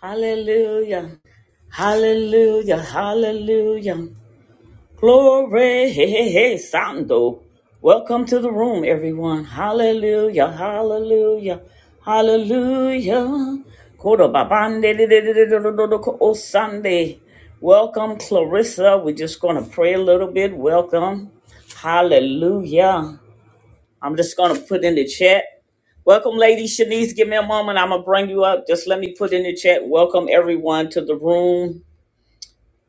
Hallelujah. Hallelujah. Hallelujah. Glory. Hey, hey, hey, Sando. Welcome to the room, everyone. Hallelujah. Hallelujah. Hallelujah. Kodo babande de de de de de de de de ko- o Sunday. Welcome, Clarissa. We're just going to pray a little bit. Welcome. Hallelujah. I'm just gonna put in the chat. Welcome, lady Shanice. Give me a moment. I'm gonna bring you up. Just let me put in the chat. Welcome everyone to the room,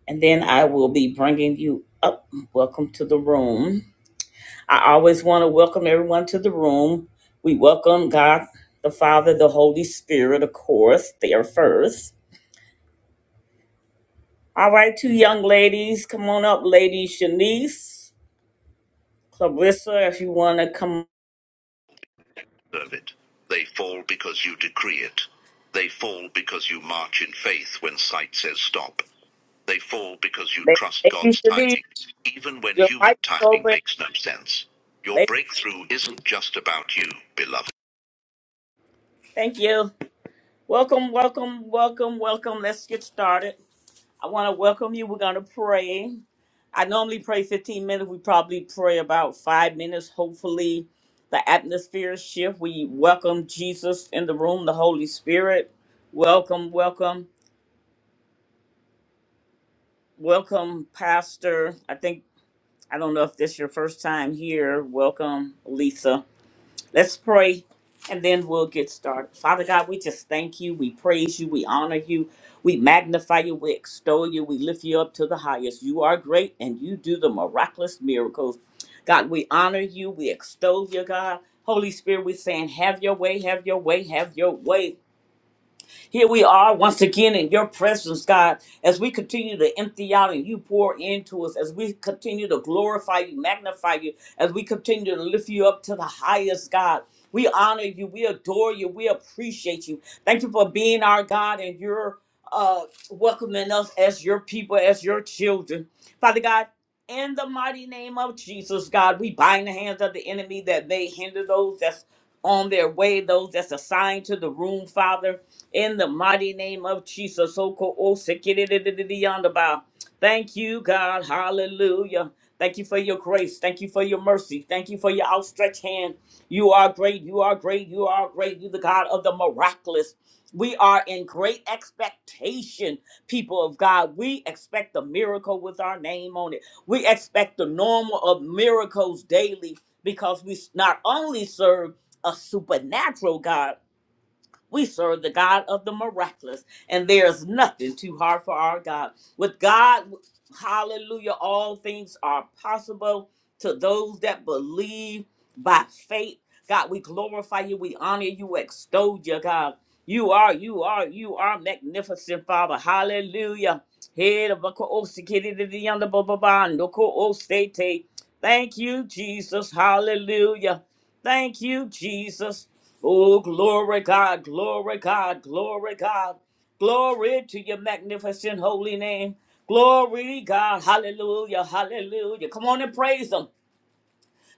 and then I will be bringing you up. Welcome to the room. I always want to welcome everyone to the room. We welcome God, the Father, the Holy Spirit, of course. They are first. All right, two young ladies, come on up, lady Shanice, Clarissa, if you want to come. deserve it. They fall because you decree it. They fall because you march in faith when sight says stop. They fall because you trust Lady God's Shanice, timing, even when your mic human is timing open. makes no sense. Your Lady, breakthrough isn't just about you, beloved. thank you. Welcome, welcome, welcome, welcome. Let's get started. I want to welcome you. We're going to pray. I normally pray 15 minutes. We probably pray about five minutes. Hopefully, the atmosphere shift. We welcome Jesus in the room, the Holy Spirit. Welcome, welcome, welcome, Pastor. I think, I don't know if this is your first time here. Welcome, Lisa. Let's pray and then we'll get started. Father God, we just thank you. We praise you. We honor you. We magnify you. We extol you. We lift you up to the highest. You are great and you do the miraculous miracles. God, we honor you. We extol you, God. Holy Spirit, we're saying, have your way, have your way, have your way. Here we are once again in your presence, God, as we continue to empty out and you pour into us, as we continue to glorify you, magnify you, as we continue to lift you up to the highest, God. We honor you, we adore you, we appreciate you. Thank you for being our God and your uh welcoming us as your people, as your children. Father God, in the mighty name of Jesus, God, we bind the hands of the enemy that may hinder those that's on their way, those that's assigned to the room, Father in the mighty name of Jesus. Oko o sekidididididiyandaba. Thank you, God. Hallelujah. Thank you for your grace. Thank you for your mercy. Thank you for your outstretched hand. You are great. You are great. You are great. You're the God of the miraculous. We are in great expectation, people of God. We expect the miracle with our name on it. We expect the normal of miracles daily because we s- not only serve a supernatural God, we serve the God of the miraculous, and there is nothing too hard for our God. With God, hallelujah, all things are possible to those that believe by faith. God, we glorify you, we honor you, we extol you, God. You are, you are, you are magnificent, Father. Hallelujah. Head of a co-osikidididiyanda bababa, no ko-osete. Thank you, Jesus. Hallelujah. Thank you, Jesus. Oh, glory, God, glory, God, glory, God. Glory to your magnificent holy name. Glory, God. Hallelujah, hallelujah. Come on and praise Him.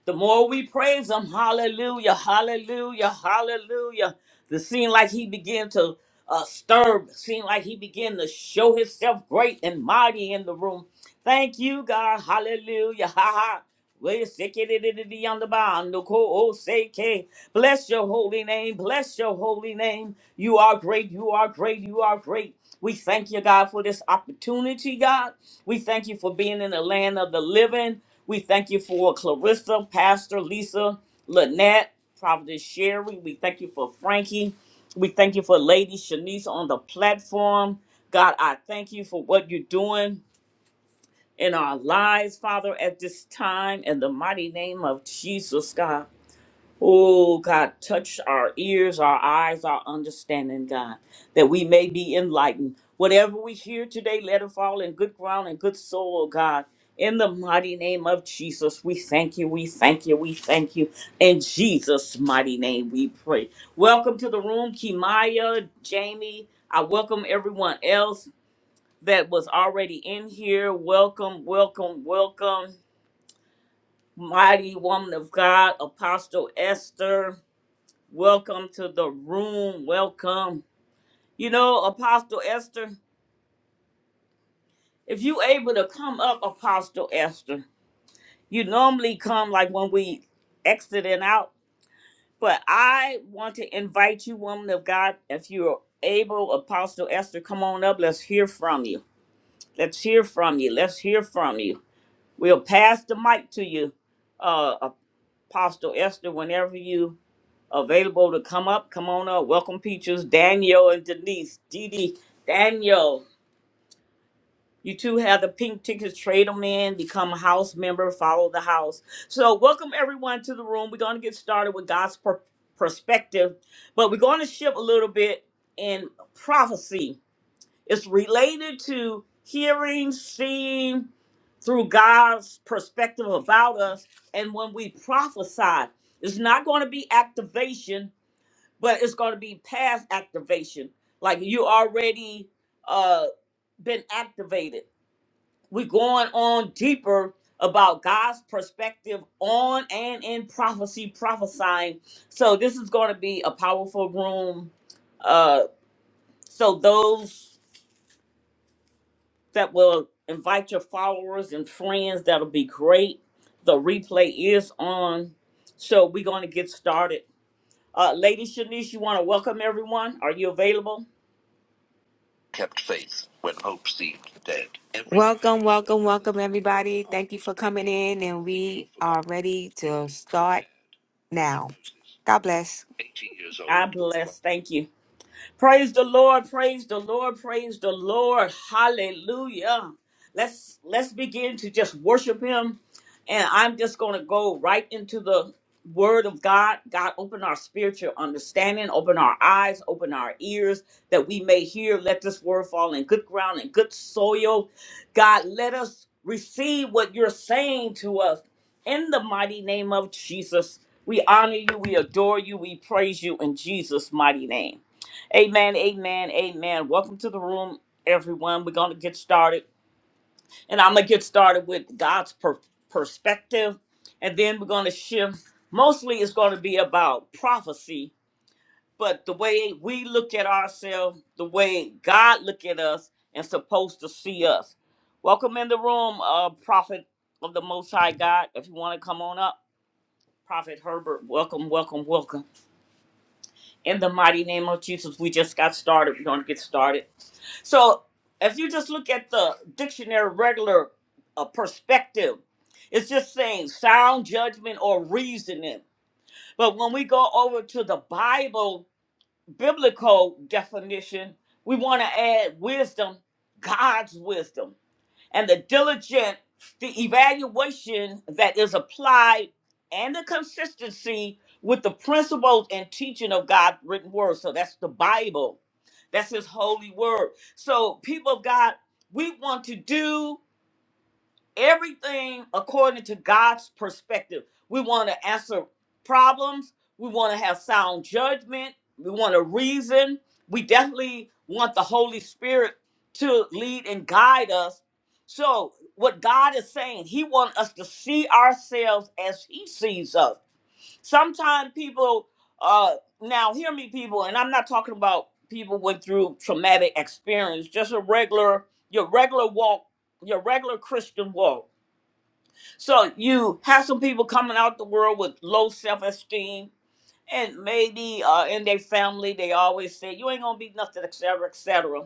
The more we praise him, hallelujah, hallelujah, hallelujah. The seemed like he began to uh, stir, seem like he began to show himself great and mighty in the room. Thank you, God, hallelujah, ha ha. Wait a second, it- it- it- on the bond, the co- oh, say, K. Bless your holy name, bless your holy name. You are great, you are great, you are great. We thank you, God, for this opportunity, God. We thank you for being in the land of the living. We thank you for Clarissa, Pastor Lisa, Lynette, Providence Sherry. We thank you for Frankie. We thank you for Lady Shanice on the platform. God, I thank you for what you're doing in our lives, Father, at this time, in the mighty name of Jesus, God. Oh, God, touch our ears, our eyes, our understanding, God, that we may be enlightened. Whatever we hear today, let it fall in good ground and good soil, God. In the mighty name of Jesus, we thank you, we thank you, we thank you. In Jesus' mighty name, we pray. Welcome to the room, Kimaya, Jamie. I welcome everyone else that was already in here. Welcome, welcome, welcome. Mighty woman of God, Apostle Esther. Welcome to the room. Welcome. You know, Apostle Esther, if you able to come up, Apostle Esther, you normally come like when we exiting out. But I want to invite you, woman of God, if you're able, Apostle Esther, come on up. Let's hear from you. Let's hear from you. Let's hear from you. We'll pass the mic to you, uh, Apostle Esther, whenever you available to come up. Come on up. Welcome, Peaches, Daniel, and Denise. Dee Dee, Daniel, you two have the pink tickets. Trade them in. Become a house member. Follow the house. So, welcome everyone to the room. We're going to get started with God's per- perspective, but we're going to shift a little bit in prophecy. It's related to hearing, seeing through God's perspective about us. And when we prophesy, it's not going to be activation but it's going to be past activation. Like you already uh been activated. We're going on deeper about God's perspective on and in prophecy, prophesying. So this is going to be a powerful room. Uh, so those that will invite your followers and friends, that'll be great. The replay is on. So we're going to get started. Uh, Lady Shanice, you want to welcome everyone? Are you available? Kept faith when hope seemed dead. Every- 80 years God old. bless. Thank you. Praise the Lord, praise the Lord, praise the Lord. Hallelujah. Let's let's begin to just worship him. And I'm just going to go right into the word of God. God open our spiritual understanding, open our eyes, open our ears that we may hear. Let this word fall in good ground and good soil. God, let us receive what you're saying to us in the mighty name of Jesus. We honor you, we adore you, we praise you in Jesus mighty name. Amen, amen, amen. Welcome to the room, everyone. We're going to get started. And I'm going to get started with God's per- perspective. And then we're going to shift. Mostly it's going to be about prophecy, but the way we look at ourselves, the way God look at us and supposed to see us. Welcome in the room, uh, Prophet of the Most High God. If you want to come on up, Prophet Herbert, welcome, welcome, welcome. In the mighty name of Jesus, we just got started. We're going to get started. So if you just look at the dictionary regular uh, perspective, it's just saying sound judgment or reasoning. But when we go over to the Bible biblical definition, we want to add wisdom, God's wisdom and the diligent, the evaluation that is applied, and the consistency with the principles and teaching of God's written word. So that's the Bible, that's His holy word. So, people of God, we want to do everything according to God's perspective. We want to answer problems. We want to have sound judgment. We want to reason. We definitely want the Holy Spirit to lead and guide us. So, what God is saying, He wants us to see ourselves as He sees us. Sometimes people, uh, now hear me, people, and I'm not talking about people went through traumatic experience, just a regular, your regular walk, your regular Christian walk so you have some people coming out the world with low self-esteem, and maybe uh, in their family they always say you ain't gonna be nothing, etc., etc.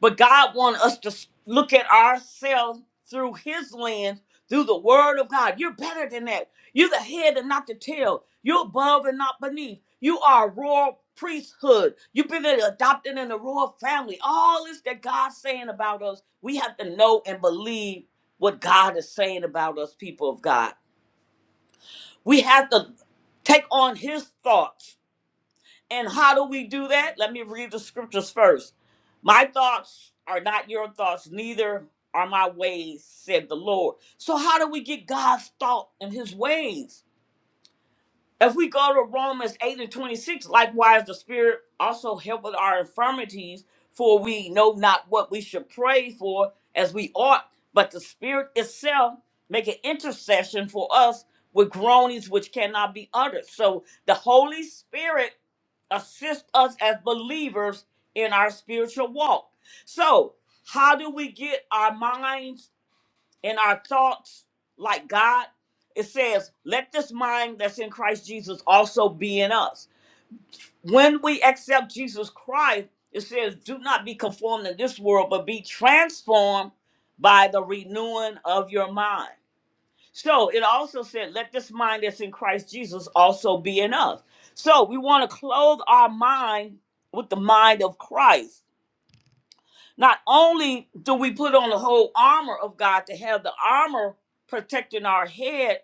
But God wants us to s- look at ourselves through His lens, through the Word of God. You're better than that. You're the head and not the tail. You're above and not beneath. You are a royal priesthood. You've been adopted in the royal family. All this that God's saying about us, we have to know and believe what God is saying about us, people of God. We have to take on His thoughts and how do we do that? Let me read the scriptures first. My thoughts are not your thoughts, neither are my ways, said the Lord. So, how do we get God's thought and his ways? If we go to Romans 8 and 26, likewise, the Spirit also helpeth our infirmities, for we know not what we should pray for as we ought, but the Spirit itself make an intercession for us with groanings which cannot be uttered. So the Holy Spirit assists us as believers in our spiritual walk. So, how do we get our minds? in our thoughts like God. It says, let this mind that's in Christ Jesus also be in us. When we accept Jesus Christ, it says, do not be conformed to this world, but be transformed by the renewing of your mind. So it also said, let this mind that's in Christ Jesus also be in us. So we want to clothe our mind with the mind of Christ. Not only do we put on the whole armor of God to have the armor protecting our head,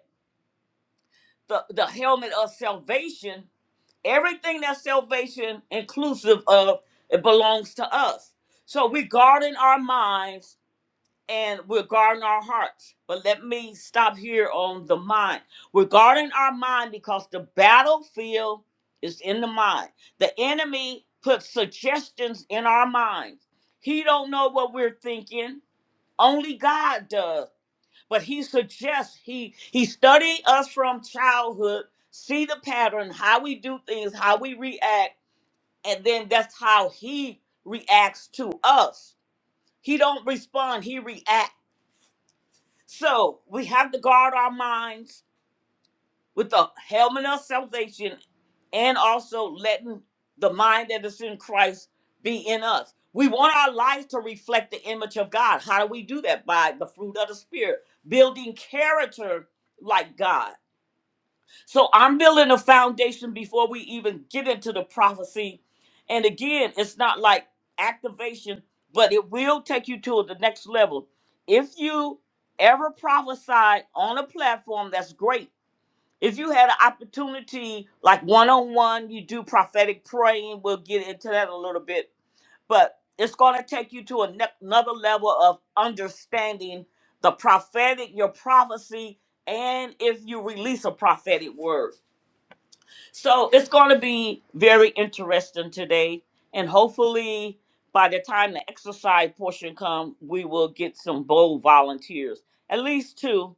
the, the helmet of salvation, everything that's salvation inclusive of, it belongs to us. So we're guarding our minds and we're guarding our hearts. But let me stop here on the mind. We're guarding our mind because the battlefield is in the mind. The enemy puts suggestions in our minds. He don't know what we're thinking. Only God does. But he suggests he he studied us from childhood, see the pattern, how we do things, how we react, and then that's how he reacts to us. He don't respond, he reacts. So we have to guard our minds with the helmet of salvation and also letting the mind that is in Christ be in us. We want our lives to reflect the image of God. How do we do that? By the fruit of the Spirit, building character like God. So I'm building a foundation before we even get into the prophecy. And again, it's not like activation, but it will take you to the next level. If you ever prophesied on a platform, that's great if you had an opportunity like one-on-one you do prophetic praying we'll get into that in a little bit but it's going to take you to a ne- another level of understanding the prophetic your prophecy and if you release a prophetic word so it's going to be very interesting today and hopefully by the time the exercise portion comes, we will get some bold volunteers at least two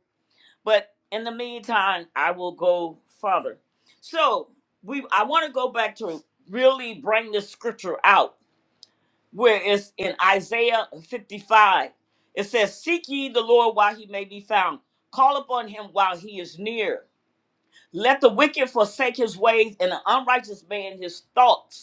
but in the meantime, I will go further. So we I want to go back to really bring this scripture out where it's in Isaiah 55. It says, Seek ye the Lord while he may be found, call upon him while he is near. Let the wicked forsake his ways and the unrighteous man his thoughts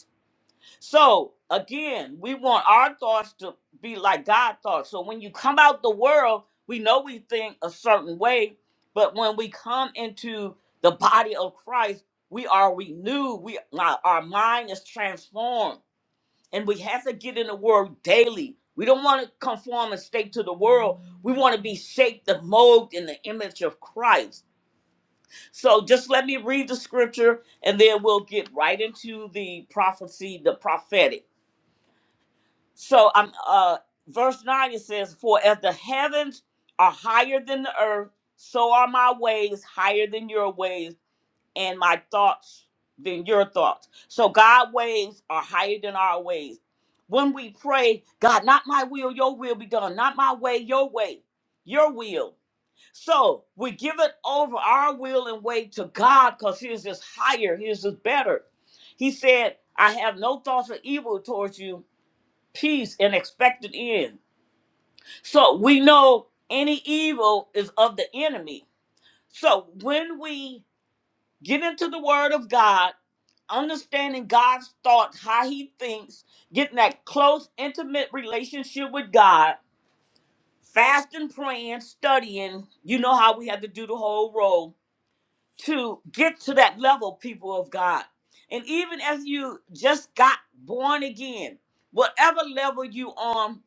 so again, we want our thoughts to be like God thoughts. So when you come out the world, we know we think a certain way, but when we come into the body of Christ, we are renewed. We our, our mind is transformed, and we have to get in the world daily. We don't want to conform and stay to the world. We want to be shaped and molded in the image of Christ. So just let me read the scripture, and then we'll get right into the prophecy, the prophetic. So I'm uh verse 9 it says, For as the heavens are higher than the earth, so are my ways higher than your ways, and my thoughts than your thoughts. So God's ways are higher than our ways. When we pray, God, not my will, your will be done, not my way, your way, your will. So we give it over our will and way to God because his is higher, his is better. He said, I have no thoughts of evil towards you, peace and expected end. So we know any evil is of the enemy. So when we get into the word of God, understanding God's thoughts, how he thinks, getting that close, intimate relationship with God, fasting, praying, studying, you know how we have to do the whole role to get to that level, people of God. And even as you just got born again, whatever level you on,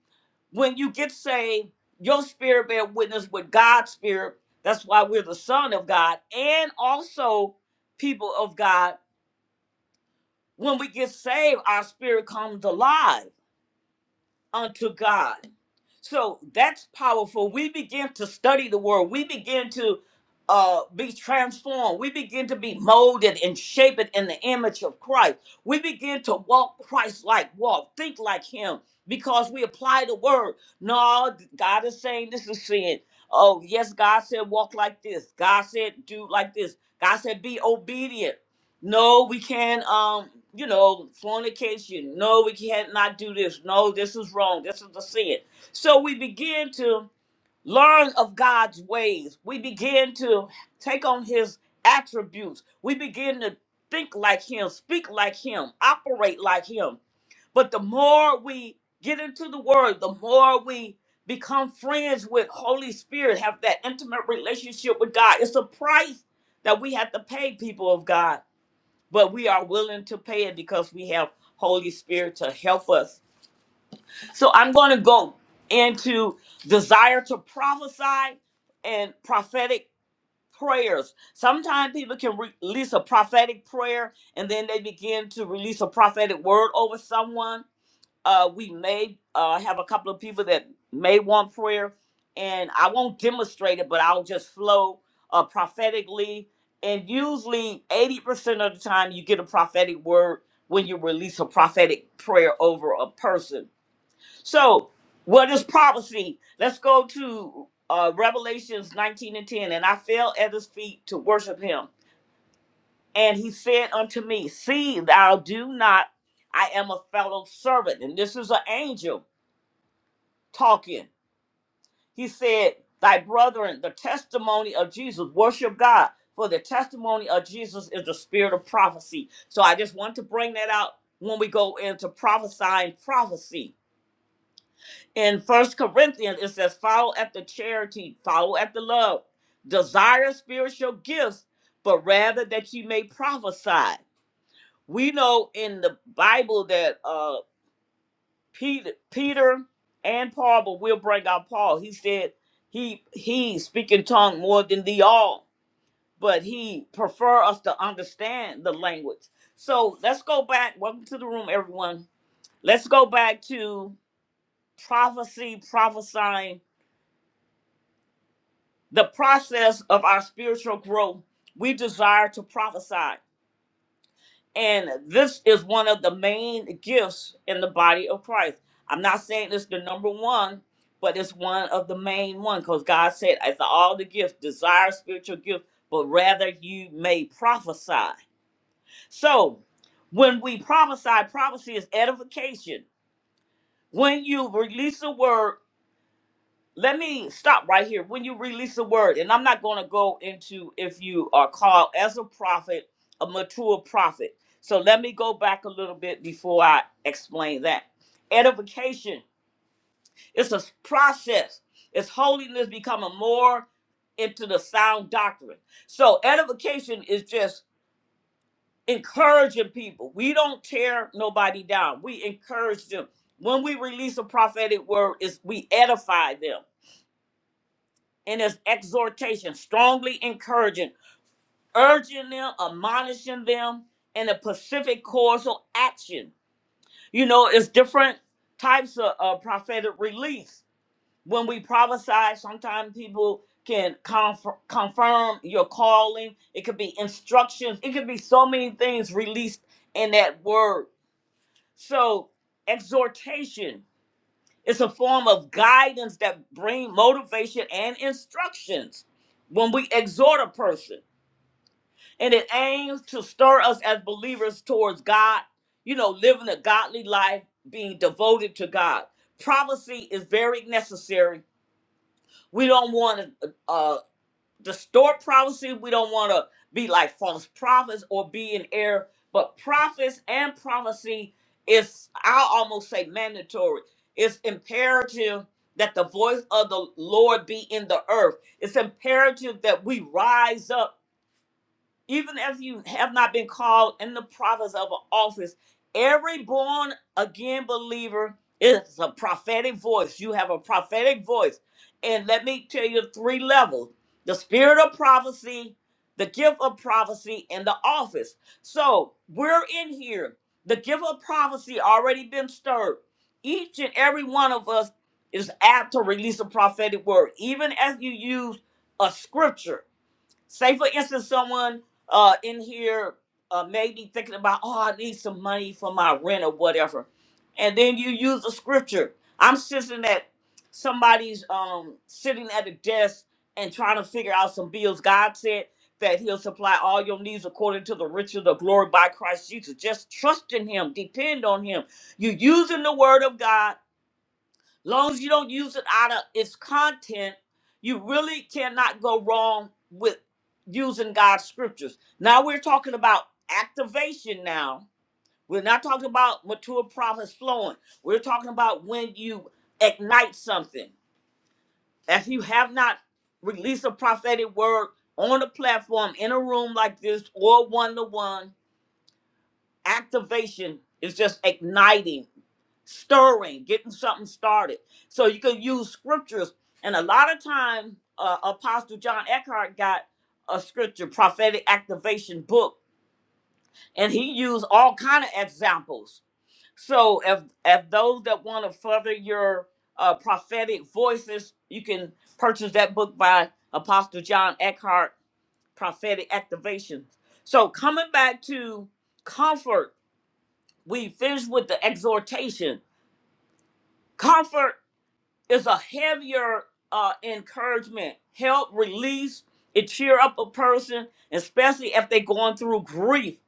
when you get saved, your spirit bear witness with God's spirit. That's why we're the son of God and also people of God. When we get saved, our spirit comes alive unto God. So that's powerful. We begin to study the word. We begin to uh, be transformed. We begin to be molded and shaped in the image of Christ. We begin to walk Christ like, walk, think like Him because we apply the word. No, God is saying this is sin. Oh, yes, God said walk like this. God said do like this. God said be obedient. No, we can't, um, you know, fornication. No, we can't not do this. No, this is wrong. This is the sin so we begin to learn of God's ways. We begin to take on his attributes. We begin to think like him, speak like him, operate like him. But the more we get into the word, the more we become friends with Holy Spirit, have that intimate relationship with God. It's a price that we have to pay people of God, but we are willing to pay it because we have Holy Spirit to help us. So I'm going to go into desire to prophesy and prophetic prayers. Sometimes people can re- release a prophetic prayer and then they begin to release a prophetic word over someone. Uh, we may uh, have a couple of people that may want prayer, and I won't demonstrate it, but I'll just flow uh, prophetically. And usually, 80% of the time, you get a prophetic word when you release a prophetic prayer over a person so, what is prophecy? Let's go to uh, Revelations 19 and 10. And I fell at his feet to worship him. And he said unto me, See, thou do not, I am a fellow servant. And this is an angel talking. He said, Thy brethren, the testimony of Jesus, worship God. For the testimony of Jesus is the spirit of prophecy. So I just want to bring that out when we go into prophesying prophecy in first corinthians it says follow after charity follow after love desire spiritual gifts but rather that you may prophesy we know in the bible that uh peter peter and paul but we'll bring out paul he said he he speak in tongue more than the all but he prefer us to understand the language so let's go back welcome to the room everyone let's go back to prophecy prophesying The process of our spiritual growth, we desire to prophesy. And this is one of the main gifts in the body of Christ. I'm not saying it's the number one, but it's one of the main one because God said, as all the gifts, desire spiritual gifts, but rather you may prophesy. So when we prophesy, prophecy is edification. When you release a word let me stop right here. When you release a word, and I'm not going to go into if you are called as a prophet, a mature prophet. So let me go back a little bit before I explain that. Edification It's a s- process. It's holiness becoming more into the sound doctrine. So edification is just encouraging people. We don't tear nobody down. We encourage them. When we release a prophetic word, is we edify them. in his exhortation, strongly encouraging, urging them, admonishing them in a pacific causal action. You know, it's different types of uh, prophetic release. When we prophesy, sometimes people can conf- confirm your calling. It could be instructions. It could be so many things released in that word. So, exhortation. It's a form of guidance that bring motivation and instructions when we exhort a person. And it aims to stir us as believers towards God, you know, living a godly life, being devoted to God. Prophecy is very necessary. We don't want to uh, distort prophecy. We don't want to be like false prophets or be in error. But prophets and prophecy is, I'll almost say, mandatory. It's imperative that the voice of the Lord be in the earth. It's imperative that we rise up even if you have not been called in the province of an office, every born again believer is a prophetic voice. You have a prophetic voice. And let me tell you three levels the spirit of prophecy, the gift of prophecy, and the office. So we're in here. The gift of prophecy already been stirred. Each and every one of us is apt to release a prophetic word, even as you use a scripture Say, for instance, someone uh, in here uh, may be thinking about, oh, I need some money for my rent or whatever. And then you use a scripture. I'm sitting at somebody's um, sitting at a desk and trying to figure out some bills. God said that He'll supply all your needs according to the riches of the glory by Christ Jesus. Just trust in Him, depend on Him. You're using the Word of God long as you don't use it out of its content, you really cannot go wrong with using God's scriptures. Now we're talking about activation now. We're not talking about mature prophets flowing. We're talking about when you ignite something. If you have not released a prophetic word on a platform in a room like this or one to one, activation is just igniting stirring, getting something started. So you can use scriptures. And a lot of time, uh, Apostle John Eckhart got a scripture, prophetic activation book, and he used all kind of examples. So if if those that want to further your uh, prophetic voices, you can purchase that book by Apostle John Eckhart, prophetic activation. So coming back to comfort, we finished with the exhortation. Comfort It's a heavier uh, encouragement, help, release. It cheer up a person, especially if they're going through grief.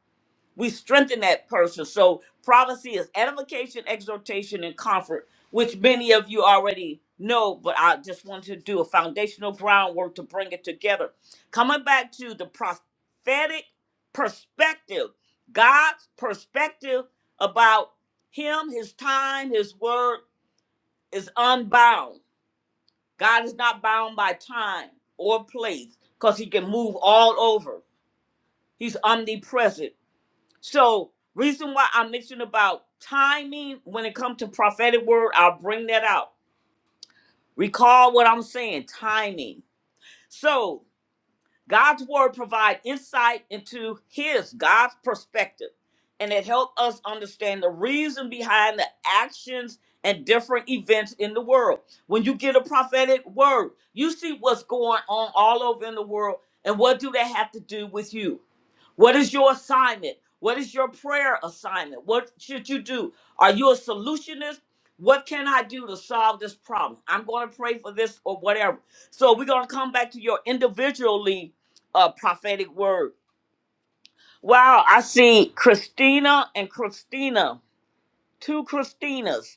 We strengthen that person. So prophecy is edification, exhortation, and comfort, which many of you already know, but I just wanted to do a foundational groundwork to bring it together. Coming back to the prophetic perspective, God's perspective about him, his time, his word is unbound God is not bound by time or place because he can move all over. He's omnipresent. So reason why I mentioned about timing when it comes to prophetic word, I'll bring that out. Recall what I'm saying, timing. So God's word provide insight into his God's perspective and it helped us understand the reason behind the actions and different events in the world. When you get a prophetic word, you see what's going on all over in the world and what do they have to do with you? What is your assignment? What is your prayer assignment? What should you do? Are you a solutionist? What can I do to solve this problem? I'm going to pray for this or whatever. So we're going to come back to your individually uh, prophetic word. Wow, I see Christina and Christina, two Christinas,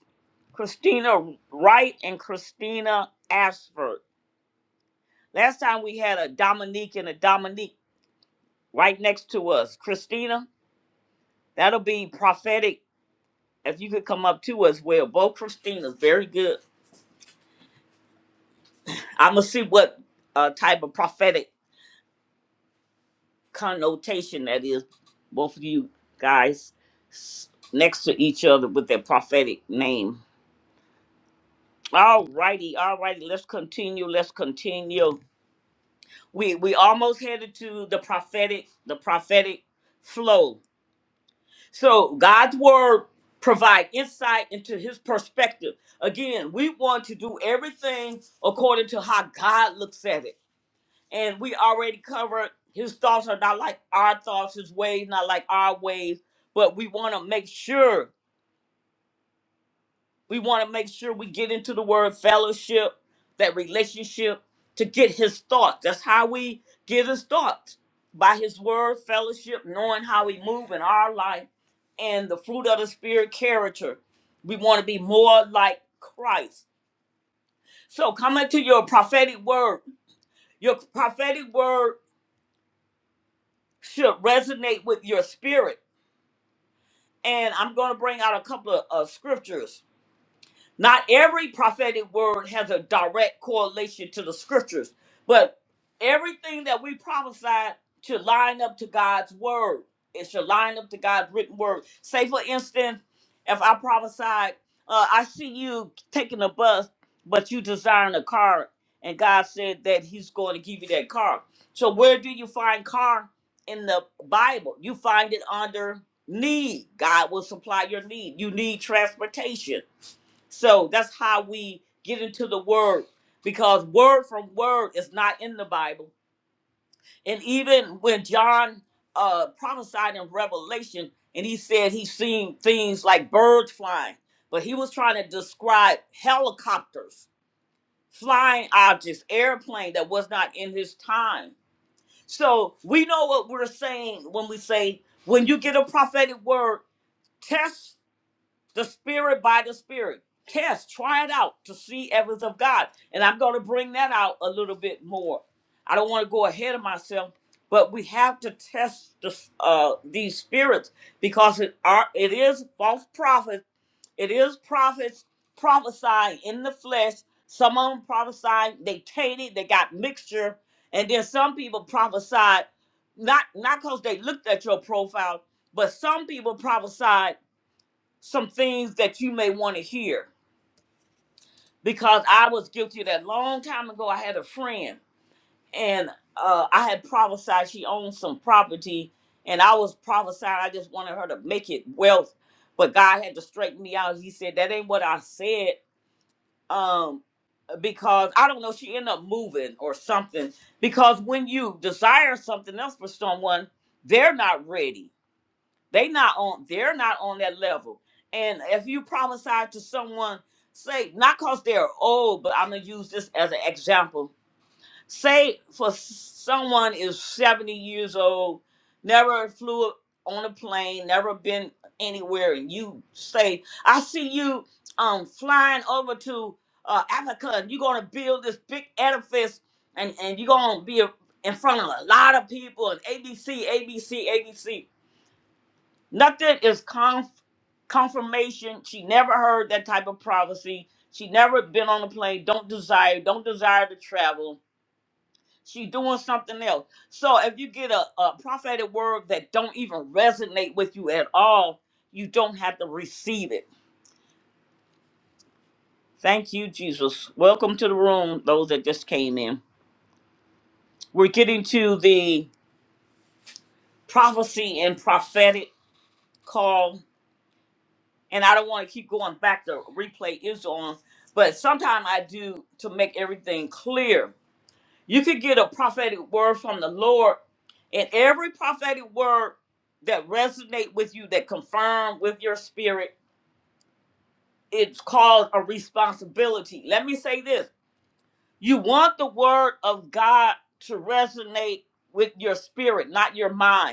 Christina Wright and Christina Ashford. Last time we had a Dominique and a Dominique right next to us. Christina, that'll be prophetic if you could come up too as well. Both Christina's very good. I'm gonna see what uh, type of prophetic connotation that is. Both of you guys s- next to each other with their prophetic name. All righty, all righty. Let's continue. Let's continue. We we almost headed to the prophetic, the prophetic flow. So God's word provide insight into His perspective. Again, we want to do everything according to how God looks at it and we already covered his thoughts are not like our thoughts, his ways not like our ways, but we want to make sure we want to make sure we get into the word fellowship, that relationship to get his thoughts. That's how we get his thoughts by his word fellowship, knowing how we move in our life and the fruit of the spirit character. We want to be more like Christ. So coming to your prophetic word, your prophetic word should resonate with your spirit And I'm going to bring out a couple of uh, scriptures. Not every prophetic word has a direct correlation to the scriptures, but everything that we prophesied should line up to God's word. It should line up to God's written word. Say, for instance, if I prophesied, uh, I see you taking a bus, but you desiring a car, and God said that He's going to give you that car. So, where do you find car in the Bible? You find it under need. God will supply your need. You need transportation so that's how we get into the word because word from word is not in the Bible. And even when John uh, prophesied in Revelation and he said he seen things like birds flying, but he was trying to describe helicopters, flying objects, airplane that was not in his time. So we know what we're saying when we say, when you get a prophetic word, test the spirit by the spirit. Test, try it out to see evidence of God. And I'm going to bring that out a little bit more. I don't want to go ahead of myself, but we have to test the, uh, these spirits because it are it is false prophets. It is prophets prophesying in the flesh. Some of them prophesying, they tainted, they got mixture. And then some people prophesied, not not because they looked at your profile, but some people prophesied some things that you may want to hear because I was guilty of that long time ago. I had a friend and uh, I had prophesied she owned some property, and I was prophesying I just wanted her to make it wealth, but God had to straighten me out. He said that ain't what I said. Um, because I don't know, she ended up moving or something. Because when you desire something else for someone, they're not ready they not on they're not on that level. And if you prophesy to someone, say not because they're old, but I'm gonna use this as an example. Say for s- someone is 70 years old, never flew on a plane, never been anywhere, and you say, I see you um flying over to uh, Africa and you're gonna build this big edifice and, and you're gonna be in front of a lot of people and ABC, ABC, ABC Nothing is conf- confirmation. She never heard that type of prophecy. She never been on a plane. Don't desire. Don't desire to travel. She doing something else. So if you get a, a prophetic word that don't even resonate with you at all, you don't have to receive it. Thank you, Jesus. Welcome to the room, those that just came in. We're getting to the prophecy and prophetic call and I don't want to keep going back. The replay is on, but sometimes I do to make everything clear. You could get a prophetic word from the Lord, and every prophetic word that resonate with you, that confirm with your spirit, it's called a responsibility. Let me say this: you want the word of God to resonate with your spirit, not your mind.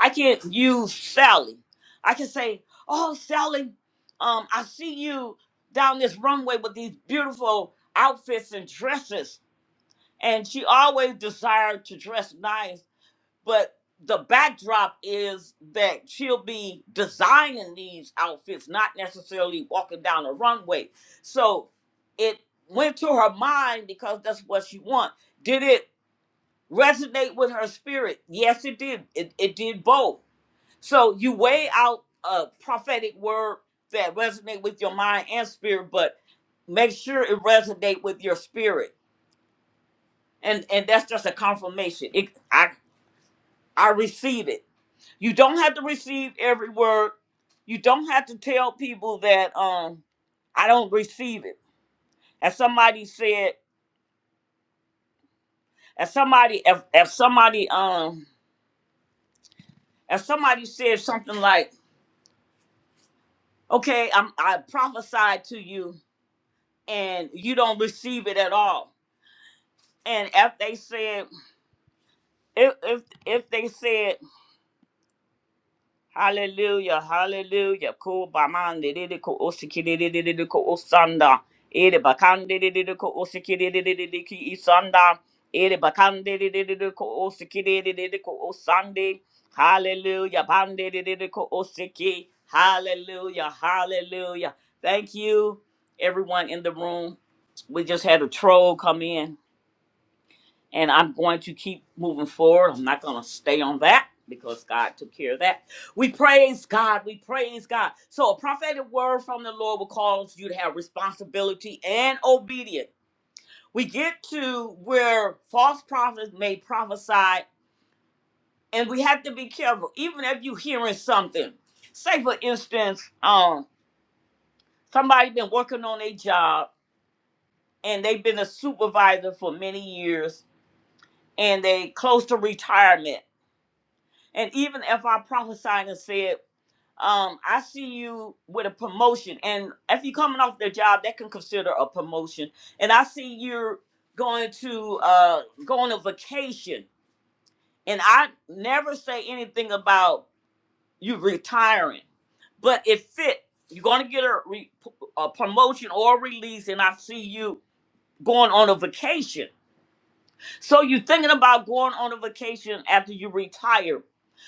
I can use Sally. I can say, "Oh, Sally, um, I see you down this runway with these beautiful outfits and dresses." And she always desired to dress nice, but the backdrop is that she'll be designing these outfits, not necessarily walking down a runway. So it went to her mind because that's what she wants. Did it resonate with her spirit? Yes, it did. It, it did both so you weigh out a prophetic word that resonate with your mind and spirit, but make sure it resonate with your spirit. And and that's just a confirmation. It, I I receive it. You don't have to receive every word. You don't have to tell people that um I don't receive it. As somebody said, as somebody if, if somebody um if somebody said something like, okay, I'm I prophesied to you and you don't receive it at all And if they said, if if if they said, Hallelujah, Hallelujah, ko bamande de de ko osiki de de de de de ko osanda, ere bakande de de de ko osiki de de de de de ki isanda, ere bakande de de de de ko osiki de de de de ko osande, Hallelujah, bande de de de ko osiki, Hallelujah, Hallelujah. Thank you, everyone in the room. We just had a troll come in and I'm going to keep moving forward. I'm not going to stay on that because God took care of that. We praise God. We praise God. So, a prophetic word from the Lord will cause you to have responsibility and obedience. We get to where false prophets may prophesy, and we have to be careful, even if you're hearing something. Say, for instance, um, somebody been working on a job and they've been a supervisor for many years and they close to retirement And even if I prophesied and said, um, I see you with a promotion, and if you're coming off the job, that can consider a promotion. And I see you're going to uh, go on a vacation, and I never say anything about you retiring, but it fit. You're going to get a, re- a promotion or release, and I see you going on a vacation so you're thinking about going on a vacation after you retire.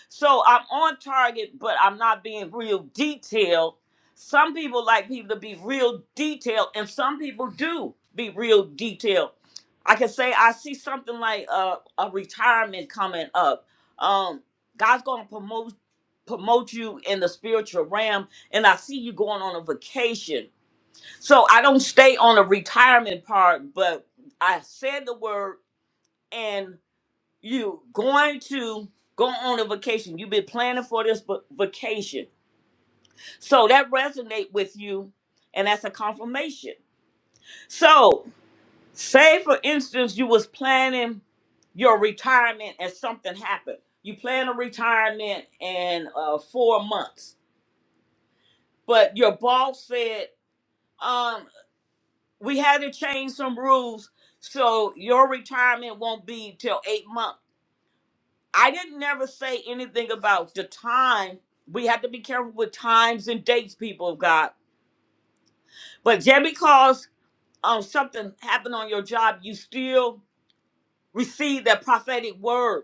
So I'm on target, but I'm not being real detailed. Some people like people to be real detailed, and some people do be real detailed. I can say I see something like uh, a retirement coming up. Um, God's gonna promote promote you in the spiritual realm, and I see you going on a vacation. So I don't stay on the retirement part, but I said the word and you going to go on a vacation. You've been planning for this va- vacation. So that resonate with you and that's a confirmation. So say for instance you was planning your retirement and something happened. You plan a retirement in uh, four months, but your boss said, um, we had to change some rules so your retirement won't be till eight months I didn't never say anything about the time. We have to be careful with times and dates, people of God. But just because um, something happened on your job, you still receive that prophetic word.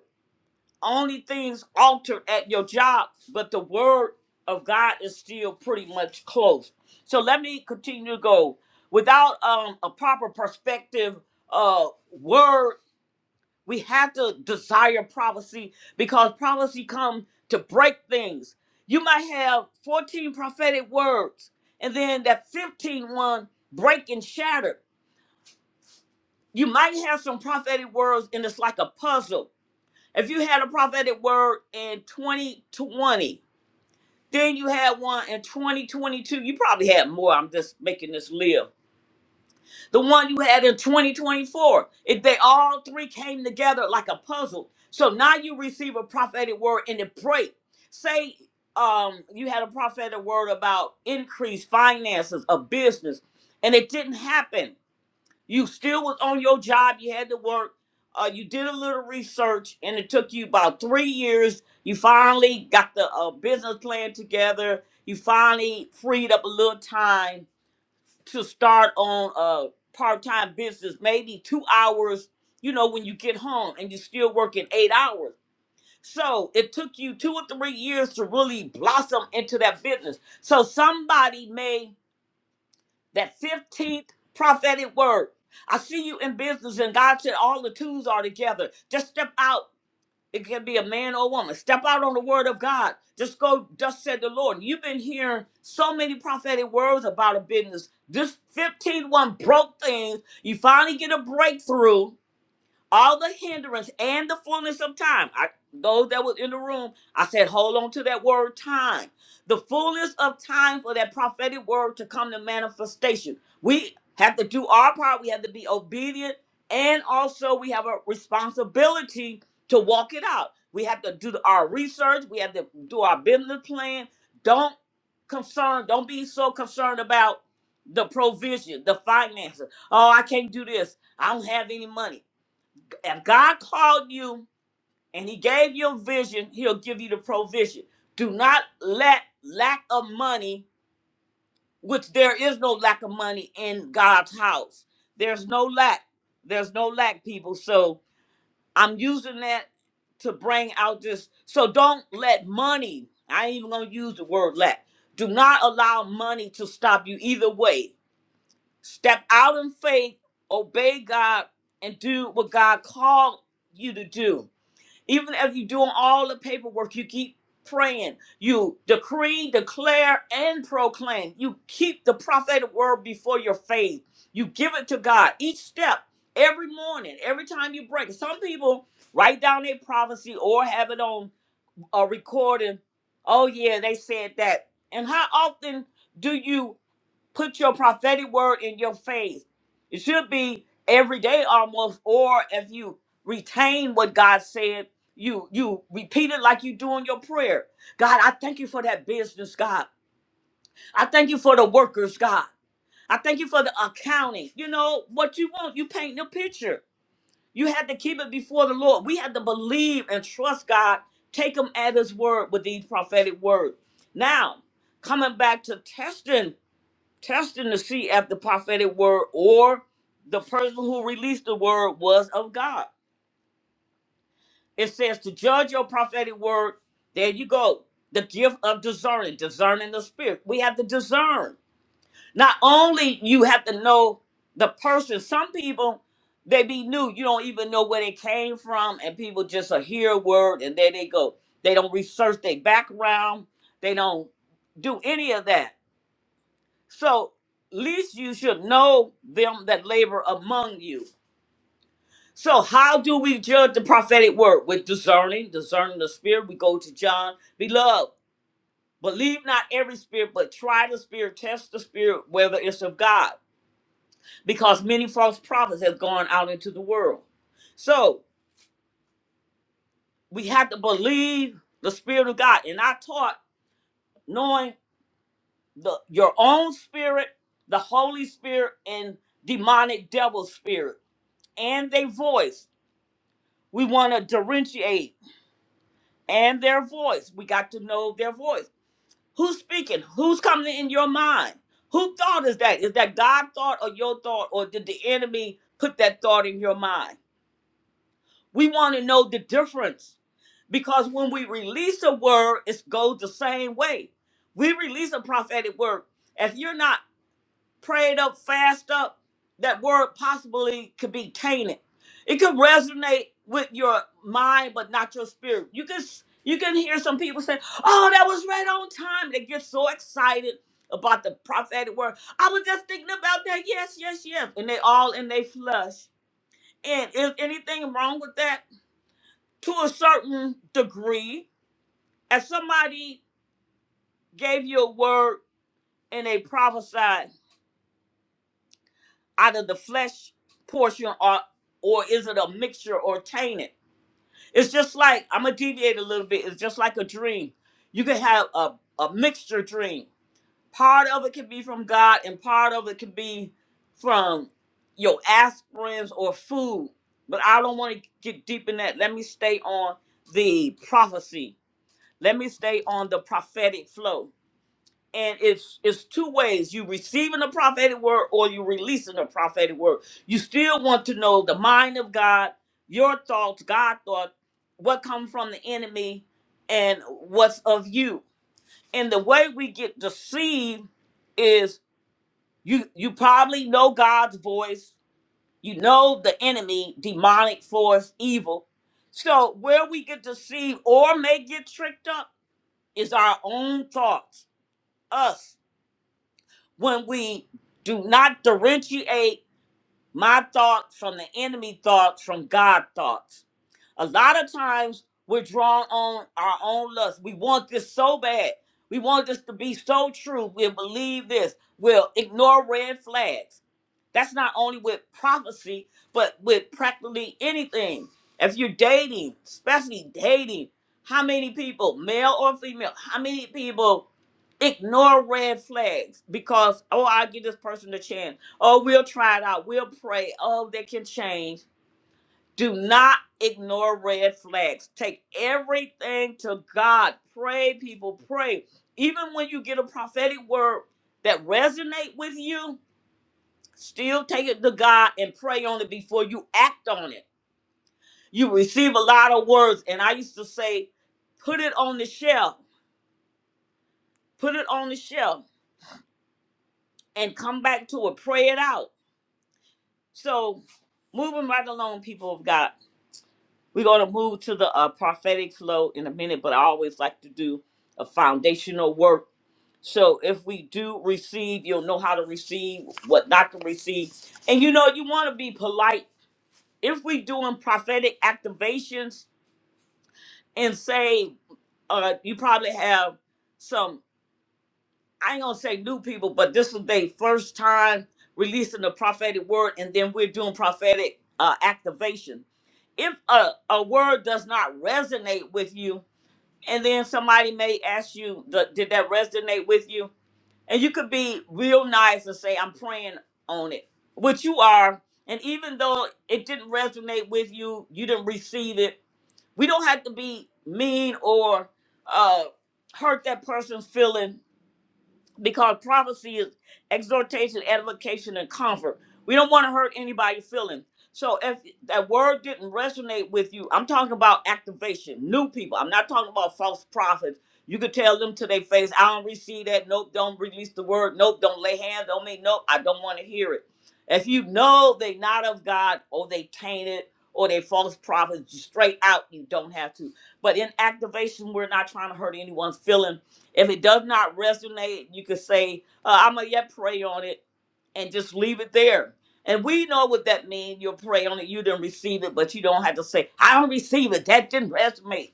Only things altered at your job, but the word of God is still pretty much close. So let me continue to go. Without um, a proper perspective, uh, word We have to desire prophecy because prophecy come to break things. You might have 14 prophetic words, and then that 15 one break and shatter. You might have some prophetic words, and it's like a puzzle. If you had a prophetic word in 2020, then you had one in 2022. You probably had more. I'm just making this live. the one you had in 2024. If they all three came together like a puzzle, so now you receive a prophetic word and it break. Say um, you had a prophetic word about increased finances of business, and it didn't happen. You still was on your job. You had to work. Uh, you did a little research, and it took you about three years. You finally got the uh, business plan together. You finally freed up a little time to start on a part-time business maybe two hours you know when you get home and you're still working eight hours so it took you two or three years to really blossom into that business so somebody made that 15th prophetic word i see you in business and god said all the tools are together just step out it can be a man or a woman. Step out on the word of God. Just go, thus said the Lord. You've been hearing so many prophetic words about a business. This 15 one broke things. You finally get a breakthrough all the hindrance and the fullness of time. I those that was in the room, I said, hold on to that word time. The fullness of time for that prophetic word to come to manifestation. We have to do our part. We have to be obedient. And also we have a responsibility to walk it out. We have to do our research. We have to do our business plan. Don't concern, don't be so concerned about the provision, the finances. Oh, I can't do this. I don't have any money if God called you and He gave you a vision, He'll give you the provision. Do not let lack of money, which there is no lack of money in God's house. There's no lack. There's no lack, people. So I'm using that to bring out this. So don't let money, I ain't even gonna use the word lack. Do not allow money to stop you either way. Step out in faith, obey God, and do what God called you to do even if you're doing all the paperwork, you keep praying. You decree, declare, and proclaim. You keep the prophetic word before your faith. You give it to God each step, every morning, every time you break. Some people write down their prophecy or have it on a recording. Oh, yeah, they said that. And how often do you? put your prophetic word in your faith. It should be every day almost, or if you retain what God said, you you repeat it like you do in your prayer. God, I thank you for that business, God. I thank you for the workers, God. I thank you for the accounting. You know what you want, you paint the picture. You had to keep it before the Lord. We had to believe and trust God, take him at his word with these prophetic words. Now, coming back to testing testing to see if the prophetic word or the person who released the word was of God. It says to judge your prophetic word. There you go. The gift of discerning, discerning the spirit. We have to discern. Not only you have to know the person. Some people they be new. You don't even know where they came from, and people just uh, hear a word and there they go. They don't research their background. They don't do any of that So least you should know them that labor among you. So how do we judge the prophetic word? With discerning, discerning the spirit. We go to John. Beloved, believe not every spirit, but try the spirit, test the spirit, whether it's of God. Because many false prophets have gone out into the world. So we have to believe the spirit of God. And I taught knowing the your own spirit, the Holy Spirit, and demonic devil spirit and their voice. We want to differentiate and their voice. We got to know their voice. Who's speaking? Who's coming in your mind? Who thought is that? Is that God thought or your thought, or did the enemy put that thought in your mind? We want to know the difference because when we release a word, it goes the same way. We release a prophetic word. If you're not prayed up, fast up, that word possibly could be tainted. It could resonate with your mind, but not your spirit. You can s- you can hear some people say, "Oh, that was right on time." They get so excited about the prophetic word. I was just thinking about that. Yes, yes, yes, and they all in their flesh. And is anything wrong with that? To a certain degree, if somebody gave you a word and they prophesied. out of the flesh portion or or is it a mixture or tainted? It's just like I'm gonna deviate a little bit. It's just like a dream. You can have a, a mixture dream. Part of it can be from God and part of it can be from your aspirins or food. But I don't want to get deep in that. Let me stay on the prophecy. Let me stay on the prophetic flow and it's it's two ways you receiving a prophetic word or you releasing a prophetic word you still want to know the mind of god your thoughts god thought what come from the enemy and what's of you and the way we get deceived is you you probably know god's voice you know the enemy demonic force evil so where we get deceived or may get tricked up is our own thoughts us when we do not differentiate my thoughts from the enemy thoughts from God thoughts. A lot of times we're drawn on our own lust. We want this so bad. We want this to be so true. We'll believe this. We'll ignore red flags that's not only with prophecy, but with practically anything. If you're dating, especially dating, how many people, male or female, how many people ignore red flags because, oh, I'll give this person a chance. Oh, we'll try it out. We'll pray. Oh, they can change. Do not ignore red flags. Take everything to God. Pray, people, pray. Even when you get a prophetic word that resonate with you, Still take it to God and pray on it before you act on it. You receive a lot of words. And I used to say, put it on the shelf, put it on the shelf, and come back to it, pray it out. So, moving right along, people of God, we're going to move to the uh, prophetic flow in a minute, but I always like to do a foundational work. So, if we do receive, you'll know how to receive, what not to receive. And you know, you want to be polite. If we doing prophetic activations, and say uh you probably have some I ain't gonna say new people, but this was their first time releasing the prophetic word and then we're doing prophetic uh activation. If a, a word does not resonate with you, and then somebody may ask you, "Th- did that resonate with you? And you could be real nice and say, I'm praying on it, which you are. And even though it didn't resonate with you, you didn't receive it, we don't have to be mean or uh, hurt that person's feeling because prophecy is exhortation, edification, and comfort. We don't want to hurt anybody's feelings. So if that word didn't resonate with you, I'm talking about activation, new people. I'm not talking about false prophets. You could tell them to their face, I don't receive that. Nope, don't release the word. Nope, don't lay hands on me. Nope, I don't want to hear it. If you know they not of God or they tainted or they false prophets, straight out, you don't have to. But in activation, we're not trying to hurt anyone's feeling if it does not resonate, you could say, uh, I'm going to yet pray on it and just leave it there. And we know what that means. You'll pray on it. You didn't receive it, but you don't have to say, I don't receive it. That didn't resonate.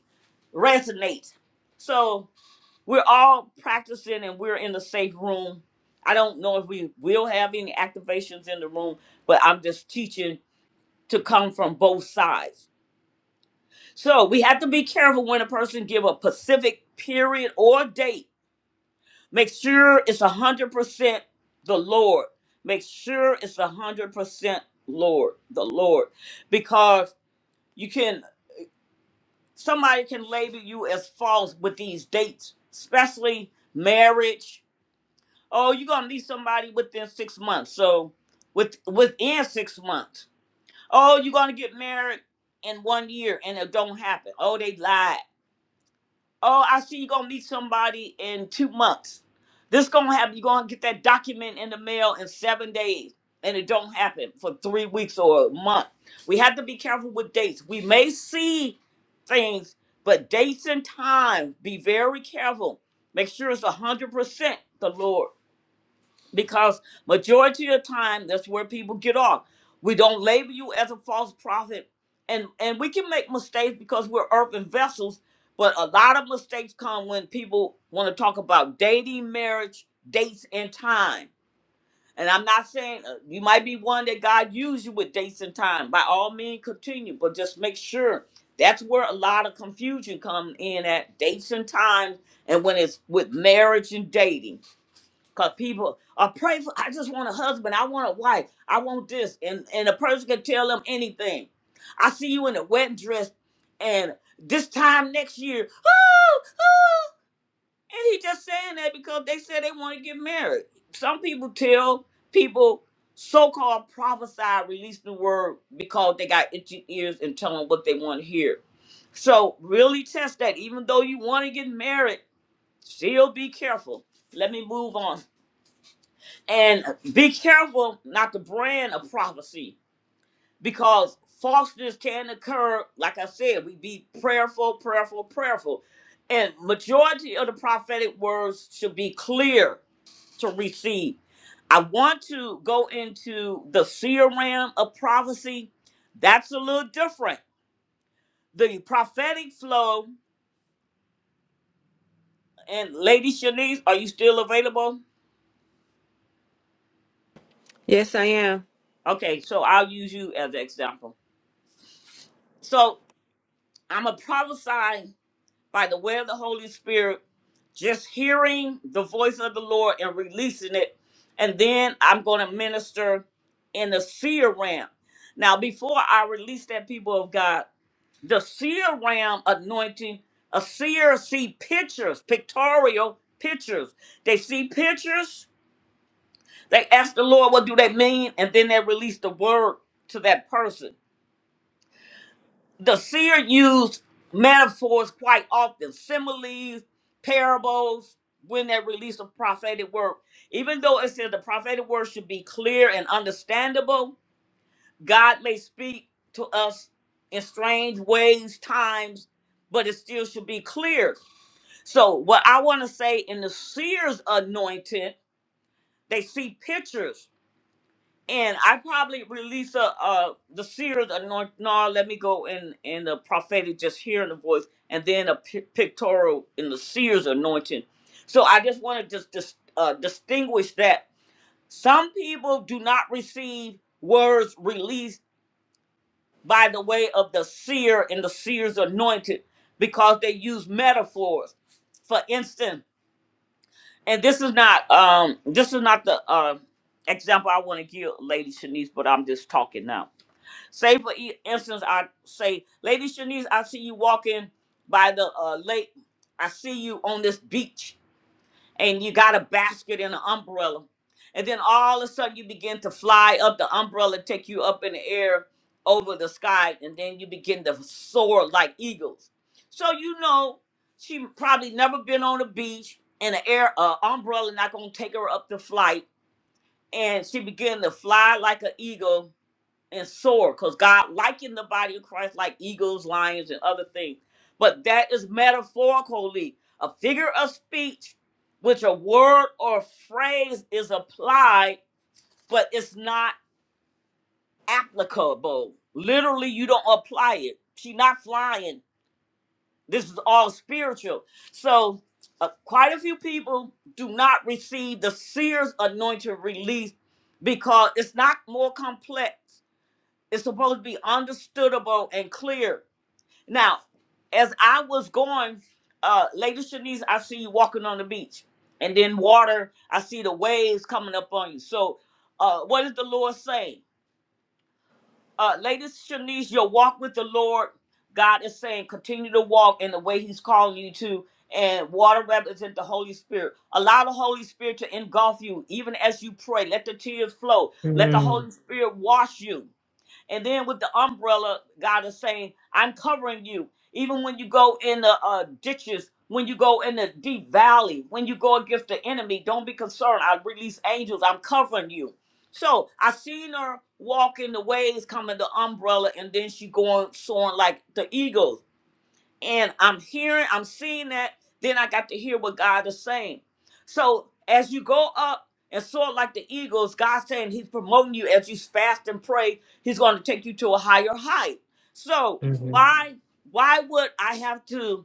Resonate. So we're all practicing and we're in a safe room. I don't know if we will have any activations in the room, but I'm just teaching to come from both sides. So we have to be careful when a person give a specific period or date Make sure it's a hundred percent the Lord. Make sure it's a hundred percent Lord, the Lord, because you can somebody can label you as false with these dates, especially marriage. Oh, you're gonna need somebody within six months. So, with within six months. Oh, you're gonna get married in one year, and it don't happen. Oh, they lied. Oh, I see you are gonna meet somebody in two months. This gonna happen. you are gonna get that document in the mail in seven days, and it don't happen for three weeks or a month. We have to be careful with dates. We may see things, but dates and time, be very careful. Make sure it's a hundred percent the Lord because majority of the time that's where people get off we don't label you as a false prophet and and we can make mistakes because we're earthen vessels but a lot of mistakes come when people want to talk about dating marriage dates and time and i'm not saying uh, you might be one that god used you with dates and time by all means continue but just make sure that's where a lot of confusion come in at dates and times and when it's with marriage and dating Cause people are pray for. I just want a husband. I want a wife. I want this, and and a person can tell them anything. I see you in a wedding dress, and this time next year, oh, and he just saying that because they said they want to get married. Some people tell people so-called prophesy, release the word because they got itchy ears and tell them what they want to hear. So really test that. Even though you want to get married, still be careful. Let me move on. And be careful not to brand a prophecy because falseness can occur. Like I said, we be prayerful, prayerful, prayerful. And majority of the prophetic words should be clear to receive. I want to go into the seer realm of prophecy. That's a little different. The prophetic flow and Lady Shanice, are you still available? Okay, so I'll use you as an example. So I'm a prophesy by the way of the Holy Spirit, just hearing the voice of the Lord and releasing it. And then I'm going to minister in the seer ram. Now, before I release that, people of God, the seer ram anointing, a seer see pictures, pictorial pictures. They see pictures, they ask the Lord, what do they mean? And then they release the word to that person the seer used metaphors quite often, similes, parables, when they release a prophetic word. Even though it said the prophetic word should be clear and understandable, God may speak to us in strange ways, times, but it still should be clear. So, what I want to say in the seer's anointing, they see pictures and I probably release a uh the seer's anointing. No, let me go in in the prophetic, just hearing the voice, and then a pi pictorial in the seer's anointing. So I just want to just dis- uh, distinguish that some people do not receive words released by the way of the seer and the seer's anointed because they use metaphors. For instance, and this is not um this is not the uh, example I want to give, Lady Shanice, but I'm just talking now Say for e- instance, I say, Lady Shanice, I see you walking by the uh, lake. I see you on this beach, and you got a basket and an umbrella. And then all of a sudden, you begin to fly up. The umbrella take you up in the air over the sky, and then you begin to soar like eagles. So you know she probably never been on a beach, and the air uh, umbrella not gonna take her up the flight, and she began to fly like an eagle and soar because God likened the body of Christ like eagles, lions, and other things. But that is metaphorically a figure of speech which a word or phrase is applied, but it's not applicable. Literally, you don't apply it. She not flying. This is all spiritual. So, uh, quite a few people do not receive the seer's anointed release because it's not more complex. It's supposed to be understandable and clear. Now, as I was going, uh, Lady Shanice, I see you walking on the beach, and then water. I see the waves coming up on you. So, uh, what is the Lord saying, uh, Lady Shanice? Your walk with the Lord, God is saying, continue to walk in the way He's calling you to. And water represents the Holy Spirit. Allow the Holy Spirit to engulf you, even as you pray. Let the tears flow. Let the Holy Spirit wash you and then with the umbrella, God is saying, I'm covering you. Even when you go in the uh, ditches, when you go in the deep valley, when you go against the enemy, don't be concerned. I release angels. I'm covering you. So I seen her walking the waves, coming the umbrella, and then she going soaring like the eagles and I'm hearing, I'm seeing that. Then I got to hear what God is saying. So as you go up and soar like the eagles, God's saying He's promoting you as you fast and pray. He's going to take you to a higher height. So why why would I have to?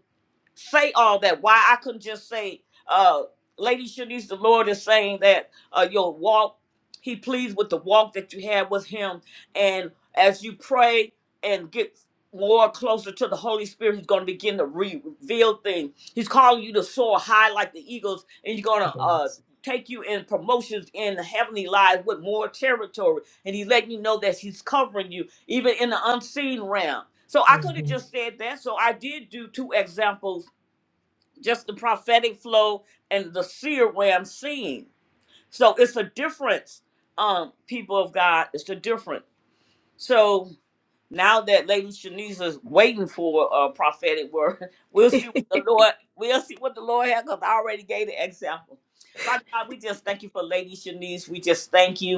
say all that. Why I couldn't just say, uh, Lady Shanice, the Lord is saying that uh, your walk, He pleased with the walk that you had with Him. And as you pray and get more closer to the Holy Spirit, He's going to begin to re- reveal things. He's calling you to soar high like the eagles, and He's going to uh, take you in promotions in the heavenly lives with more territory. And He's letting you know that He's covering you, even in the unseen realm. So I could have just said that. So I did do two examples just the prophetic flow and the seer way I'm seeing. So it's a difference, um, people of God. It's a difference. So now that Lady Shanice is waiting for a prophetic word, we'll see what the Lord we'll see what the Lord has because I already gave the example. Father God, we just thank you for Lady Shanice. We just thank you.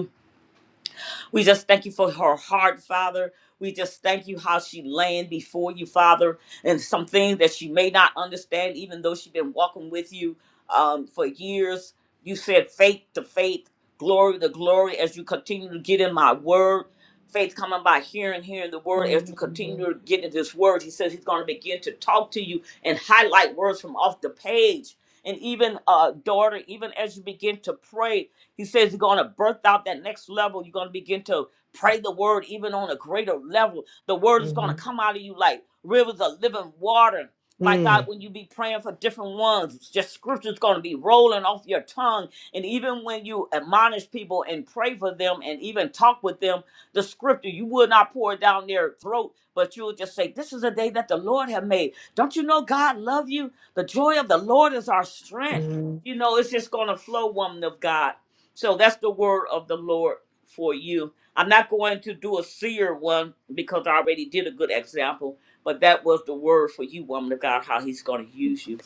We just thank you for her heart, Father. We just thank you how she laying before you, Father, and some things that she may not understand, even though she's been walking with you um, for years. You said faith to faith, glory to glory, as you continue to get in my word. Faith coming by hearing, hearing the word. As you continue to get in this word, he says he's going to begin to talk to you and highlight words from off the page. And even, uh, daughter, even as you begin to pray, he says you're going to birth out that next level. You're going to begin to pray the word even on a greater level. The word is going to come out of you like rivers of living water. My God, when you be praying for different ones, just scripture's going to be rolling off your tongue. And even when you admonish people and pray for them and even talk with them, the scripture, you will not pour it down their throat, but you'll just say, This is a day that the Lord have made. Don't you know God love you? The joy of the Lord is our strength. You know, it's just going to flow, woman of God. So that's the word of the Lord for you. I'm not going to do a seer one because I already did a good example, but that was the word for you, woman of God, how he's going to use you.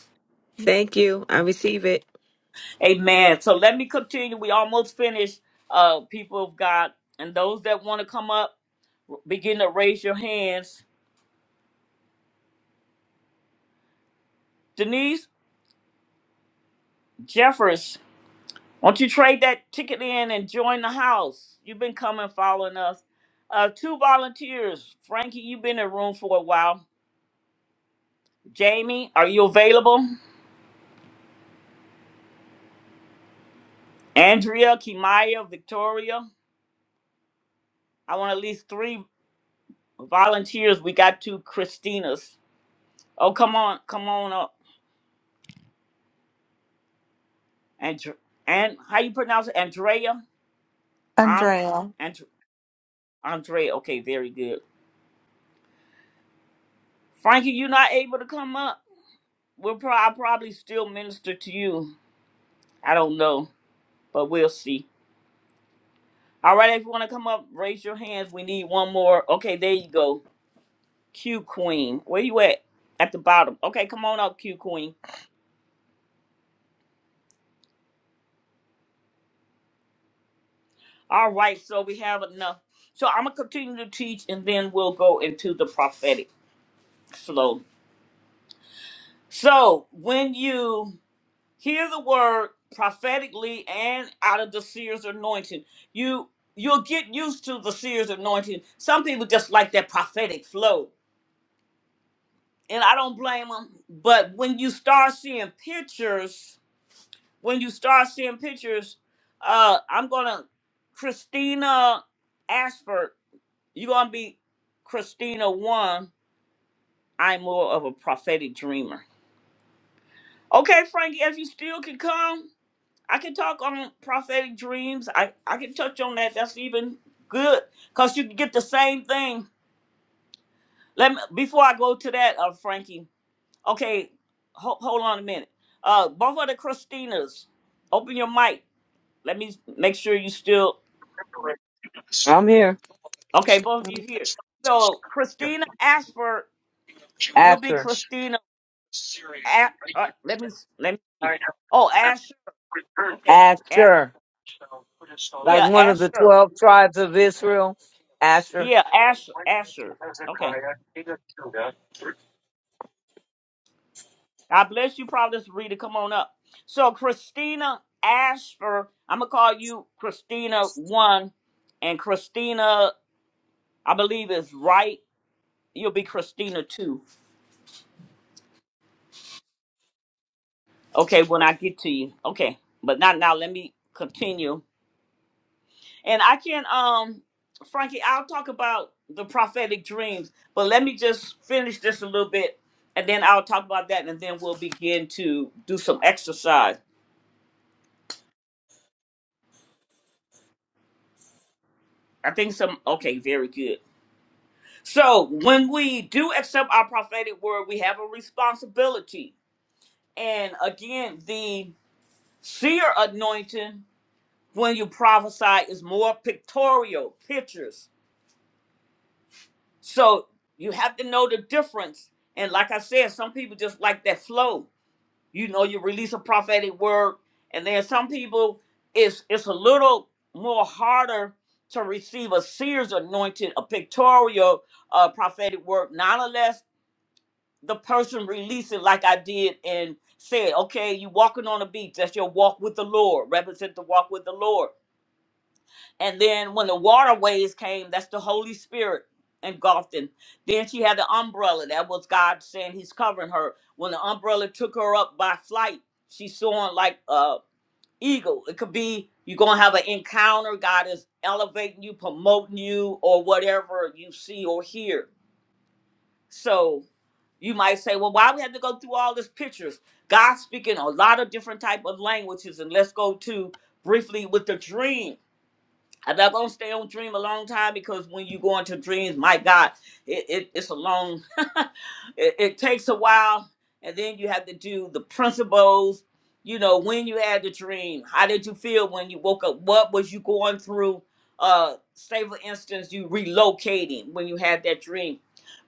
Amen. So let me continue. We almost finished, uh, people of God. And those that want to come up, begin to raise your hands. Denise Jeffers, won't you trade that ticket in and join the house? You've been coming, following us. Uh, two volunteers. Frankie, you've been in the room for a while. Jamie, are you available? Andrea, Kimaya, Victoria. I want at least three volunteers. We got two Christinas. Oh, come on, come on up. And and how you pronounce it? Andrea. I'm Andrea. and Andrea. Okay, very good. Frankie, you're not able to come up. We'll pro- I'll probably still minister to you. I don't know, but we'll see. All right, if you want to come up, raise your hands. We need one more. Okay, there you go. Q Queen. Where you at? At the bottom. Okay, come on up, Q Queen. All right, so we have enough. So I'm gonna continue to teach and then we'll go into the prophetic slowly. So when you hear the word prophetically and out of the seer's anointing, you you'll get used to the seer's anointing. Some people just like that prophetic flow. And I don't blame them. But when you start seeing pictures when you start seeing pictures, uh, I'm gonna Christina Ashford. You're gonna be Christina one. I'm more of a prophetic dreamer. Okay, Frankie, if you still can come, I can talk on prophetic dreams. I I can touch on that. That's even good because you can get the same thing. Let me before I go to that, uh, Frankie. Okay, ho- hold on a minute. Uh, both of the Christinas, open your mic. Let me make sure you still. So I'm here. Okay, both of I'm you here. So Christina Ashford, you'll be Asher. Christina. A- uh, let me s- let me see. Oh, Asher. Okay, Asher. Asher. Like Yeah, one of the Asher. 12 tribes of Israel. Asher. Yeah, Asher. Asher. Okay. God bless you, Providence Rita. Come on up. So Christina Ashford, I'm gonna call you Christina One, and Christina, I believe is right. You'll be Christina Two. Okay, when I get to you. Okay, but not now. Let me continue. And I can, um, Frankie, I'll talk about the prophetic dreams, but let me just finish this a little bit, and then I'll talk about that, and then we'll begin to do some exercise. I think some, okay, very good. So when we do accept our prophetic word, we have a responsibility. And again, the seer anointing, when you prophesy, is more pictorial, pictures. So you have to know the difference. And like I said, some people just like that flow you know you release a prophetic word and then some people it's it's a little more harder to receive a seer's anointed a pictorial uh, prophetic word not unless the person release it like i did and said okay you walking on a beach that's your walk with the lord represent the walk with the lord and then when the waterways came, that's the Holy Spirit engulfed in. Then she had the umbrella. That was God saying He's covering her. When the umbrella took her up by flight, she soaring like a eagle. It could be you're gonna have an encounter. God is elevating you, promoting you, or whatever you see or hear. So you might say, well, why we have to go through all these pictures? God speaking a lot of different type of languages, and let's go to briefly with the dream I'm not gonna stay on dream a long time because when you go into dreams, my God, it, it it's a long, it, it takes a while, and then you have to do the principles. You know, when you had the dream, how did you feel when you woke up? What was you going through? Uh, say for instance, you relocating when you had that dream,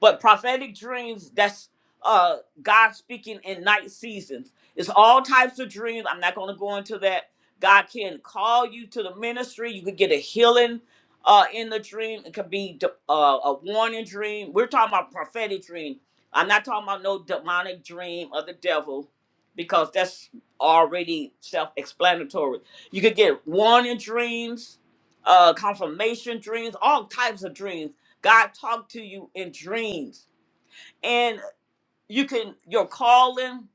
but prophetic dreams that's uh God speaking in night seasons. It's all types of dreams. I'm not gonna go into that God can call you to the ministry. You could get a healing uh, in the dream. It could be de- uh, a warning dream. We're talking about prophetic dream. I'm not talking about no demonic dream of the devil because that's already self-explanatory. You could get warning dreams, uh, confirmation dreams, all types of dreams. God talked to you in dreams you can your calling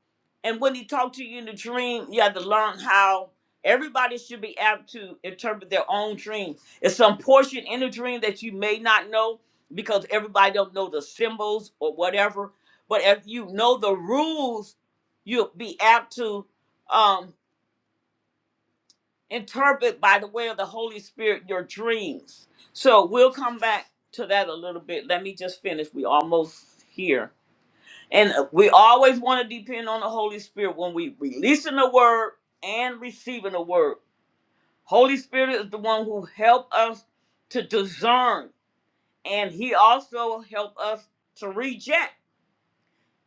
and when he talked to you in the dream you have to learn how everybody should be apt to interpret their own dream it's some portion in the dream that you may not know because everybody don't know the symbols or whatever but if you know the rules you'll be apt to um interpret by the way of the holy spirit your dreams so we'll come back to that a little bit let me just finish we almost here and uh, we always want to depend on the Holy Spirit when we releasing the word and receiving the word. Holy Spirit is the one who help us to discern, and He also help us to reject.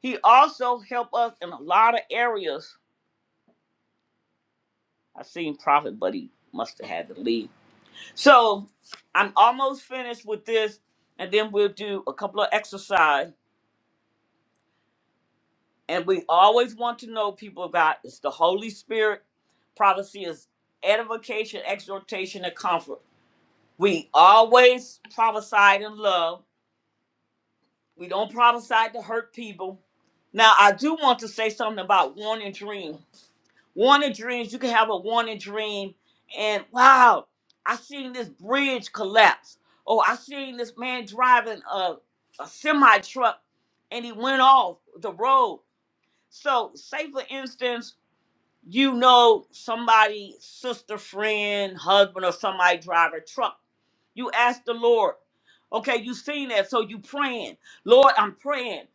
He also help us in a lot of areas. I seen Prophet, but he must have had to leave. So I'm almost finished with this, and then we'll do a couple of exercise. And we always want to know, people of God, it's the Holy Spirit. Prophecy is edification, exhortation, and comfort. We always prophesy in love. We don't prophesy to hurt people. Now, I do want to say something about warning dream. Warning dreams, you can have a warning dream, and wow, I seen this bridge collapse. Oh, I seen this man driving a, a semi truck and he went off the road. So, say for instance, You know somebody, sister, friend, husband, or somebody drive a truck. You ask the Lord. Okay, you seen that, so you praying. Lord, I'm praying.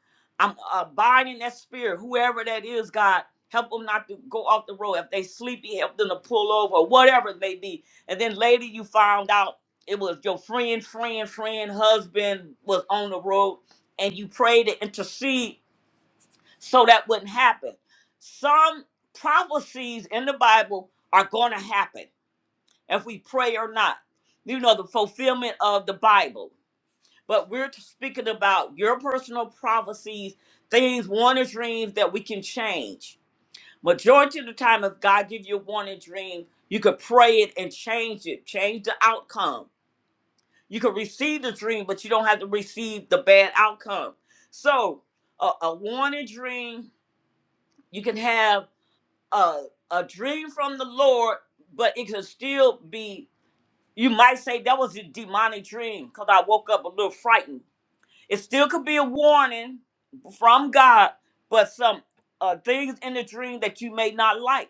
I'm uh, abiding that spirit, whoever that is, God. Help them not to go off the road. If they sleepy, help them to pull over, or whatever it may be. And then later you found out it was your friend, friend, friend, husband was on the road, and you prayed to intercede so that wouldn't happen. Some prophecies in the Bible are going to happen if we pray or not. You know, the fulfillment of the Bible. But we're t- speaking about your personal prophecies, things, warning dreams that we can change. Majority of the time, if God gives you a warning dream, you could pray it and change it, change the outcome. You could receive the dream, but you don't have to receive the bad outcome. So, a, a warning dream you can have a a dream from the Lord, but it could still be. You might say that was a demonic dream because I woke up a little frightened. It still could be a warning from God, but some uh, things in the dream that you may not like.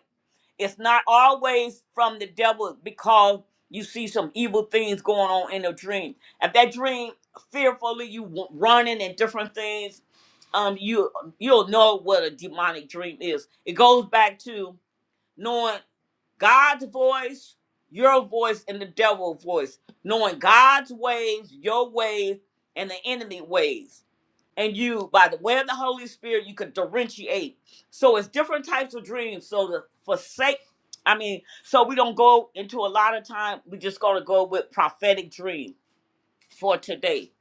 It's not always from the devil because you see some evil things going on in a dream. If that dream fearfully you w- running and different things, um, you you'll know what a demonic dream is. It goes back to knowing God's voice, your voice, and the devil's voice, knowing God's ways, your ways, and the enemy ways. And you, by the way of the Holy Spirit, you can differentiate. So it's different types of dreams. So the forsake, I mean, so we don't go into a lot of time. We're just going to go with prophetic dream for today,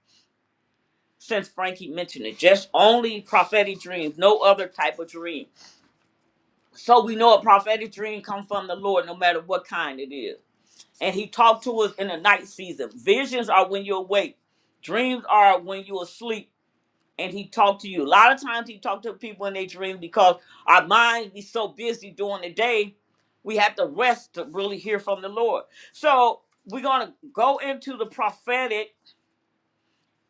since Frankie mentioned it. Just only prophetic dreams, no other type of dream. So we know a prophetic dream comes from the Lord, no matter what kind it is and he talked to us in the night season. Visions are when you're awake. Dreams are when you're asleep. And he talked to you. A lot of times he talked to people in their dreams because our minds be so busy during the day, we have to rest to really hear from the Lord. So we're gonna go into the prophetic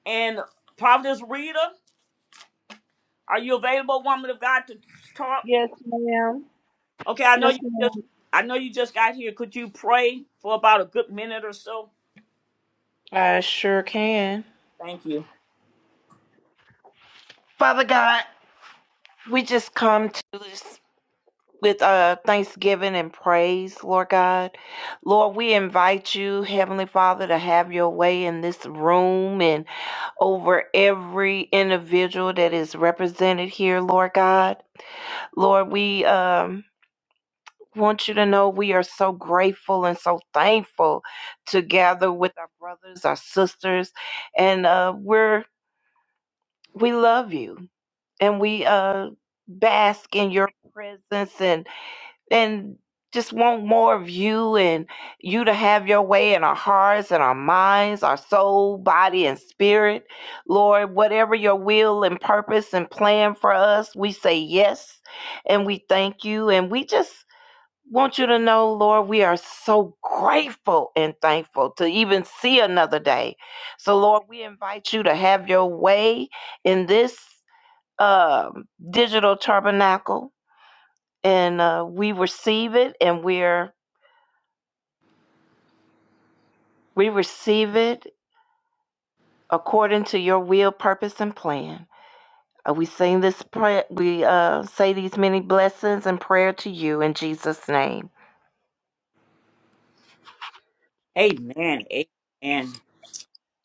and Providence Reader. Are you available, woman of God, to talk? Yes, ma'am. Okay, I know Yes, you just ma'am. I know you just got here. Could you pray for about a good minute or so? I sure can. Thank you. Father God, we just come to this with uh thanksgiving and praise, Lord God. Lord, we invite you, Heavenly Father, to have your way in this room and over every individual that is represented here, Lord God. Lord, we um want you to know we are so grateful and so thankful to gather with our brothers, our sisters, and uh, we're we love you and we uh bask in your presence and and just want more of you and you to have your way in our hearts and our minds, our soul, body, and spirit. Lord, whatever your will and purpose and plan for us, we say yes and we thank you. And we just want you to know, Lord, we are so grateful and thankful to even see another day. So, Lord, we invite you to have your way in this um, digital tabernacle and uh, we receive it and we're we receive it according to your will purpose and plan uh, we sing this prayer we uh, say these many blessings and prayer to you in jesus name Amen. Amen.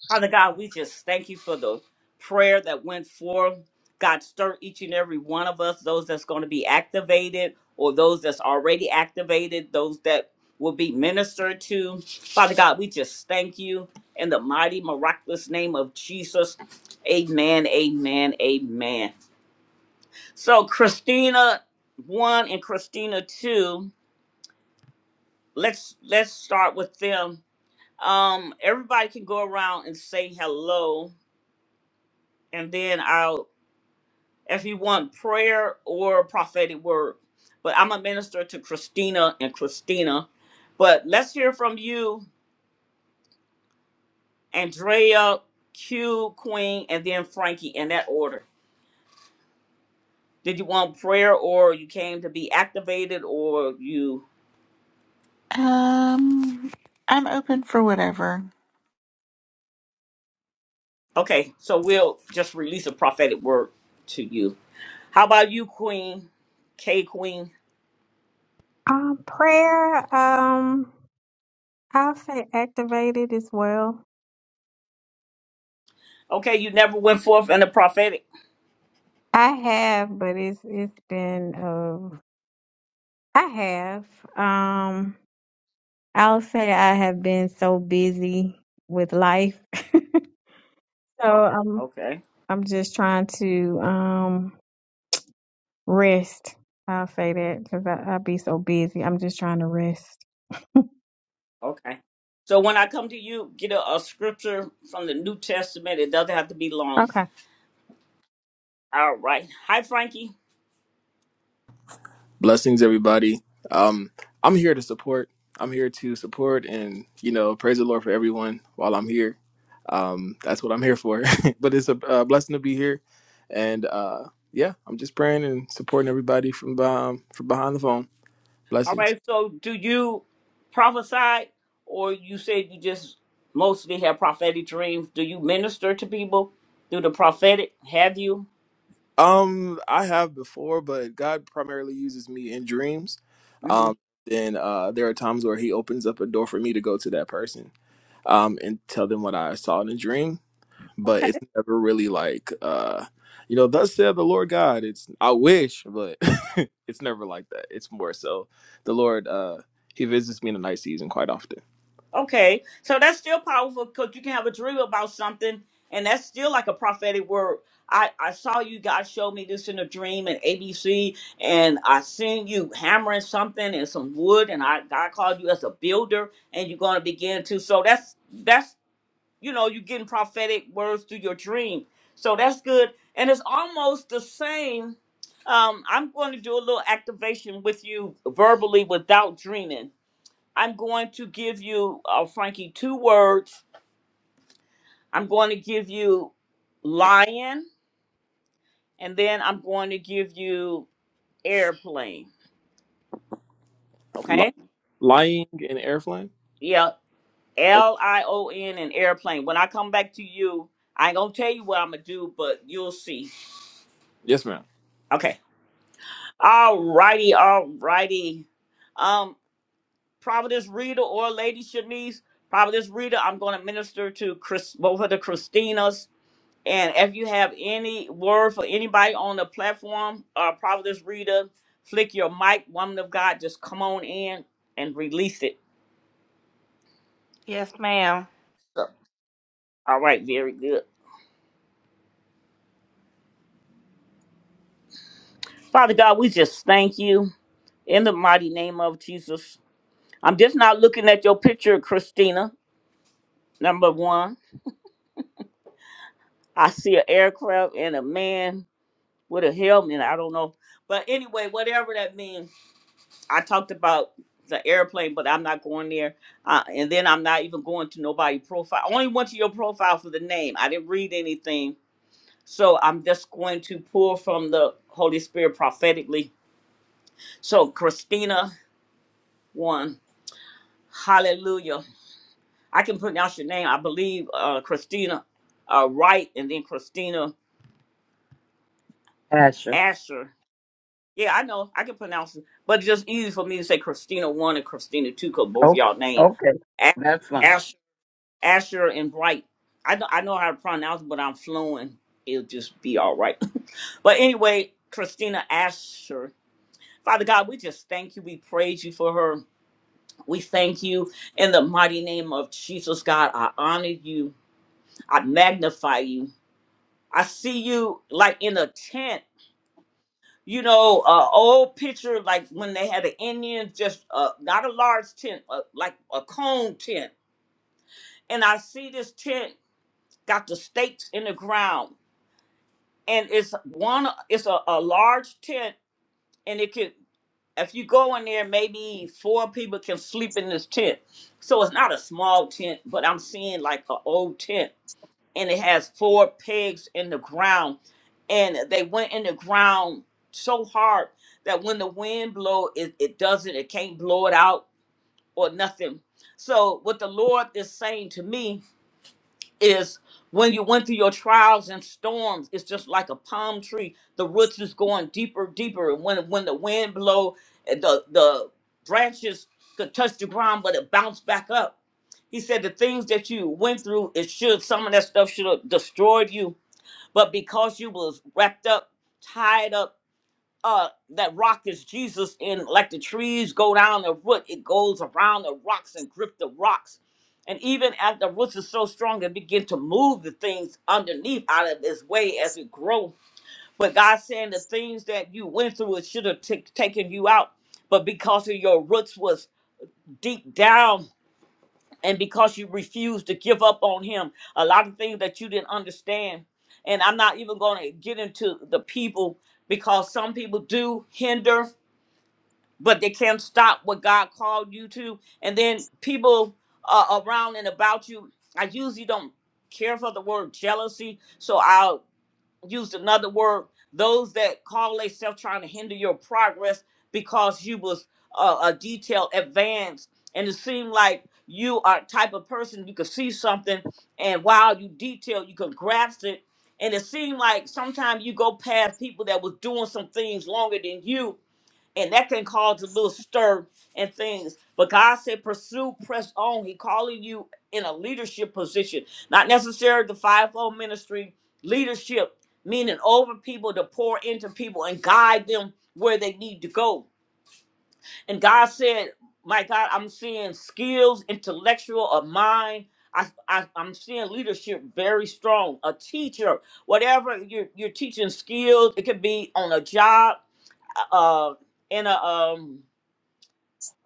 Father God, we just thank you for the prayer that went forth. God, stir each and every one of us, those that's going to be activated or those that's already activated, those that will be ministered to. Father God, we just thank you in the mighty, miraculous name of Jesus. Amen, amen, amen. So Christina 1 and Christina 2, let's let's start with them. Um, everybody can go around and say hello, and then I'll if you want prayer or a prophetic word. But I'm a minister to Christina and Christina. But let's hear from you, Andrea, Q, Queen, and then Frankie in that order. Did you want prayer or you came to be activated or you? Um, I'm open for whatever. Okay, so we'll just release a prophetic word to you. How about you, Queen? K Queen. Um, prayer. Um, I'll say activated as well. Okay, you never went forth in the prophetic. I have, but it's it's been. Uh, I have. Um, I'll say I have been so busy with life, so I'm Okay. I'm just trying to um rest. I'll say that because I I be so busy. I'm just trying to rest. Okay. So when I come to you, get a, a scripture from the New Testament. It doesn't have to be long. Okay. All right. Hi, Frankie. blessings everybody um i'm here to support i'm here to support and you know praise the lord for everyone while i'm here um that's what i'm here for but it's a, uh blessing to be here and uh yeah i'm just praying and supporting everybody from um, from behind the phone All blessings right. So do you prophesy, or you said you just mostly have prophetic dreams? Do you minister to people through the prophetic? Have you? um i have before but god primarily uses me in dreams hmm um then uh there are times where he opens up a door for me to go to that person um and tell them what i saw in a dream Okay. but it's never really like uh you know thus said the lord god it's i wish but it's never like that it's more so the lord uh he visits me in the night season quite often Okay, so that's still powerful because you can have a dream about something, and that's still like a prophetic word. I, I saw you, God showed me this in a dream in ABC, and I seen you hammering something and some wood, and I God called you as a builder, and you're going to begin to. So that's that's you know you're getting prophetic words through your dream, so that's good, and it's almost the same. Um, I'm going to do a little activation with you verbally without dreaming I'm going to give you, uh, Frankie, two words. I'm going to give you lion, and then I'm going to give you airplane. Ly- Okay? lying in airplane Yeah, okay L I O N and airplane. When I come back to you, I ain't gonna tell you what I'm gonna do, but you'll see. yes ma'am Okay. All righty, all righty. Um, Providence Rita or Lady Shanice, Providence Rita, I'm gonna minister to Chris, both of the Christinas And if you have any word for anybody on the platform, uh, Providence Reader, flick your mic, woman of God, just come on in and release it. yes ma'am So, All right, very good. Father God, we just thank you in the mighty name of Jesus. I'm just not looking at your picture, Christina, number one. I see an aircraft and a man with a helmet. I don't know. But anyway, whatever that means. I talked about the airplane, but I'm not going there. Uh, and then I'm not even going to nobody profile. I only went to your profile for the name. I didn't read anything. So I'm just going to pull from the Holy Spirit prophetically. So Christina one, hallelujah. I can pronounce your name. I believe uh, Christina uh, Wright and then Christina Asher. Asher. Yeah, I know. I can pronounce it. But it's just easy for me to say Christina one and Christina two because both Okay. y'all name. Okay. That's fine. Asher. Asher and Bright. I know, I know how to pronounce, but I'm fluent. It'll just be all right. but anyway, Christina Asher. Father God, we just thank you. We praise you for her. We thank you in the mighty name of Jesus, God. I honor you. I magnify you. I see you like in a tent. You know, uh, old picture like when they had the Indians, just uh, not a large tent, uh, like a cone tent. And I see this tent got the stakes in the ground and it's one it's a, a large tent and it can if you go in there maybe four people can sleep in this tent so it's not a small tent but i'm seeing like an old tent and it has four pegs in the ground and they went in the ground so hard that when the wind blow it, it doesn't it can't blow it out or nothing so what the lord is saying to me is when you went through your trials and storms it's just like a palm tree the roots is going deeper deeper and when when the wind blow and the the branches could touch the ground but it bounced back up he said the things that you went through it should some of that stuff should have destroyed you but because you was wrapped up tied up uh that rock is Jesus and like the trees go down the root, it goes around the rocks and grip the rocks. And even as the roots are so strong, it begin to move the things underneath out of its way as it grows. But God saying the things that you went through, it should have ta- taken you out. But because of your roots was deep down and because you refused to give up on him, a lot of things that you didn't understand. And I'm not even going to get into the people because some people do hinder but they can't stop what God called you to. And then people uh, around and about you, I usually don't care for the word jealousy, so I'll use another word. Those that call themselves trying to hinder your progress because you was uh, a detail advanced, and it seemed like you are type of person you could see something, and while you detail, you could grasp it. And it seemed like sometimes you go past people that was doing some things longer than you, and that can cause a little stir and things. But God said, pursue, press on. He calling you in a leadership position, not necessarily the fivefold ministry leadership, meaning over people to pour into people and guide them where they need to go. And God said, my God, I'm seeing skills, intellectual of mind. I, I, I'm seeing leadership very strong. A teacher, whatever you're, you're teaching skills, it could be on a job, uh, in a um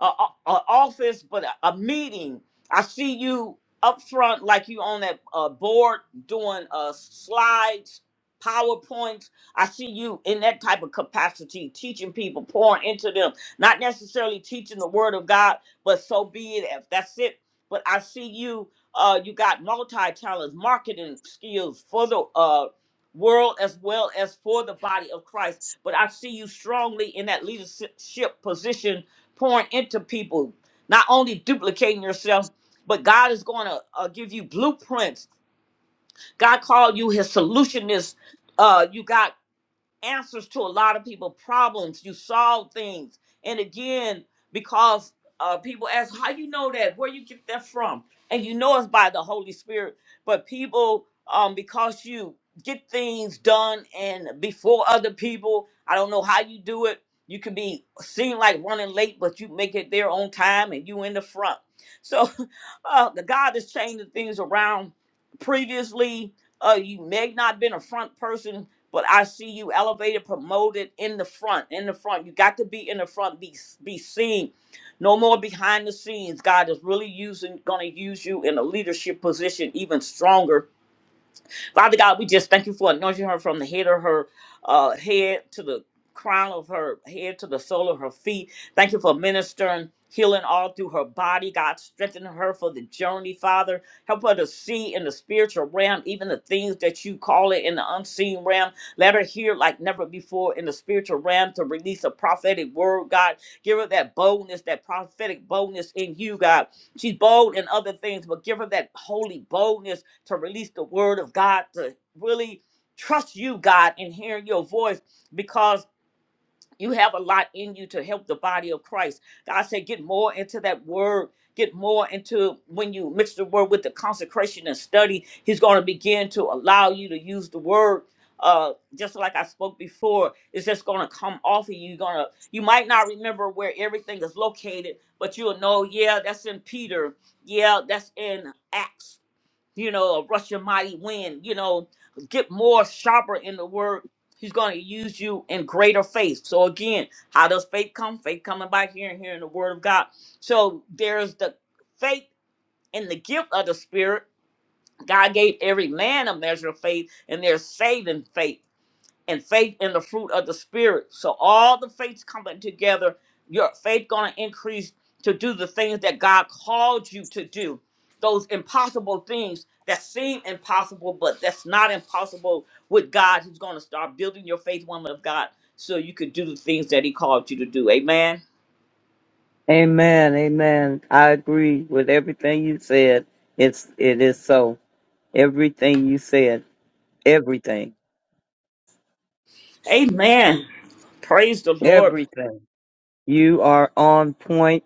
a, a- a office, but a, a meeting. I see you up front, like you on that uh, board doing uh, slides, PowerPoints. I see you in that type of capacity, teaching people, pouring into them, not necessarily teaching the word of God, but so be it. If that's it, but I see you. Uh, you got multi-talents, marketing skills for the uh, world as well as for the body of Christ. But I see you strongly in that leadership position pouring into people, not only duplicating yourself, but God is going to uh, give you blueprints. God called you his solutionist. Uh, you got answers to a lot of people problems you solve things and again because uh, people ask how you know that where you get that from and you know it's by the holy spirit but people um because you get things done and before other people i don't know how you do it you can be seen like running late but you make it there on time and you in the front so uh the god is changing things around previously uh you may not been a front person but I see you elevated, promoted in the front, in the front. You got to be in the front, be be seen. No more behind the scenes. God is really using, gonna use you in a leadership position even stronger Father God, we just thank you for anointing her from the head of her uh, head to the crown of her head to the sole of her feet. Thank you for ministering, healing all through her body. God, strengthen her for the journey, Father. Help her to see in the spiritual realm, even the things that you call it in the unseen realm. Let her hear like never before in the spiritual realm to release a prophetic word, God. Give her that boldness, that prophetic boldness in you, God. She's bold in other things, but give her that holy boldness to release the word of God, to really trust you, God, and hear your voice because you have a lot in you to help the body of Christ. God said, get more into that word. Get more into when you mix the word with the consecration and study, He's going to begin to allow you to use the word. Uh, just like I spoke before, it's just going to come off of you. You're gonna, you might not remember where everything is located, but you'll know, yeah, that's in Peter. Yeah, that's in Acts you know, a Russian mighty wind, you know, get more sharper in the word. He's going to use you in greater faith. So again, how does faith come? Faith coming by hearing, hearing the word of God. So there's the faith and the gift of the spirit. God gave every man a measure of faith, and there's saving faith and faith in the fruit of the spirit. So all the faiths coming together, your faith gonna increase to do the things that God called you to do. Those impossible things that seem impossible, but that's not impossible with God. He's gonna start building your faith, woman of God, so you can do the things that He called you to do. Amen. Amen. Amen. I agree with everything you said. It's, it is so. Everything you said. Everything. Amen. Praise the Lord. Everything. You are on point.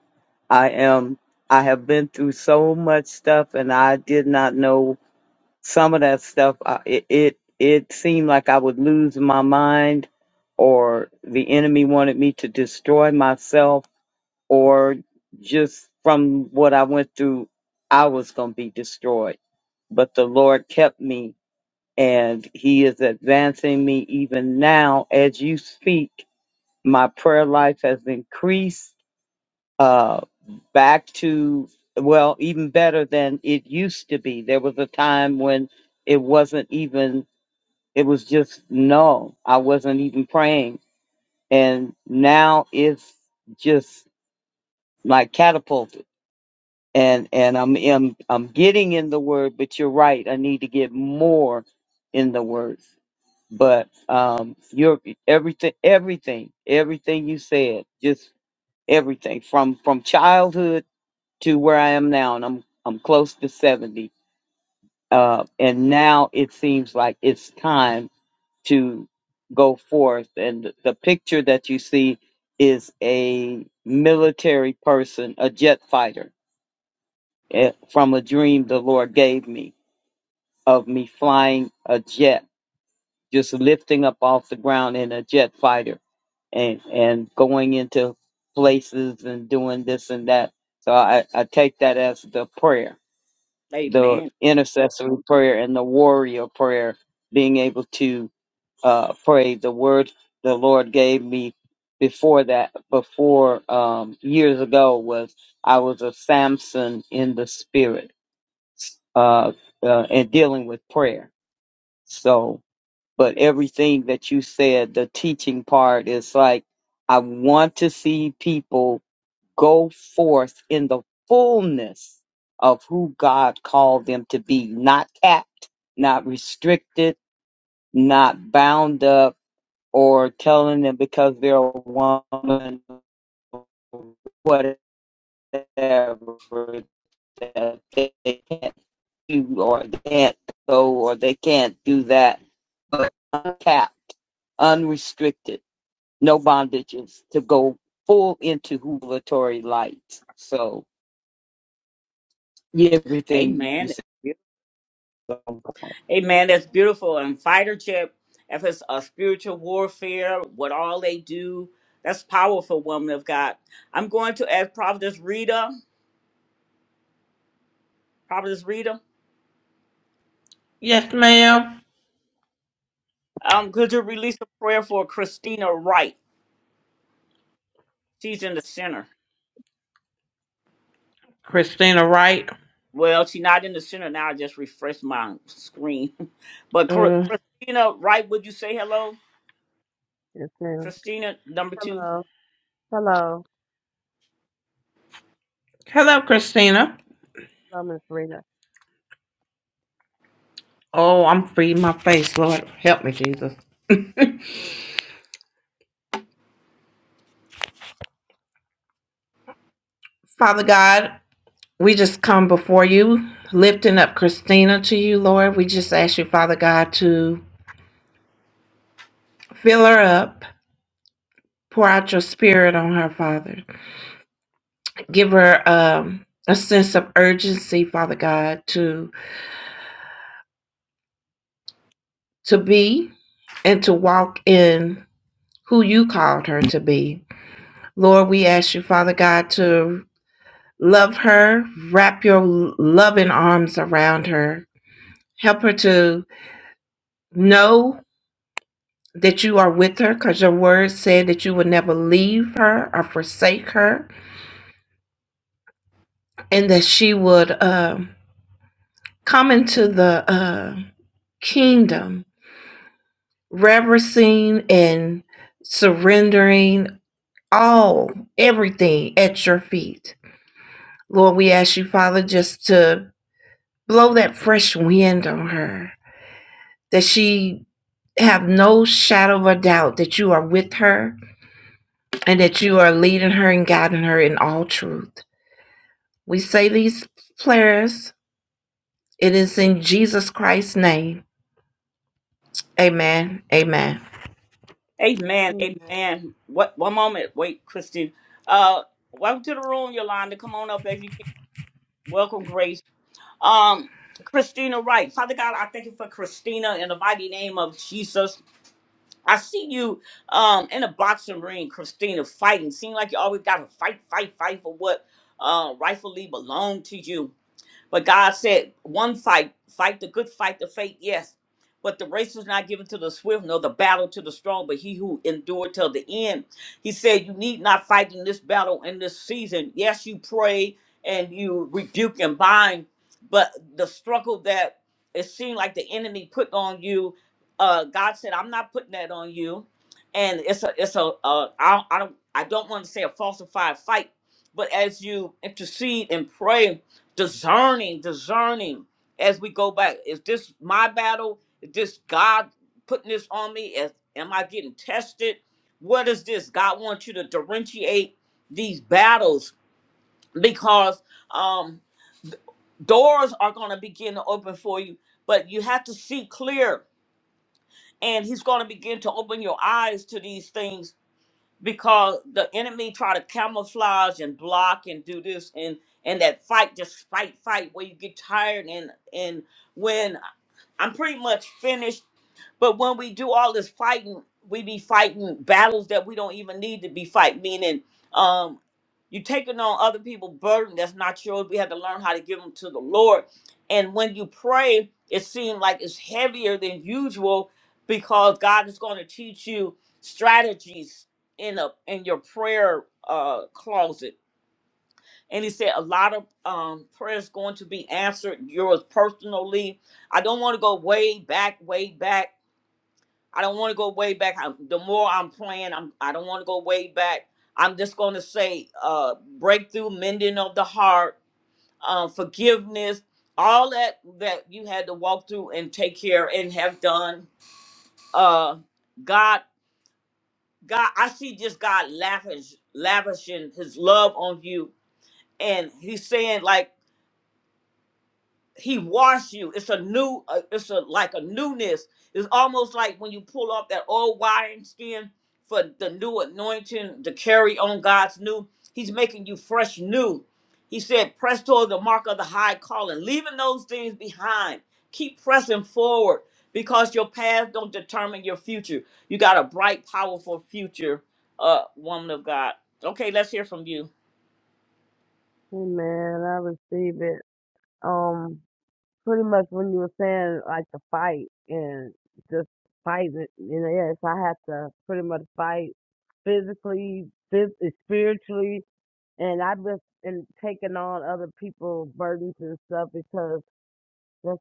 I am. I have been through so much stuff, and I did not know some of that stuff. I, it, it it seemed like I would lose my mind, or the enemy wanted me to destroy myself, or just from what I went through, I was going to be destroyed. But the Lord kept me, and He is advancing me even now as you speak. My prayer life has increased uh, back to well, even better than it used to be. There was a time when it wasn't even. It was just no. I wasn't even praying, and now it's just like catapulted. And and I'm I'm, I'm getting in the word, but you're right. I need to get more in the word. But um, your everything, everything, everything you said, just everything from from childhood to where I am now, and I'm I'm close to seventy. Uh, and now it seems like it's time to go forth. And the picture that you see is a military person, a jet fighter, eh, from a dream the Lord gave me of me flying a jet, just lifting up off the ground in a jet fighter, and and going into places and doing this and that. So I, I take that as the prayer the Amen. intercessory prayer and the warrior prayer, being able to uh, pray. The word the Lord gave me before that, before um, years ago, was I was a Samson in the spirit uh, uh, and dealing with prayer. So, but everything that you said, the teaching part is like, I want to see people go forth in the fullness of who God called them to be, not capped, not restricted, not bound up, or telling them because they're a woman, whatever, that they can't do or they can't go or they can't do that, but uncapped, unrestricted, no bondages to go full into revelatory light. So, Yeah, everything you Amen. said is on point. Amen. That's beautiful. And fighter chip, if it's a spiritual warfare, what all they do, that's powerful, woman of God. I'm going to ask Providence Rita. Providence Rita, Yes, ma'am. um, could you release a prayer for Christina Wright? She's in the center. Christina Wright. Well, she's not in the center now. I just refreshed my screen. But Chr- Uh, Christina Wright, would you say hello? just saying, Christina, number two. hello, hello, hello, Christina. hello, Miss Rita. Oh, I'm freeing my face, Lord. Help me, Jesus. Father God. We just come before you, lifting up Christina to you, Lord. We just ask you, Father God, to fill her up, pour out your spirit on her, Father. Give her um, a sense of urgency, Father God, to to be and to walk in who you called her to be. Lord, we ask you, Father God, to love her, wrap your loving arms around her, help her to know that you are with her because your word said that you would never leave her or forsake her and that she would uh, come into the uh, kingdom reverencing and surrendering all everything at your feet lord we ask you father just to blow that fresh wind on her that she have no shadow of a doubt that you are with her and that you are leading her and guiding her in all truth We say these prayers. It is in Jesus Christ's name. Amen. Amen. Amen. Hey Amen. What? One moment. Wait, Christina. Uh, welcome to the room, Yolanda. Come on up if you can. Welcome, Grace. Um, Christina Wright. Father God, I thank you for Christina in the mighty name of Jesus. I see you um in a boxing ring, Christina, fighting. Seem like you always gotta fight, fight, fight for what uh rightfully belong to you. But God said, one fight, fight the good fight, the faith, yes. But the race was not given to the swift, nor the battle to the strong, but he who endured till the end. He said, You need not fight in this battle in this season. Yes, you pray and you rebuke and bind, but the struggle that it seemed like the enemy put on you, uh, God said, I'm not putting that on you. And it's a, it's a, uh, I, don't- I don't, I don't want to say a falsified fight, but as you intercede and pray discerning, discerning as we go back. Is this my battle? Is this God putting this on me? Is, am I getting tested? What is this? God wants you to differentiate these battles because um, doors are going to begin to open for you, but you have to see clear. And he's going to begin to open your eyes to these things because the enemy try to camouflage and block and do this and and that fight just fight fight where you get tired and and when I'm pretty much finished. But when we do all this fighting, we be fighting battles that we don't even need to be fighting. Meaning, um, you taking on other people's burden that's not yours. We have to learn how to give them to the Lord. And when you pray, it seems like it's heavier than usual because God is going to teach you strategies in a in your prayer uh closet and he said a lot of um, prayers going to be answered yours personally i don't want to go way back way back i don't want to go way back I, the more i'm praying i'm i don't want to go way back i'm just going to say uh breakthrough mending of the heart um forgiveness all that that you had to walk through and take care and have done uh god god i see just god lavish lavishing his love on you and he's saying like he washed you. It's a new, uh, it's a like a newness. It's almost like when you pull off that old wine skin for the new anointing to carry on God's new. He's making you fresh new. He said, press toward the mark of the high calling, leaving those things behind. Keep pressing forward because your past don't determine your future. You got a bright, powerful future, uh, woman of God. Okay, let's hear from you. man, I received it. Um, pretty much when you were saying like the fight and just fighting, you know, yes, I had to pretty much fight physically, phys- eh, spiritually, and I've just been taking on other people's burdens and stuff because that's,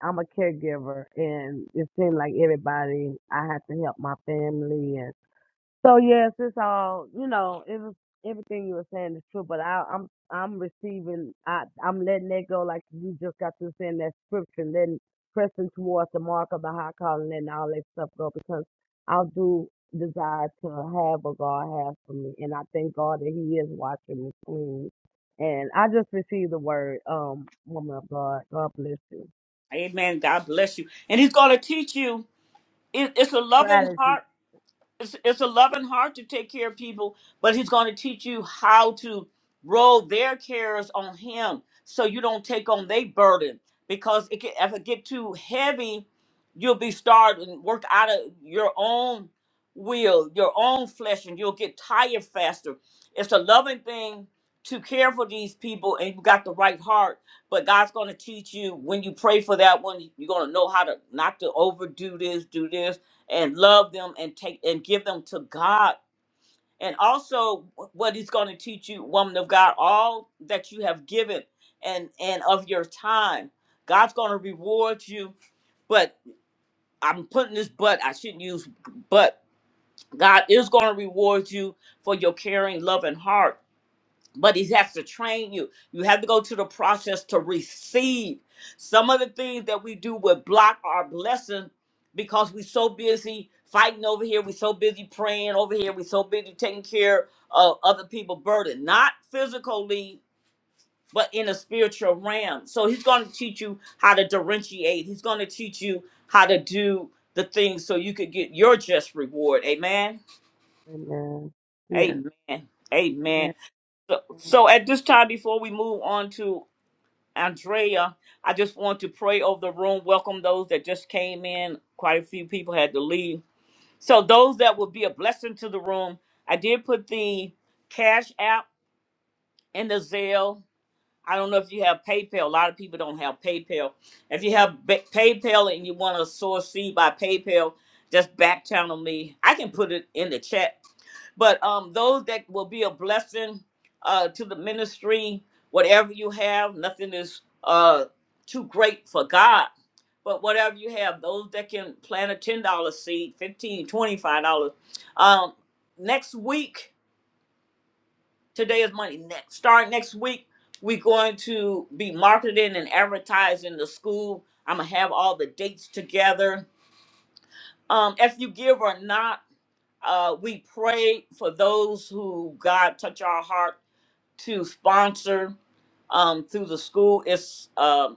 I'm a caregiver, and it seemed like everybody I had to help my family So yes, it's all you know. It was everything you were saying is true, but I, I'm I'm receiving. I I'm letting that go. Like you just got to saying that scripture, and then pressing towards the mark of the high calling, and all that stuff go because I do desire to have what God has for me, and I thank God that He is watching me clean. And I just received the word, um, woman of God. God bless you. Amen. God bless you. And he's going to teach you. It, it's a loving heart Strategy. it's, it's a loving heart to take care of people, but he's going to teach you how to roll their cares on him so you don't take on their burden. Because it can, if it get too heavy, you'll be starved and work out of your own will, your own flesh, and you'll get tired faster. It's a loving thing to care for these people, and you got the right heart. But God's going to teach you when you pray for that one, you're going to know how to not to overdo this, do this and love them and take and give them to God. And also what he's going to teach you, woman of God, all that you have given and and of your time. God's going to reward you, but I'm putting this but I shouldn't use but God is going to reward you for your caring, loving heart but he has to train you. You have to go to the process to receive. Some of the things that we do will block our blessing because we're so busy fighting over here, we're so busy praying over here, we're so busy taking care of other people's burden, not physically, but in a spiritual realm. So he's going to teach you how to differentiate. He's going to teach you how to do the things so you could get your just reward. Amen. Amen. Yes. Amen. Amen. Amen. So, so at this time, before we move on to Andrea, I just want to pray over the room, welcome those that just came in. Quite a few people had to leave. So, those that will be a blessing to the room, I did put the Cash App and the Zelle. I don't know if you have PayPal. A lot of people don't have PayPal. If you have ba- PayPal and you want to source seed by PayPal, just back channel me. I can put it in the chat but um, those that will be a blessing uh, to the ministry, whatever you have, nothing is uh, too great for God. But whatever you have, those that can plant a $10 seed, fifteen, twenty five dollars dollars Um, next week, today is Monday, next, start next week, we're going to be marketing and advertising the school. I'm going to have all the dates together. Um, if you give or not, uh, we pray for those who God touch our heart to sponsor um, through the school. It's um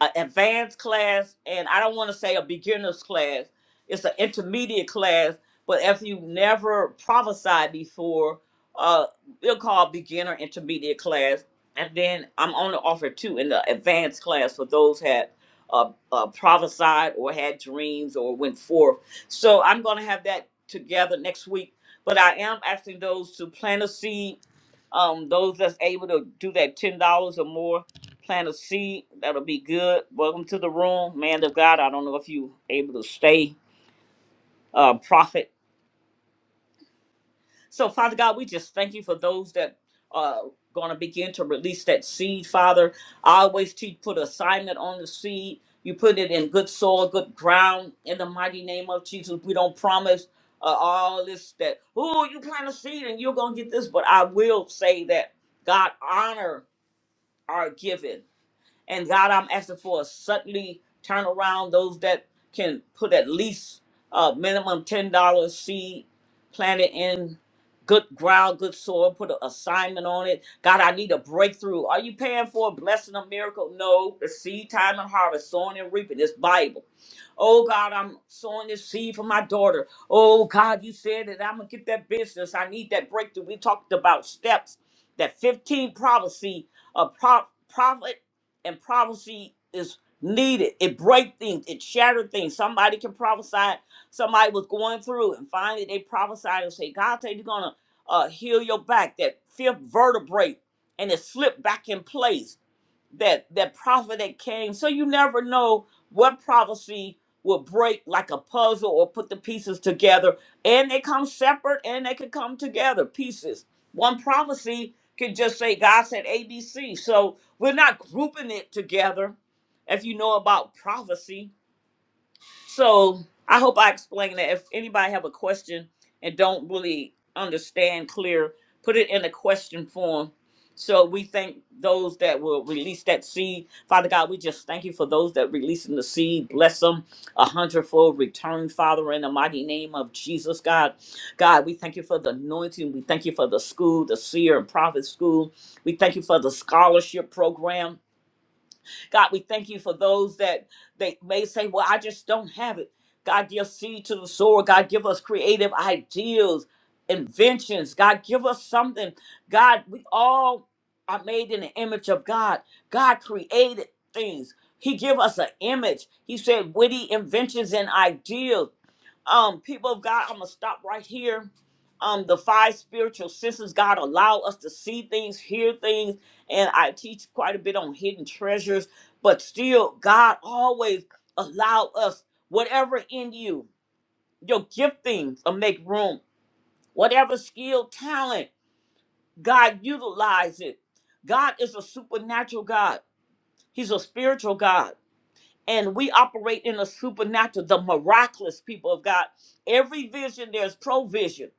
an advanced class, and I don't want to say a beginner's class. It's an intermediate class, but if you never prophesied before, uh, it'll call beginner intermediate class. And then I'm only offered two in the advanced class for those had uh, uh, prophesied or had dreams or went forth. So I'm going to have that together next week. But I am asking those to plant a seed, um, those that's able to do that $10 or more plant a seed. That'll be good. Welcome to the room, man of God. I don't know if you able to stay, uh, prophet. So, Father God, we just thank you for those that are going to begin to release that seed, Father. I always teach put assignment on the seed. You put it in good soil, good ground. In the mighty name of Jesus, we don't promise uh, all this that, oh, you plant a seed and you're going to get this. But I will say that God honor our giving. And God, I'm asking for a suddenly turnaround. Those that can put at least a minimum ten dollars seed plant it in good ground, good soil. Put an assignment on it. God, I need a breakthrough. Are you paying for a blessing, a miracle? No. The seed, time, and harvest, sowing and reaping. It's Bible. Oh God, I'm sowing this seed for my daughter. Oh God, you said that I'm gonna get that business. I need that breakthrough. We talked about steps, that 15 prophecy, a pro- prophet and prophecy is needed. It break things, it shatter things. Somebody can prophesy. Somebody was going through and finally they prophesied and say, God said you're gonna uh, heal your back, that fifth vertebrae, and it slipped back in place that that prophet that came. So you never know what prophecy will break like a puzzle or put the pieces together. And they come separate and they can come together pieces. One prophecy can just say God said ABC. So we're not grouping it together. If you know about prophecy, so I hope I explained that. If anybody have a question and don't really understand clear, put it in a question form. So we thank those that will release that seed. Father God, we just thank you for those that releasing the seed. Bless them a hundredfold return, Father, in the mighty name of Jesus, God. God, we thank you for the anointing. We thank you for the school, the seer and prophet school. We thank you for the scholarship program. God, we thank you for those that they may say, Well, I just don't have it. God, give seed to the sower. God, give us creative ideas, inventions. God, give us something. God, we all are made in the image of God. God created things. He give us an image. He said witty inventions and ideas um people of god i'm gonna stop right here um the five spiritual senses god allow us to see things hear things and i teach quite a bit on hidden treasures but still god always allow us whatever in you your giftings will make room whatever skill talent god utilize it god is a supernatural god he's a spiritual god and we operate in the supernatural the miraculous people of god every vision there's provision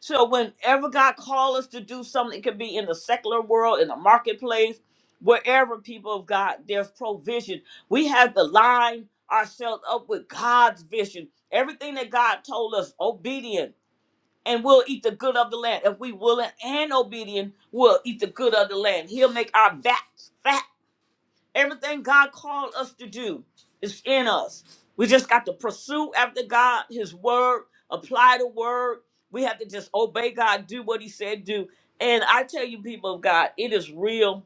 so whenever God calls us to do something, it could be in the secular world, in the marketplace, wherever people of God, there's provision. We have to line ourselves up with God's vision. Everything that God told us, obedient, and we'll eat the good of the land. If we willing and obedient, we'll eat the good of the land. He'll make our backs fat. Everything God called us to do is in us. We just got to pursue after God, His word, apply the word. We have to just obey God, do what He said, do. And I tell you, people of God, it is real.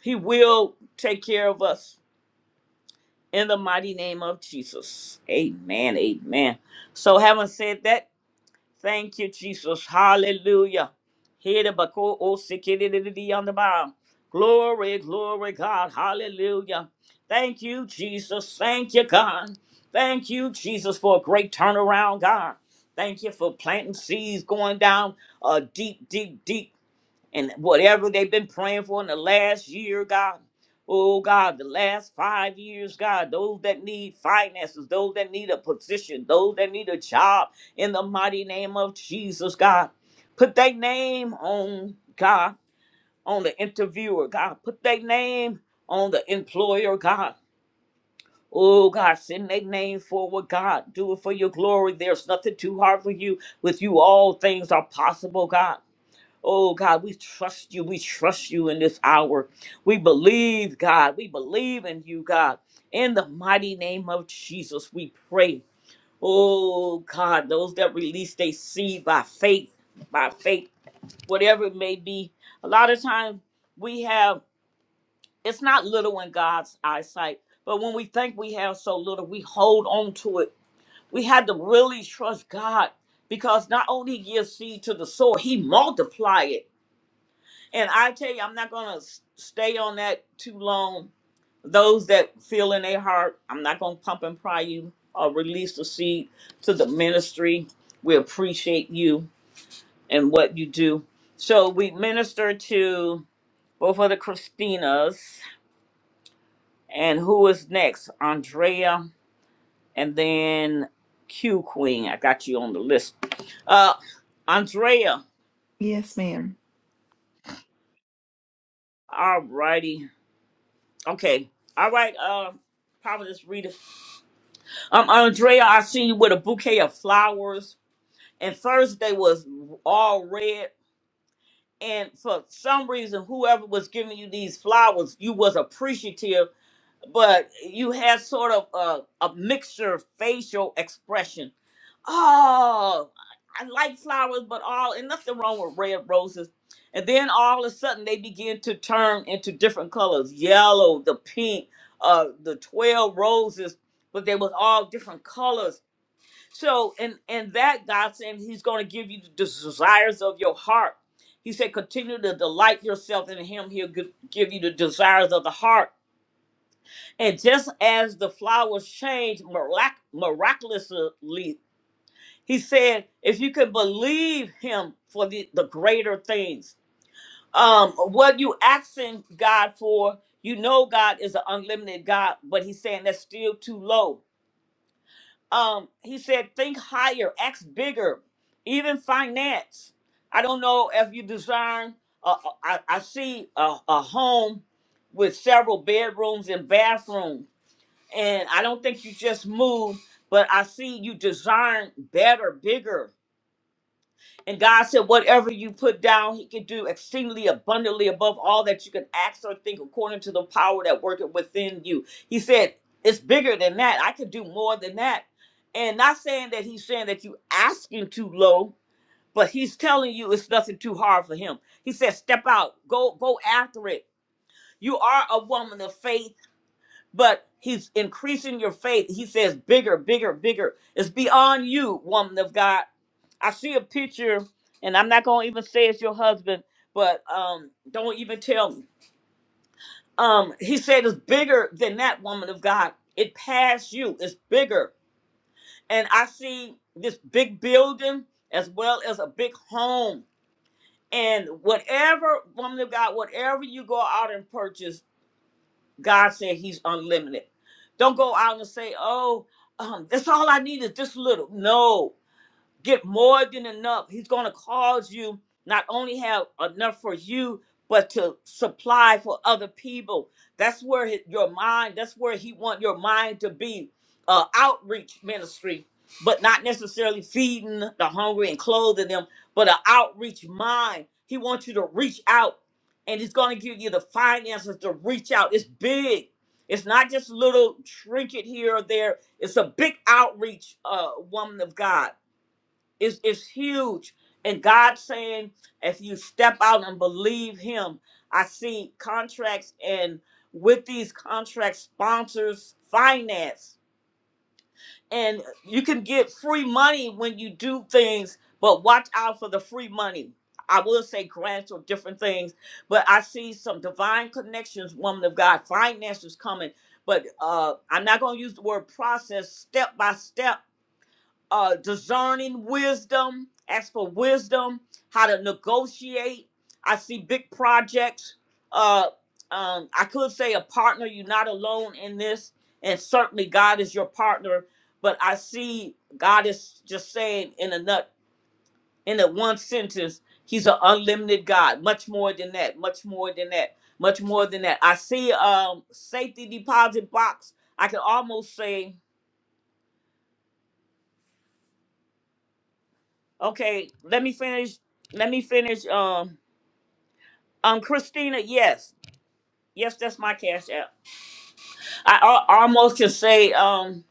He will take care of us in the mighty name of Jesus. Amen. Amen. So, having said that, Thank you, Jesus. Hallelujah. Here the bako o sikidididi on the bow. Glory, glory, God. Hallelujah. Thank you, Jesus. Thank you, God. Thank you, Jesus, for a great turnaround, God. Thank you for planting seeds, going down a deep, deep, deep and whatever they've been praying for in the last year, God. Oh God, the last five years, God, those that need finances, those that need a position, those that need a job, in the mighty name of Jesus, God. Put their name on God, on the interviewer, God. Put their name on the employer, God. Oh God, send their name forward, God. Do it for your glory. There's nothing too hard for you. With you, all things are possible, God. Oh God, we trust you. We trust you in this hour. We believe, God. We believe in you, God. In the mighty name of Jesus, we pray. Oh God, those that release they see by faith, by faith, whatever it may be. A lot of times we have, it's not little in God's eyesight, but when we think we have so little, we hold on to it. We had to really trust God because not only He gives seed to the soul, He multiplies it. And I tell you, I'm not going to stay on that too long. Those that feel in their heart, I'm not going to pump and pry you or release the seed to the ministry. We appreciate you and what you do. So we minister to both of the Christinas. And who is next? Andrea and then Q Queen. I got you on the list. Uh, Andrea. Yes, ma'am. All righty. Okay. All right. Uh, Providence Rita. Um, Andrea, I seen you with a bouquet of flowers, and Thursday was all red. And for some reason, whoever was giving you these flowers, you was appreciative, but you had sort of a, a mixture of facial expression. Oh, I like flowers, but all and nothing wrong with red roses. And then all of a sudden, they begin to turn into different colors: yellow, the pink, uh, the twelve roses, but they was all different colors so, and and that God saying He's going to give you the desires of your heart. He said, continue to delight yourself in Him. He'll give, give you the desires of the heart. And just as the flowers change mirac- miraculously, He said, if you can believe Him for the, the greater things, um, what you asking God for, you know God is an unlimited God, but He's saying that's still too low. um he said think higher act bigger even finance i don't know if you design uh, uh, I, I see a, a home with several bedrooms and bathrooms and i don't think you just move but i see you design better bigger and God said, whatever you put down, He can do exceedingly abundantly above all that you can ask or think according to the power that worketh within you. He said, it's bigger than that. I can do more than that. And not saying that He's saying that you asking too low, but He's telling you it's nothing too hard for Him. He said, step out, go, go after it. You are a woman of faith, but He's increasing your faith. He says, bigger, bigger, bigger. It's beyond you, woman of God. I see a picture, and I'm not gonna even say it's your husband, but um, don't even tell me. Um, he said it's bigger than that woman of God. It passed you. It's bigger, and I see this big building as well as a big home. And whatever woman of God, whatever you go out and purchase, God said He's unlimited. Don't go out and say, "Oh, um, that's all I need is this little." No, get more than enough. He's going to cause you not only have enough for you, but to supply for other people. That's where hi- your mind, that's where he want your mind to be. Uh, outreach ministry, but not necessarily feeding the hungry and clothing them, but an outreach mind. He wants you to reach out and he's going to give you the finances to reach out. It's big. It's not just little trinket here or there. It's a big outreach, uh, woman of God it's, it's huge. And God saying, if you step out and believe Him, I see contracts and with these contracts, sponsors finance. And you can get free money when you do things, but watch out for the free money. I will say grants or different things, but I see some divine connections, woman of God, finances coming. But uh, I'm not going to use the word process, step by step uh, discerning wisdom. Ask for wisdom, how to negotiate. I see big projects. Uh, um, I could say a partner. You're not alone in this, and certainly God is your partner. But I see God is just saying in a nut, in a one sentence, He's an unlimited God. Much more than that. Much more than that. Much more than that. I see um safety deposit box. I can almost say Okay, let me finish. Let me finish. Um, um, Christina, yes, yes, that's my cash app. I, al- almost can say, um,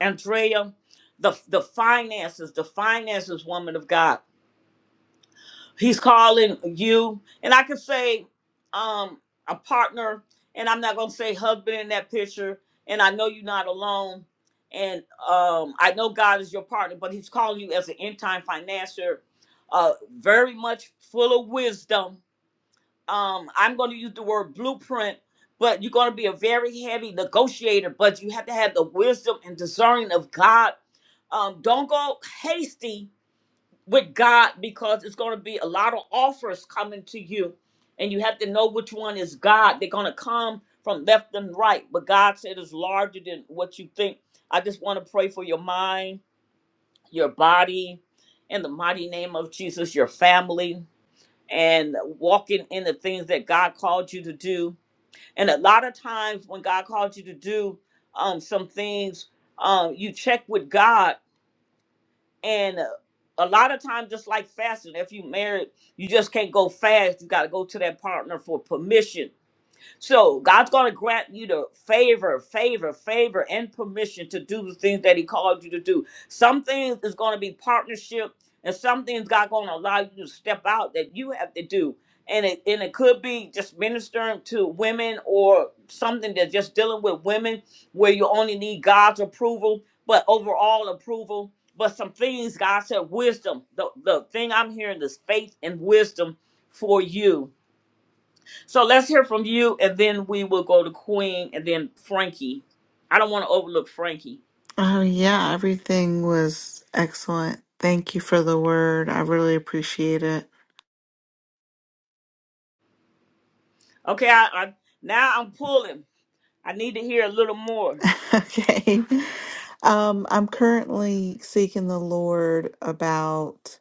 Andrea, the the finances, the finances, woman of God. He's calling you, and I can say, um, a partner, and I'm not gonna say husband in that picture. And I know you're not alone, and um, I know God is your partner, but He's calling you as an end time financier, uh, very much full of wisdom um i'm going to use the word blueprint but you're going to be a very heavy negotiator but you have to have the wisdom and discerning of god um don't go hasty with god because it's going to be a lot of offers coming to you and you have to know which one is god they're going to come from left and right but god said it's larger than what you think i just want to pray for your mind your body in the mighty name of jesus your family and walking in the things that God called you to do. And a lot of times when God called you to do um, some things, um, you check with God. And uh, a lot of times, just like fasting, if you married, you just can't go fast. You got to go to that partner for permission so God's going to grant you the favor, favor, favor, and permission to do the things that He called you to do. Some things is going to be partnership, and some things God going to allow you to step out that you have to do. And it and it could be just ministering to women or something that's just dealing with women where you only need God's approval, but overall approval. But some things God said wisdom. The the thing I'm hearing is faith and wisdom for you so let's hear from you, and then we will go to Queen, and then Frankie. I don't want to overlook Frankie. Oh, yeah, everything was excellent. Thank you for the word. I really appreciate it. Okay, I, I now I'm pulling. I need to hear a little more. okay. Um, I'm currently seeking the Lord about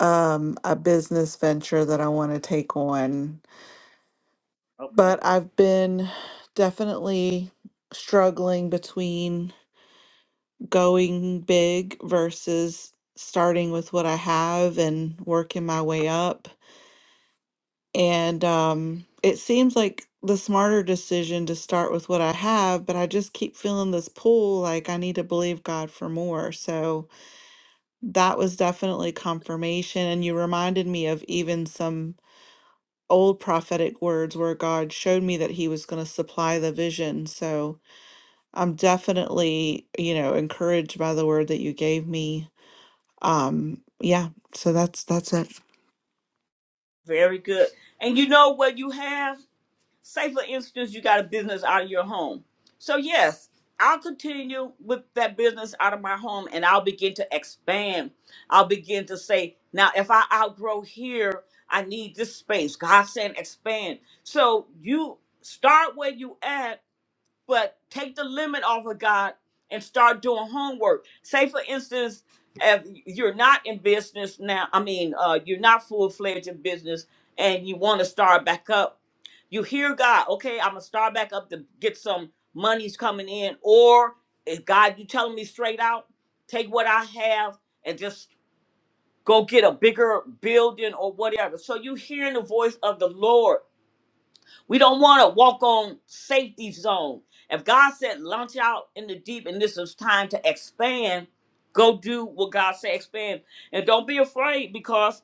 um a business venture that I want to take on, Okay, but I've been definitely struggling between going big versus starting with what I have and working my way up. And um, it seems like the smarter decision to start with what I have, but I just keep feeling this pull like I need to believe God for more. So that was definitely confirmation. And you reminded me of even some old prophetic words where God showed me that He was going to supply the vision. So I'm definitely, you know, encouraged by the word that you gave me Um, yeah, so that's that's it. very good. And you know what you have? say for instance you got a business out of your home so yes i'll continue with that business out of my home and i'll begin to expand i'll begin to say now if i outgrow here i need this space god saying expand so you start where you at but take the limit off of God and start doing homework. Say, for instance, if you're not in business now, I mean, uh, you're not full fledged in business and you want to start back up, you hear God, okay, I'm going to start back up to get some monies coming in. Or if God, you telling me straight out, take what I have and just go get a bigger building or whatever. So you hearing the voice of the Lord we don't want to walk on safety zone. If God said launch out in the deep and this is time to expand, go do what God said expand. And don't be afraid because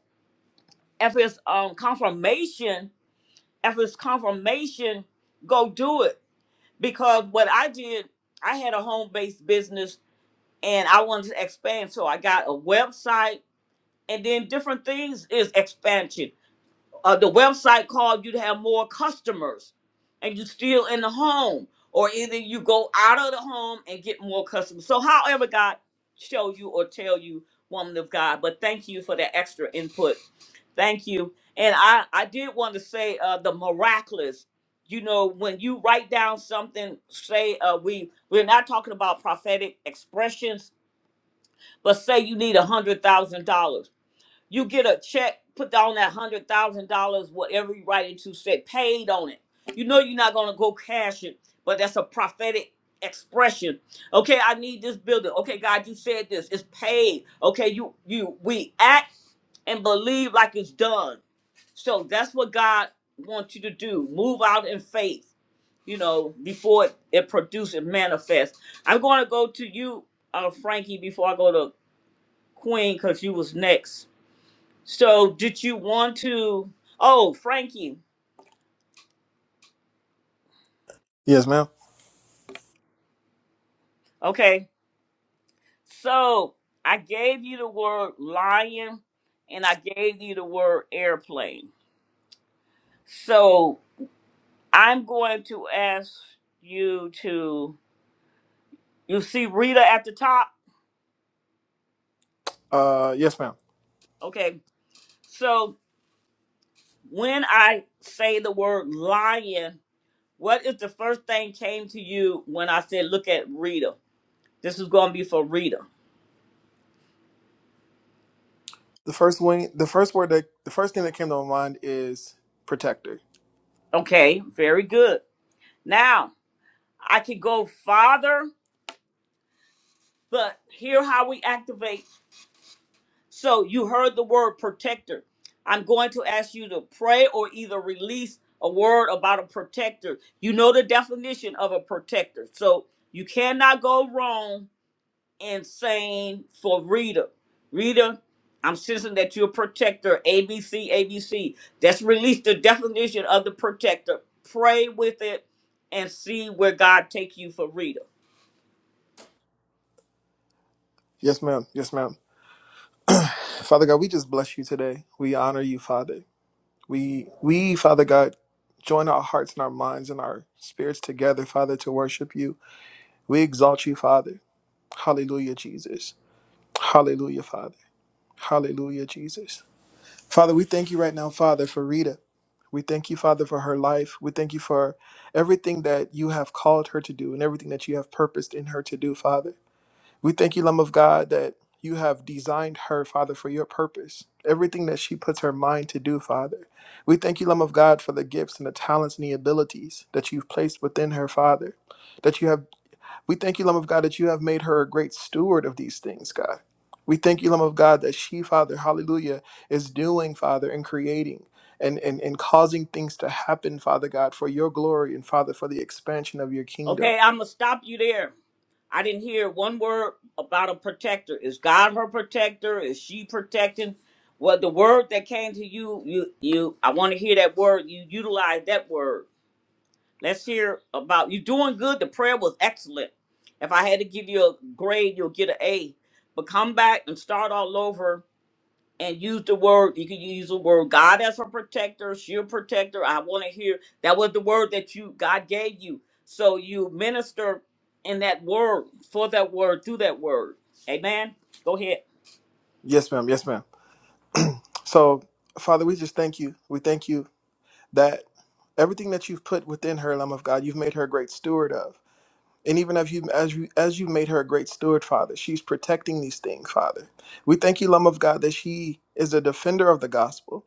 if it's um confirmation, if it's confirmation, go do it. Because what I did, I had a home-based business and I wanted to expand. So I got a website and then different things is expansion uh, the website called you to have more customers and you still in the home or either you go out of the home and get more customers so however god show you or tell you woman of god but thank you for that extra input thank you and i i did want to say uh the miraculous you know when you write down something say uh we we're not talking about prophetic expressions but say you need a hundred thousand dollars you get a check, put down that hundred thousand dollars, whatever you write it to, say paid on it. You know you're not gonna go cash it, but that's a prophetic expression. Okay, I need this building. Okay, God, you said this. It's paid. Okay, you you we act and believe like it's done. So that's what God wants you to do. Move out in faith, you know, before it, it produces and manifests. I'm going to go to you, uh, Frankie, before I go to Queen, because you was next. So, did you want to? Oh, Frankie. Yes, ma'am. Okay. So, I gave you the word lion and I gave you the word airplane. So, I'm going to ask you to. You see Rita at the top? Uh, yes, ma'am. Okay. So, when I say the word lion, what is the first thing came to you when I said, look at Rita? This is going to be for Rita. The first wing, the first word that, the first thing that came to my mind is protector. Okay. Very good. Now, I could go farther, but here how we activate. So you heard the word protector. I'm going to ask you to pray or either release a word about a protector. You know the definition of a protector. So you cannot go wrong in saying for Rita, Rita, I'm sensing that you're a protector. ABC, ABC. That's release the definition of the protector. Pray with it and see where God take you for Rita. Yes, ma'am. Yes, ma'am. Father God, we just bless you today. We honor you, Father. We, we, Father God, join our hearts and our minds and our spirits together, Father, to worship you. We exalt you, Father. Hallelujah, Jesus. Hallelujah, Father. Hallelujah, Jesus. Father, we thank you right now, Father, for Rita. We thank you, Father, for her life. We thank you for everything that you have called her to do and everything that you have purposed in her to do, Father. We thank you, Lamb of God, that you have designed her, Father, for your purpose. Everything that she puts her mind to do, Father. We thank you, Lamb of God, for the gifts and the talents and the abilities that you've placed within her, Father. That you have we thank you, Lamb of God, that you have made her a great steward of these things, God. We thank you, Lamb of God, that she, Father, hallelujah, is doing, Father, and creating and, and, and causing things to happen, Father God, for your glory and Father, for the expansion of your kingdom. Okay, I'm gonna stop you there I didn't hear one word about a protector. Is God her protector? Is she protecting? Well, the word that came to you, you, you. I want to hear that word. You utilize that word. Let's hear about you doing good. The prayer was excellent. If I had to give you a grade, you'll get an A. But come back and start all over and use the word. You can use the word God as a protector. She a protector. I want to hear that was the word that you God gave you. So you minister in that word for that word through that word. Amen. Go ahead. Yes, ma'am. Yes, ma'am. So, Father, we just thank you. We thank you that everything that you've put within her, Lamb of God, you've made her a great steward of. And even as you as you as you made her a great steward, Father, she's protecting these things, Father. We thank you, Lamb of God, that she is a defender of the gospel.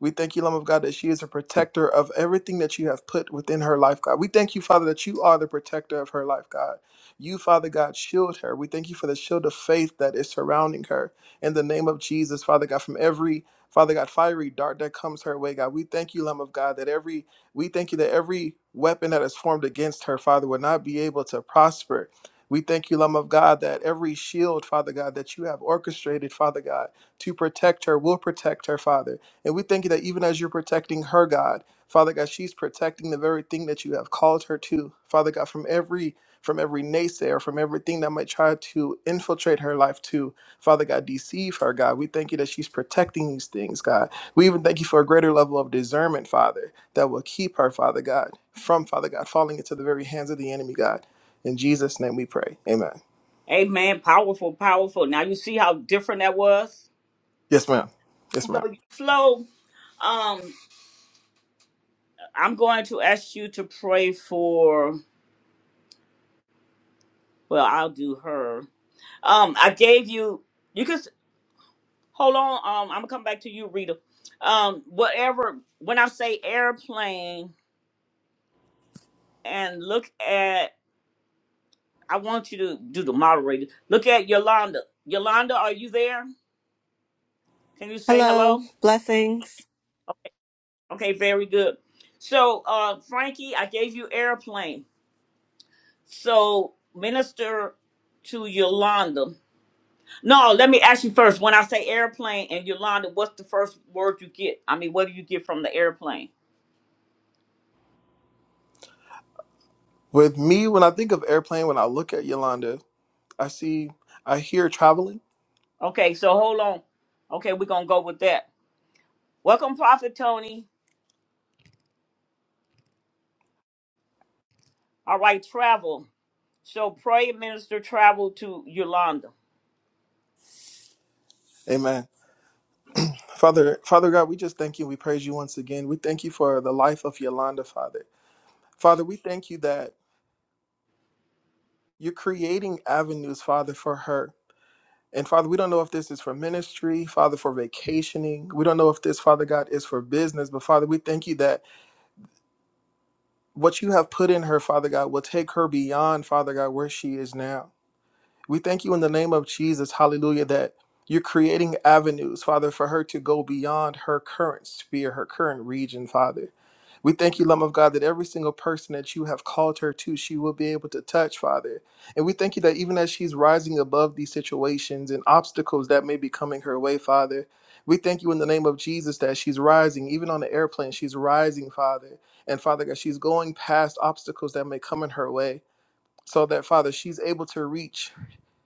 We thank you, Lamb of God, that she is a protector of everything that you have put within her life, God. We thank you, Father, that you are the protector of her life, God. You, Father God, shield her. We thank you for the shield of faith that is surrounding her. In the name of Jesus, Father God, from every Father God, fiery dart that comes her way, God. We thank you, Lamb of God, that every we thank you that every weapon that is formed against her, Father, would not be able to prosper. We thank you, Lamb of God, that every shield, Father God, that you have orchestrated, Father God, to protect her will protect her, Father. And we thank you that even as you're protecting her, God, Father God, she's protecting the very thing that you have called her to, Father God, from every from every naysayer, from everything that might try to infiltrate her life to, Father God, deceive her, God. We thank you that she's protecting these things, God. We even thank you for a greater level of discernment, Father that will keep her, Father God, from, Father God, falling into the very hands of the enemy, God. In Jesus' name we pray. Amen. Amen. Powerful, powerful. Now you see how different that was. Yes, ma'am. Yes, So ma'am. you flow. Um, I'm going to ask you to pray for. Well, I'll do her. Um, I gave you. You can. Hold on, um, I'm gonna come back to you, Rita. Um, whatever. When I say airplane, and look at, I want you to do the moderator. Look at Yolanda. Yolanda, are you there? Can you say Hello, hello? blessings. Okay, very good. So, uh, Frankie, I gave you airplane. So, minister to Yolanda. No, let me ask you first. When I say airplane and Yolanda, what's the first word you get? I mean, what do you get from the airplane? With me, when I think of airplane, when I look at Yolanda, I see, I hear traveling. Okay, so hold on. Okay, we're gonna go with that. Welcome, Prophet Tony. All right, travel. So pray, minister, travel to Yolanda. Amen. Father, Father God, we just thank you. We praise you once again. We thank you for the life of Yolanda, Father. Father, we thank you that you're creating avenues, Father, for her. And Father, we don't know if this is for ministry, Father, for vacationing. We don't know if this, Father God, is for business. But Father, we thank you that what you have put in her, Father God, will take her beyond, Father God, where she is now. We thank you in the name of Jesus, hallelujah, that you're creating avenues, Father, for her to go beyond her current sphere, her current region, Father. We thank you, Lamb of God, that every single person that you have called her to, she will be able to touch, Father. And we thank you that even as she's rising above these situations and obstacles that may be coming her way, Father, we thank you in the name of Jesus that she's rising, even on the airplane, she's rising, Father. And Father God, she's going past obstacles that may come in her way so that Father, she's able to reach.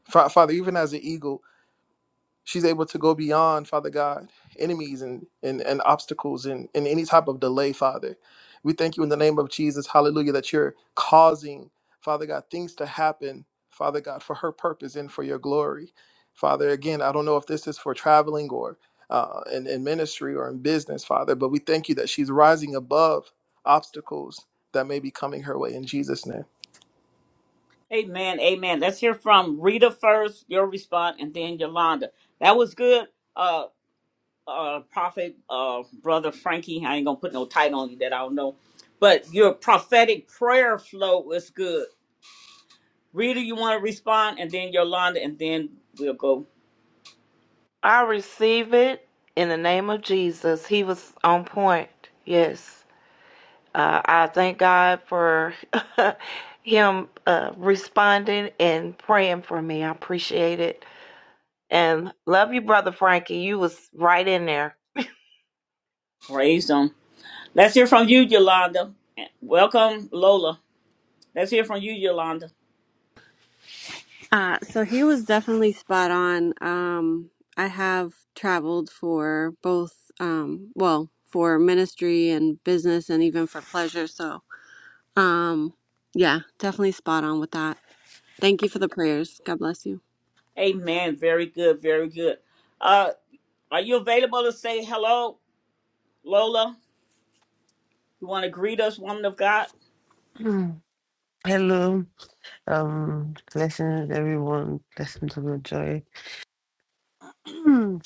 Fa- Father, even as an eagle, she's able to go beyond, Father God, enemies and, and, and obstacles and, and any type of delay, Father. We thank you in the name of Jesus, hallelujah, that you're causing, Father God, things to happen, Father God, for her purpose and for your glory. Father, again, I don't know if this is for traveling or uh, in, in ministry or in business, Father, but we thank you that she's rising above obstacles that may be coming her way in Jesus' name. Amen, amen. Let's hear from Rita first, your response, and then Yolanda. That was good, uh, uh, Prophet, uh, Brother Frankie. I ain't gonna put no title on you that I don't know, but your prophetic prayer flow was good. Rita, you want to respond, and then Yolanda, and then we'll go I receive it in the name of Jesus. He was on point. Yes. Uh, I thank God for him uh, responding and praying for me. I appreciate it. And love you, Brother Frankie. You was right in there. praise 'em. Let's hear from you, Yolanda. Welcome, Lola. Let's hear from you, Yolanda. Uh, so he was definitely spot on. Um, I have traveled for both, um, well, for ministry and business and even for pleasure. So, um, yeah, definitely spot on with that. Thank you for the prayers. God bless you. Amen. Very good. Very good. Uh, are you available to say hello, Lola? You want to greet us, woman of God? Mm. Hello, um, blessings everyone, blessings of your joy. Mm.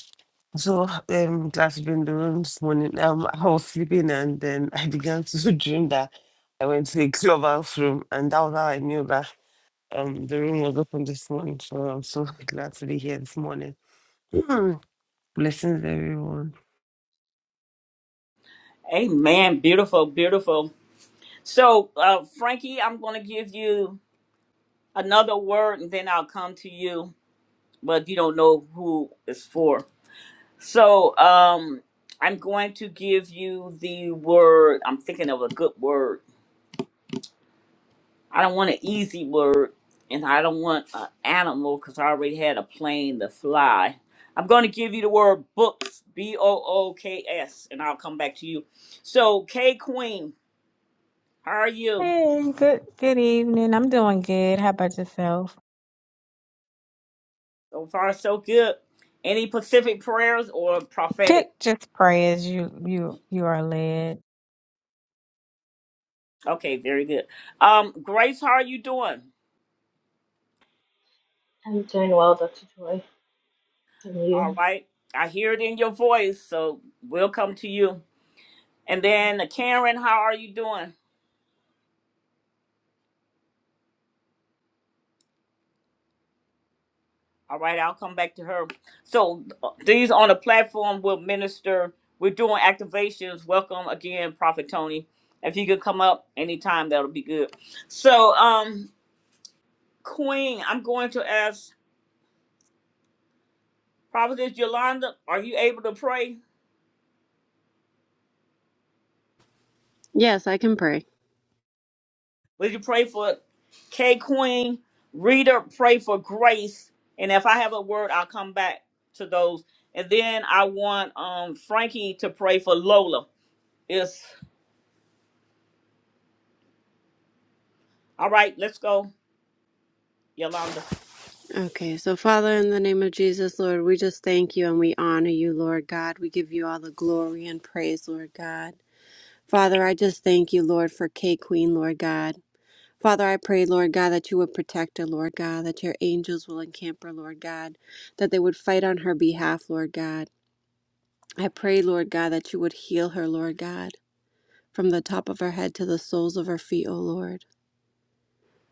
so, um, glad to be in the room this morning. Um, I was sleeping and then I began to dream that I went to a clubhouse room, and that was how I knew that um the room was open this morning. So I'm so glad to be here this morning. Mm. blessings everyone. Amen. Beautiful, beautiful. So, uh, Frankie, I'm going to give you another word and then I'll come to you, but you don't know who it's for. So, um, I'm going to give you the word. I'm thinking of a good word I don't want an easy word, and I don't want an animal because I already had a plane to fly. I'm going to give you the word books, B O O K S, and I'll come back to you. So, K Queen, how are you? Hey, good good evening. I'm doing good. How about yourself? So far, so good. Any Pacific prayers or Just prophetic? just pray as you you you are led. Okay, very good. Um, Grace, how are you doing? I'm doing well, Dr. Joy. And you? All right. I hear it in your voice, so we'll come to you. And then Karen, how are you doing? All right, I'll come back to her. So uh, these on the platform will minister. We're doing activations. Welcome again, Prophet Tony. If you could come up anytime, that'll be good. So, um, Queen, I'm going to ask Prophetess Yolanda, are you able to pray? Yes, I can pray. Will you pray for K Queen? Reader, pray for grace. And if I have a word, I'll come back to those. And then I want um Frankie to pray for Lola. Is all right, let's go, Yolanda. Okay, so Father, in the name of Jesus, Lord, we just thank you and we honor you, Lord God. We give you all the glory and praise, Lord God. Father, I just thank you, Lord, for K Queen, Lord God. Father, I pray, Lord God, that you would protect her, Lord God, that your angels will encamp her, Lord God, that they would fight on her behalf, Lord God. I pray, Lord God, that you would heal her, Lord God, from the top of her head to the soles of her feet, O Lord.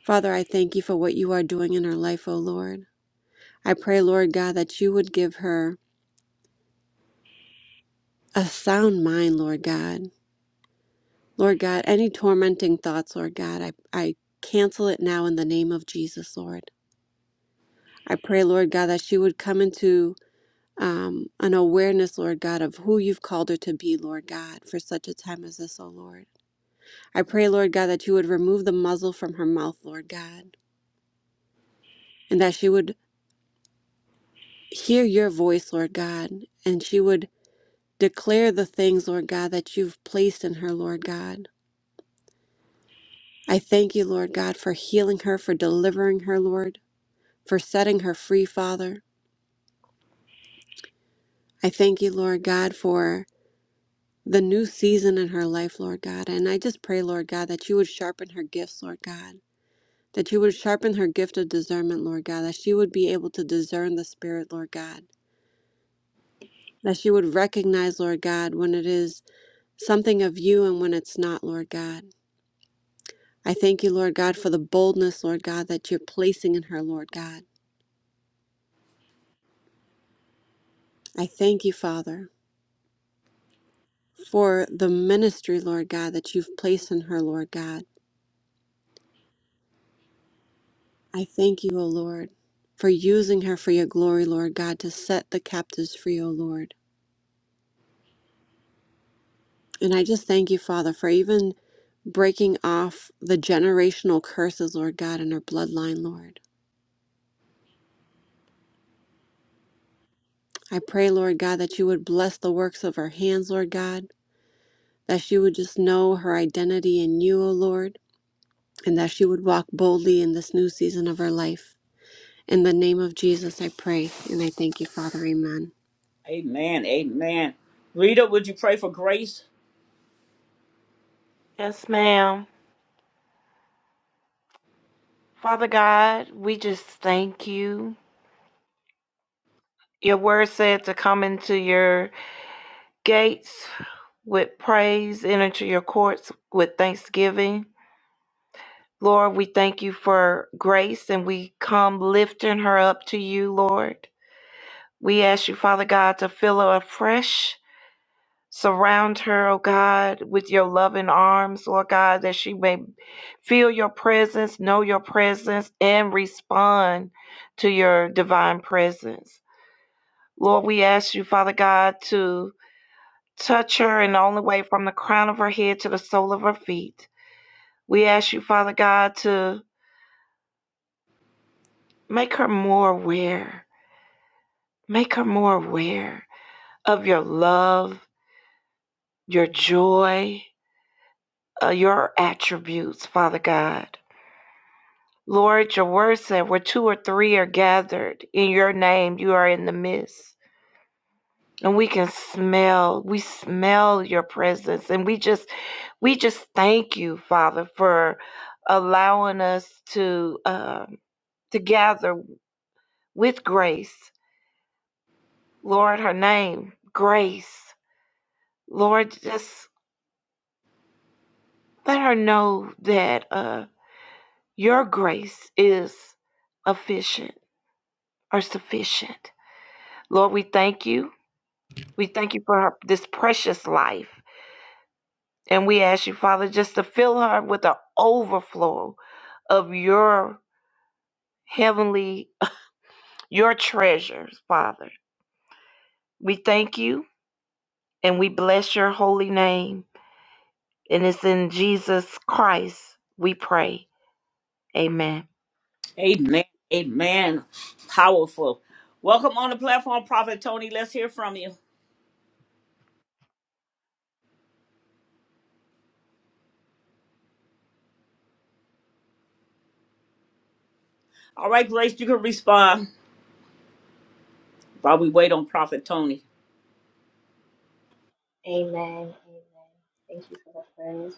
Father, I thank you for what you are doing in her life, O Lord. I pray, Lord God, that you would give her a sound mind, Lord God. Lord God, any tormenting thoughts, Lord God, I, I cancel it now in the name of Jesus, Lord. I pray, Lord God, that she would come into um, an awareness, Lord God, of who you've called her to be, Lord God, for such a time as this, oh Lord. I pray, Lord God, that you would remove the muzzle from her mouth, Lord God, and that she would hear your voice, Lord God, and she would declare the things, Lord God, that you've placed in her, Lord God. I thank you, Lord God, for healing her, for delivering her, Lord, for setting her free, Father. I thank you, Lord God, for the new season in her life, Lord God. And I just pray, Lord God, that you would sharpen her gifts, Lord God that you would sharpen her gift of discernment, Lord God, that she would be able to discern the Spirit, Lord God, that she would recognize, Lord God, when it is something of you and when it's not, Lord God. I thank you, Lord God, for the boldness, Lord God, that you're placing in her, Lord God. I thank you, Father, for the ministry, Lord God, that you've placed in her, Lord God. I thank you, O Lord, for using her for your glory, Lord God, to set the captives free, O Lord. And I just thank you, Father, for even breaking off the generational curses, Lord God, in her bloodline, Lord. I pray, Lord God, that you would bless the works of her hands, Lord God, that she would just know her identity in you, O Lord, and that she would walk boldly in this new season of her life. In the name of Jesus, I pray and I thank you, Father. Amen. Amen. Amen. Rita, would you pray for grace? Yes, ma'am. Father God, we just thank you. Your word said to come into your gates with praise enter your courts with thanksgiving. Lord, we thank you for grace and we come lifting her up to you, Lord. We ask you, Father God, to fill her afresh. Surround her, oh God, with your loving arms, Lord God, that she may feel your presence, know your presence, and respond to your divine presence. Lord, we ask you, Father God, to Touch her in the only way from the crown of her head to the sole of her feet. We ask you, Father God, to make her more aware, make her more aware of your love, your joy, uh, your attributes, Father God. Lord, your word said where two or three are gathered in your name, you are in the midst. And we can smell, we smell your presence. And we just, we just thank you, Father, for allowing us to. uh, together with grace. Lord, her name, grace. Lord, just let her know that uh, your grace is efficient or sufficient. Lord, we thank you. We thank you for her, this precious life. And we ask you, Father, just to fill her with an overflow of your heavenly, your treasures, Father. We thank you and we bless your holy name. And it's in Jesus Christ we pray. Amen. Amen. Amen. Powerful. Welcome on the platform, Prophet Tony. Let's hear from you. All right, Grace, you can respond while we wait on Prophet Tony. Amen. Amen. Thank you for the prayers.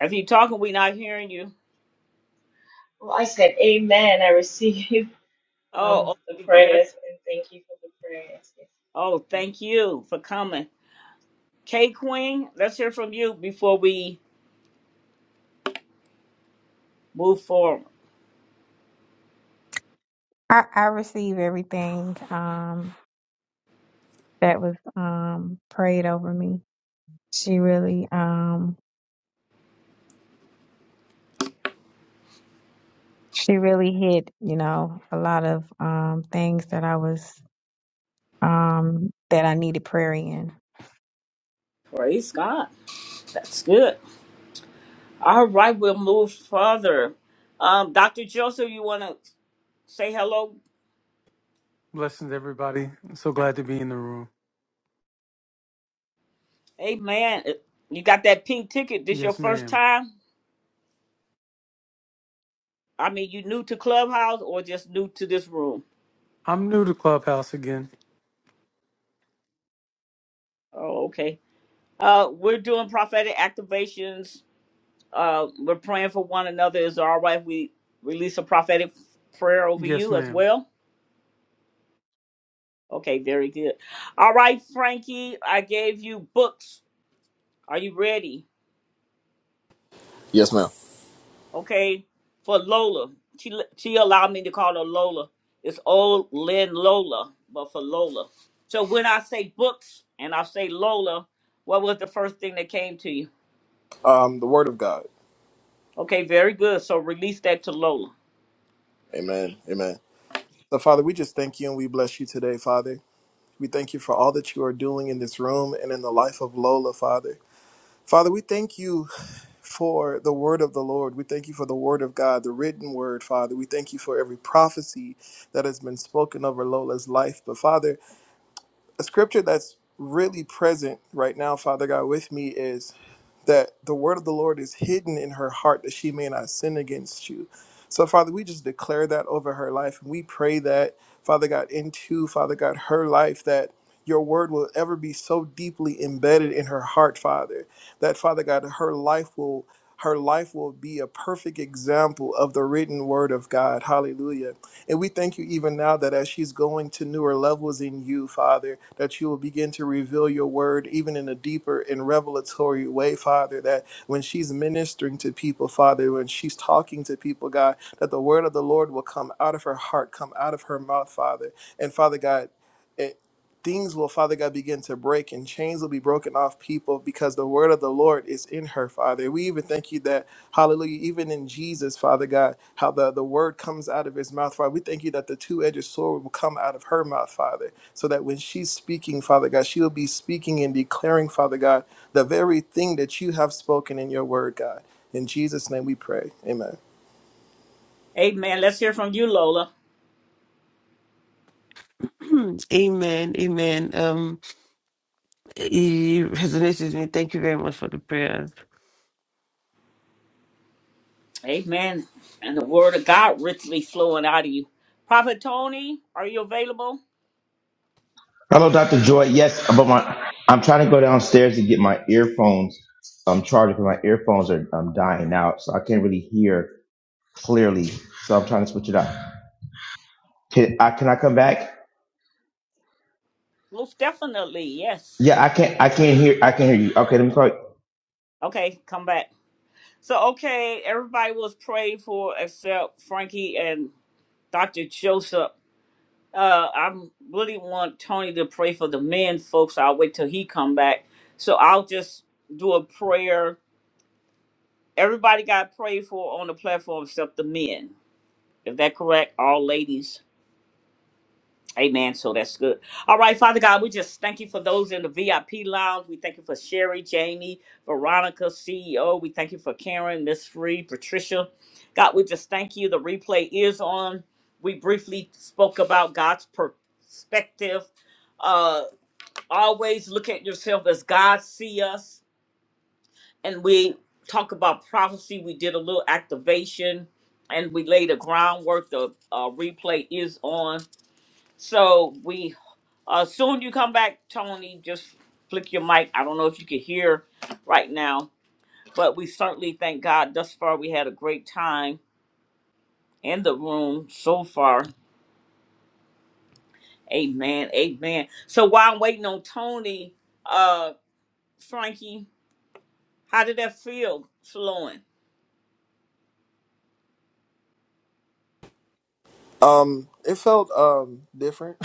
If you're talking, we're not hearing you. Well, I said amen. I receive um, Oh, the okay. Very. prayers and thank you for the prayers. Oh, Yes. thank you for coming. K Queen, let's hear from you before we move forward. I, I receive everything um, that was um, prayed over me. She really, um, she really hit, you know, a lot of um, things that I was um, that I needed prayer in. Praise God. That's good. All right, we'll move further. Um, Dr. Joseph, you want to say hello Blessings, everybody. I'm so glad to be in the room. Hey man, uh, you got that pink ticket. This your Yes, first ma'am. time? I mean, you new to Clubhouse or just new to this room? I'm new to Clubhouse again. Oh, okay. Uh, we're doing prophetic activations. Uh, we're praying for one another. Is it all right if we release a prophetic prayer over Yes, you as ma'am. well? Okay, very good. All right, Frankie, I gave you books. Are you ready? Yes, ma'am. okay, for Lola. She she allowed me to call her Lola. It's old Lynn Lola, but for Lola. So when I say books and I say Lola, what was the first thing that came to you? Um, the Word of God. Okay, very good. So release that to Lola. Amen. Amen. So, Father, we just thank you and we bless you today, Father. We thank you for all that you are doing in this room and in the life of Lola, Father. Father, we thank you for the word of the Lord. We thank you for the word of God, the written word, Father. We thank you for every prophecy that has been spoken over Lola's life. But, Father, a scripture that's really present right now, Father God, with me is that the word of the Lord is hidden in her heart that she may not sin against you. So, Father, we just declare that over her life. And we pray that, Father God, into, Father God, her life, that your word will ever be so deeply embedded in her heart, Father, that, Father God, her life will. Her life will be a perfect example of the written word of God. Hallelujah and we thank you even now that as she's going to newer levels in you, Father, that you will begin to reveal your word even in a deeper and revelatory way, Father, that when she's ministering to people, Father, when she's talking to people, God, that the word of the Lord will come out of her heart, come out of her mouth, Father. And Father God, it, things will, Father God, begin to break and chains will be broken off people because the word of the Lord is in her, Father. We even thank you that. Hallelujah. Even in Jesus, Father God, how the, the word comes out of his mouth, Father. We thank you that the two edged sword will come out of her mouth, Father, so that when she's speaking, Father God, she will be speaking and declaring, Father God, the very thing that you have spoken in your word, God. In Jesus' name we pray. Amen. Amen. Let's hear from you, Lola. Mm. amen, amen. Um, it resonates with me. Thank you very much for the prayers. Amen. And the word of God richly flowing out of you. Prophet Tony, are you available? Hello, Dr. Joy. Yes, but my I'm trying to go downstairs to get my earphones um charged because my earphones are um dying out, so I can't really hear clearly. So I'm trying to switch it up. Can I can I come back? Most definitely, yes. Yeah, I can't I can't hear I can hear you. Okay, let me call. you. Okay, come back. So okay, everybody was prayed for except Frankie and Dr. Joseph, uh, I really want Tony to pray for the men folks. I'll wait till he come back. So I'll just do a prayer. Everybody got prayed for on the platform except the men. Is that correct? All ladies. Amen. So that's good. All right, Father God, we just thank you for those in the VIP lounge. We thank you for Sherry, Jamie, Veronica, CEO. We thank you for Karen, Miss Free, Patricia. God, we just thank you. The replay is on. We briefly spoke about God's perspective. Uh, always look at yourself as God see us. And we talk about prophecy. We did a little activation and we laid the groundwork. The uh, replay is on. So we uh, soon you come back, Tony. Just flick your mic. I don't know if you can hear right now, but we certainly thank God. Thus far, we had a great time in the room so far. Amen. Amen. So while I'm waiting on Tony, uh, Frankie, how did that feel, flowing? Um, it felt um different.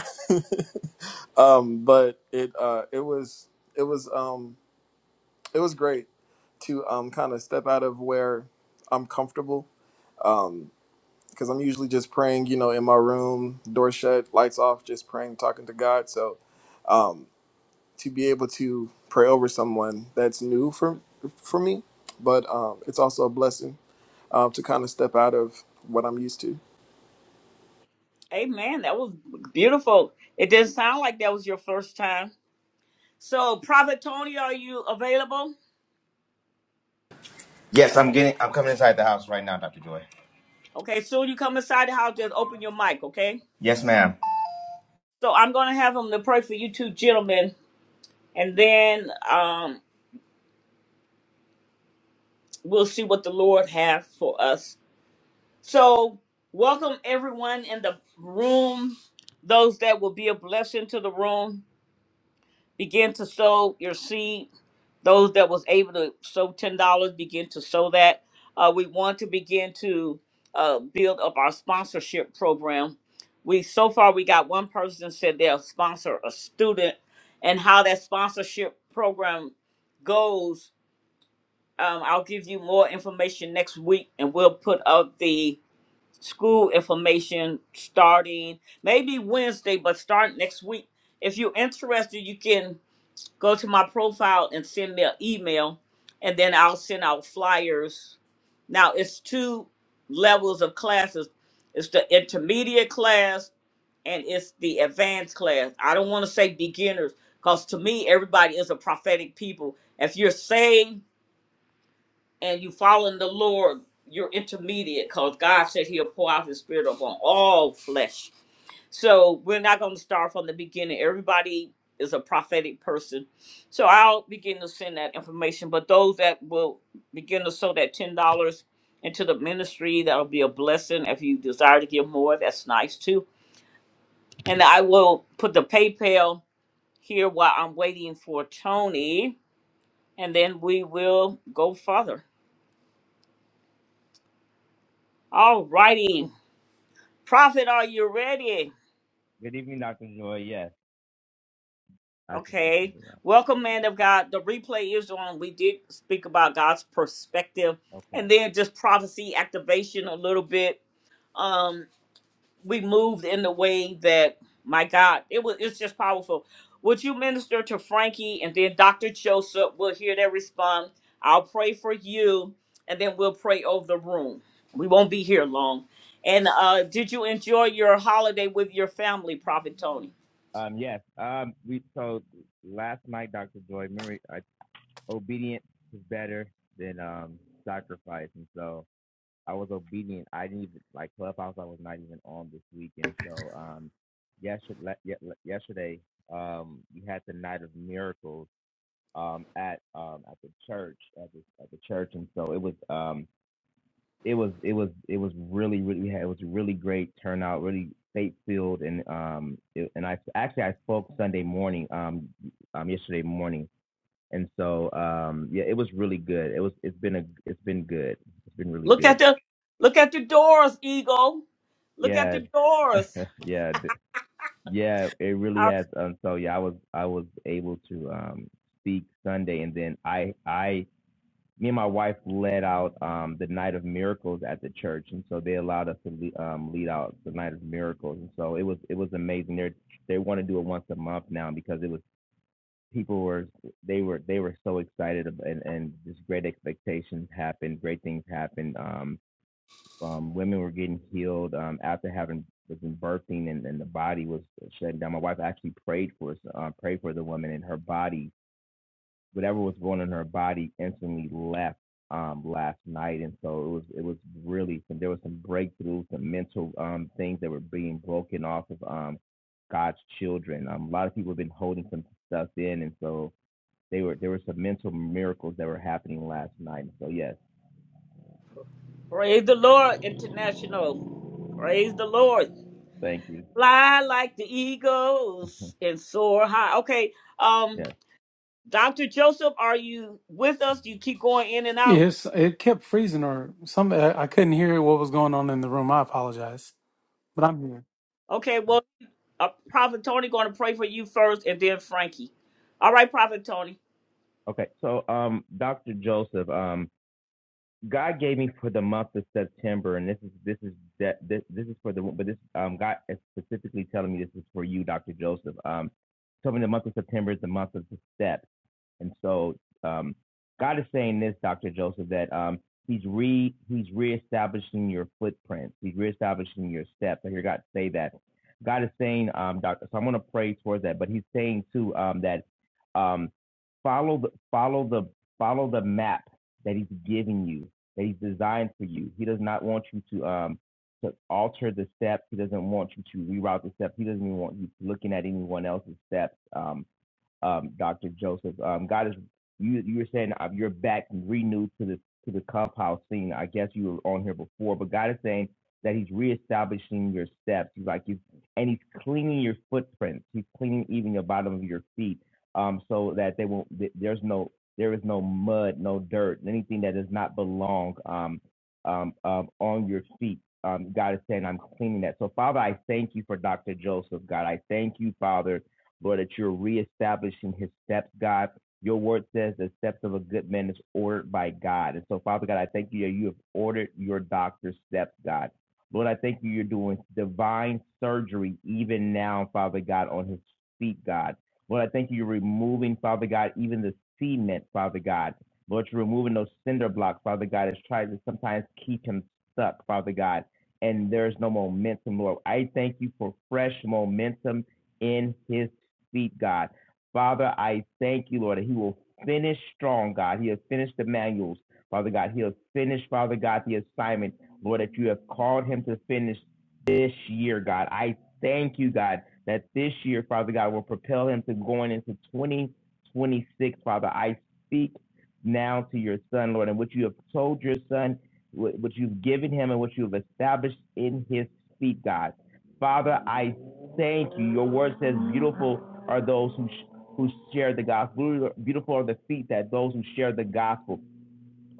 um, but it uh it was it was um it was great to um kind of step out of where I'm comfortable because I'm usually just praying, you know, in my room, door shut, lights off, just praying, talking to God. So um, to be able to pray over someone that's new for for me, but um, it's also a blessing um, to kind of step out of what I'm used to. Amen. That was beautiful. It didn't sound like that was your first time. So, Prophet Tony, are you available? Yes, I'm getting I'm coming inside the house right now, Dr. Joy. Okay, soon you come inside the house, just open your mic, okay? Yes, ma'am. So I'm going to have them to pray for you two gentlemen, and then um, we'll see what the Lord has for us. So welcome everyone in the room. Those that will be a blessing to the room, begin to sow your seed those that was able to sow ten dollars begin to sow that. Uh, we want to begin to uh, build up our sponsorship program. We so far we got one person said they'll sponsor a student, and how that sponsorship program goes. Um, I'll give you more information next week, and we'll put up the school information starting maybe Wednesday, but start next week. If you're interested, you can Go to my profile and send me an email, and then I'll send out flyers. Now it's two levels of classes. It's the intermediate class and it's the advanced class. I don't want to say beginners because to me everybody is a prophetic people. If you're saved and you following the Lord, you're intermediate because God said He'll pour out His Spirit upon all flesh so we're not going to start from the beginning. Everybody is a prophetic person. So I'll begin to send that information. But those that will begin to sow that $10 into the ministry, that'll be a blessing. If you desire to give more, that's nice too. And I will put the PayPal here while I'm waiting for Tony. And then we will go further. All righty. Prophet, are you ready? Good evening, Dr. Joy. Yes, I just listened Okay. to that. Welcome, man of God. The replay is on. We did speak about God's perspective Okay. and then just prophecy activation a little bit. Um, we moved in the way that my God, it was it's just powerful. Would you minister to Frankie and then Dr. Joseph? We'll hear their response. I'll pray for you, and then we'll pray over the room. We won't be here long. And uh, did you enjoy your holiday with your family, Prophet Tony? Um, yes. Um, we so last night, Dr. Joy, remember, I, obedience is better than um sacrifice, and so I was obedient. I didn't even like Clubhouse. I was not even on this week, and so um, yesterday, yesterday um, we had the night of miracles um, at um, at the church at the, at the church, and so it was um, it was it was it was really really we had, it was a really great turnout, really faith filled, and um, it, and I actually I spoke Sunday morning, um, um, yesterday morning, and so um, yeah, it was really good. It was it's been a it's been good. It's been really Look at good. the look at the doors, Eagle. Look at Yeah, the doors. yeah. Yeah, it really I has. Um, so yeah, I was I was able to um, speak Sunday, and then I I me and my wife led out um, the night of miracles at the church, and so they allowed us to le um, lead out the night of miracles, and so it was it was amazing. They they want to do it once a month now because it was people were they were they were so excited ab- and and just great expectations happened, great things happened. Um, um, women were getting healed um, after having was in birthing and, and the body was shutting down. My wife actually prayed for us, uh, prayed for the woman and her body, whatever was going on in her body, instantly left um, last night. And so it was it was really some, there was some breakthroughs, some mental um, things that were being broken off of um, God's children. Um, a lot of people have been holding some stuff in, and so they were there were some mental miracles that were happening last night. so yes, praise the Lord, International. Praise the Lord. thank you. Fly like the eagles and soar high. Okay. Um, Yes. Dr. Joseph, are you with us? you keep going in and out? Yes, it kept freezing or some. I I couldn't hear what was going on in the room. I apologize, but I'm here. Okay, well, uh, Prophet Tony going to pray for you first and then Frankie. All right, Prophet Tony. Okay, so um, Dr. Joseph, um, God gave me for the month of September, and this is this is that this this is for the but this um God is specifically telling me this is for you, Dr. Joseph. Um, told me the month of September is the month of the step, and so um, God is saying this, Dr. Joseph, that um He's re He's reestablishing your footprints. He's reestablishing your steps. I hear God say that. God is saying, um, Doctor. So I'm going to pray towards that, but He's saying too um that um follow the follow the follow the map that he's giving you that he's designed for you he does not want you to um to alter the steps he doesn't want you to reroute the steps he doesn't even want you looking at anyone else's steps um um, Dr. Joseph. Um, God is you. You were saying uh, you're back and renewed to the to the clubhouse scene. I guess you were on here before, but God is saying that He's reestablishing your steps. He's like He's and He's cleaning your footprints. He's cleaning even your bottom of your feet, um, so that they won't. th- There's no there is no mud, no dirt, anything that does not belong um, um, um, on your feet. Um, God is saying, I'm cleaning that. So, Father, I thank you for Dr. Joseph, God. I thank you, Father, Lord, that you're reestablishing his steps, God. Your word says the steps of a good man is ordered by God. And so, Father God, I thank you that you have ordered your doctor's steps, God. Lord, I thank you you're doing divine surgery even now, Father God, on his feet, God. Lord, I thank you you're removing, Father God, even the cement, Father God. Lord, you're removing those cinder blocks, Father God, that's trying to sometimes keep him stuck, Father God. And there's no momentum, Lord. I thank you for fresh momentum in his feet, God. Father, I thank you, Lord, that he will finish strong, God. He has finished the manuals, Father God. He has finished, Father God, the assignment, Lord, that you have called him to finish this year, God. I thank you, God, that this year, Father God, will propel him to going into 2026, Father. I speak now to your son, Lord, and what you have told your son, what what you've given him, and what you have established in his feet, God. Father, I thank you. Your word says, Beautiful are those who, sh- who share the gospel. Beautiful are the feet that those who share the gospel.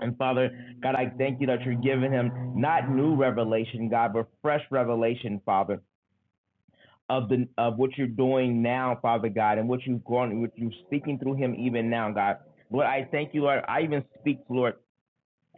And Father, God, I thank you that you're giving him not new revelation, God, but fresh revelation, Father, of the of what you're doing now, Father God, and what you've gone, what you've seen through him even now, God. Lord, I even speak, Lord,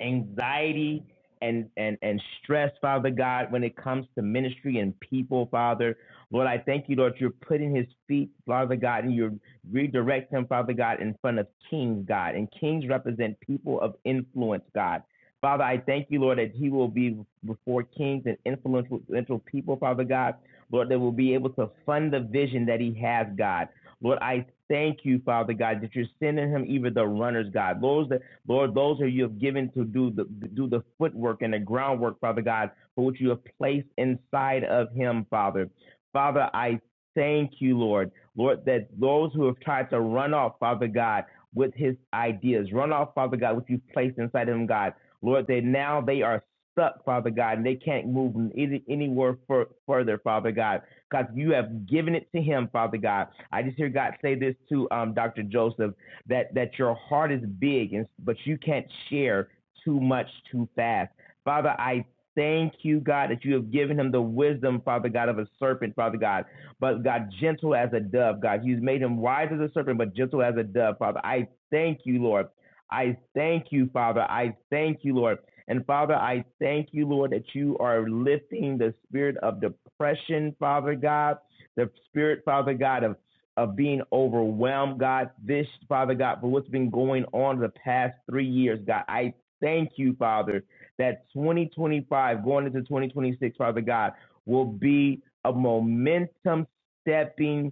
anxiety and, and, and stress, Father God, when it comes to ministry and people, Father. Lord, I thank you, Lord, you're putting his feet, Father God, and you redirect him, Father God, in front of kings, God. And kings represent people of influence, God. Father, I thank you, Lord, that he will be before kings and influential, people, Father God. Lord, that will be able to fund the vision that he has, God. Lord, I thank you, Father God, that you're sending him even the runners, God. Those that Lord, those who you have given to do the do the footwork and the groundwork, Father God, for which you have placed inside of him, Father. Father, I thank you, Lord. Lord, that those who have tried to run off, Father God, with his ideas, run off, Father God, what you've placed inside of him, God. Lord, that now they are stuck, Father God, and they can't move any, anywhere fur- further, Father God, because you have given it to him, Father God. I just hear God say this to um, Dr. Joseph that that your heart is big, and, but you can't share too much too fast. Father, I thank you, God, that you have given him the wisdom, Father God, of a serpent, Father God, but God, gentle as a dove, God. You've made him wise as a serpent, but gentle as a dove, Father. I thank you, Lord. I thank you, Father. I thank you, Lord. And Father, I thank you, Lord, that you are lifting the spirit of depression, Father God, the spirit, Father God, of of being overwhelmed, God, this, Father God, for what's been going on the past three years, God. I thank you, Father, that 2025 going into 2026, Father God, will be a momentum stepping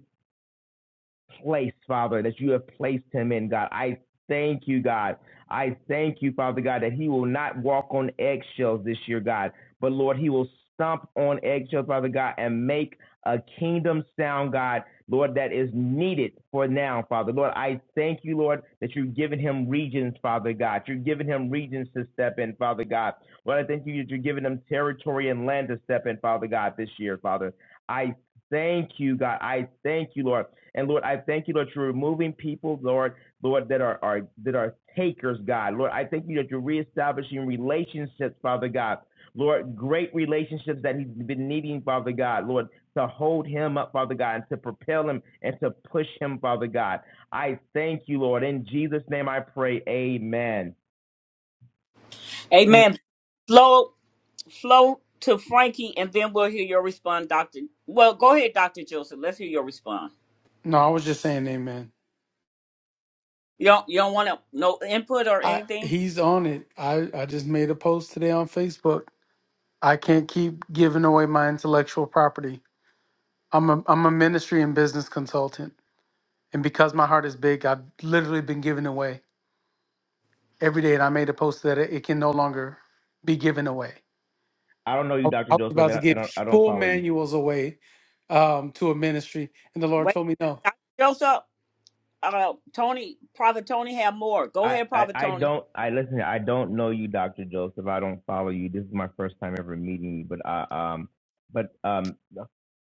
place, Father, that you have placed him in, God. I thank you, God. I thank you, Father God, that he will not walk on eggshells this year, God, but Lord, he will stomp on eggshells, Father God, and make a kingdom sound, God, Lord, that is needed for now, Father. Lord, I thank you, Lord, that you've given him regions, Father God. You've given him regions to step in, Father God. Lord, I thank you that you're giving him territory and land to step in, Father God, this year, Father. I thank you, God. I thank you, Lord. And Lord, I thank you, Lord, you're removing people, Lord, Lord, that are, are that are takers, God. Lord, I thank you that you're reestablishing relationships, Father God. Lord, great relationships that he's been needing, Father God, Lord, to hold him up, Father God, and to propel him and to push him, Father God. I thank you, Lord. In Jesus' name I pray. Amen. Amen. Amen. Flow, flow to Frankie, and then we'll hear your response, Doctor. Well, go ahead, Doctor Joseph. Let's hear your response. No, I was just saying, Amen. You don't you don't want to no input or I anything? he's on it. I I just made a post today on Facebook. I can't keep giving away my intellectual property. I'm a I'm a ministry and business consultant, and because my heart is big, I've literally been giving away. every day, and I made a post that it it can no longer be given away. I don't know you, I Dr. I was Joseph. and about to I I give don't I don't full follow you. manuals away um, to a ministry, and the Lord Wait, told me, "No, Dr. Joseph, uh, Tony, Prophet Tony have more. Go I, ahead, I, Prophet I Tony. don't I listen. I don't know you, Doctor Joseph. I don't follow you. This is my first time ever meeting you. But I um, but um,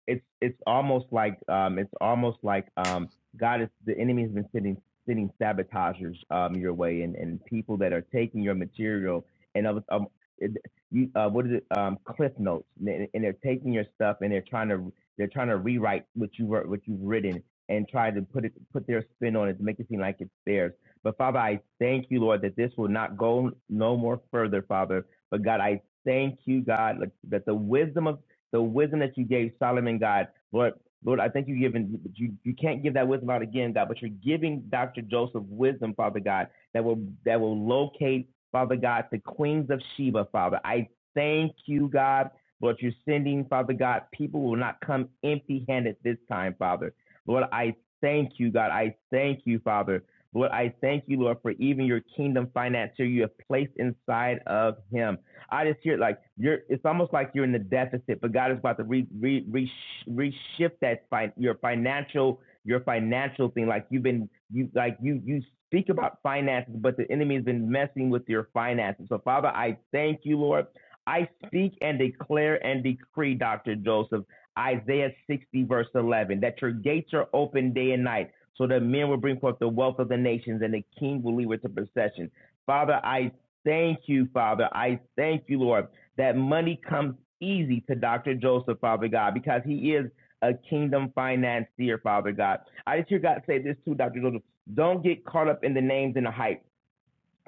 it's it's almost like um, it's almost like um, God is the enemy has been sending sending sabotagers um your way and and people that are taking your material and of um, it- you uh what is it um cliff notes and and they're taking your stuff and they're trying to they're trying to rewrite what you wrote what you've written and try to put it put their spin on it to make it seem like it's theirs but Father, I thank you, Lord, that this will not go no more further, Father. But God, I thank you, God, like, that the wisdom of the wisdom that you gave Solomon, God, Lord, Lord, I think you given you you can't give that wisdom out again, God, but you're giving Dr. Joseph wisdom, Father God, that will that will locate, Father God, the queens of Sheba, Father. I thank you, God, Lord, you're sending, Father God, people will not come empty handed this time, Father. Lord, I thank you, God. I thank you, Father. Lord, I thank you, Lord, for even your kingdom financier you have placed inside of him. I just hear like you're. It's almost like you're in the deficit, but God is about to re re re reshift that fi- your financial your financial thing. Like you've been you like you you speak about finances, but the enemy has been messing with your finances. So Father, I thank you, Lord. I speak and declare and decree, Doctor Joseph, Isaiah 60 verse 11, that your gates are open day and night so that men will bring forth the wealth of the nations and the king will lead with the procession. Father, I thank you, Father. I thank you, Lord, that money comes easy to Dr. Joseph, Father God, because he is a kingdom financier, Father God. I just hear God say this too, Dr. Joseph. Don't get caught up in the names and the hype.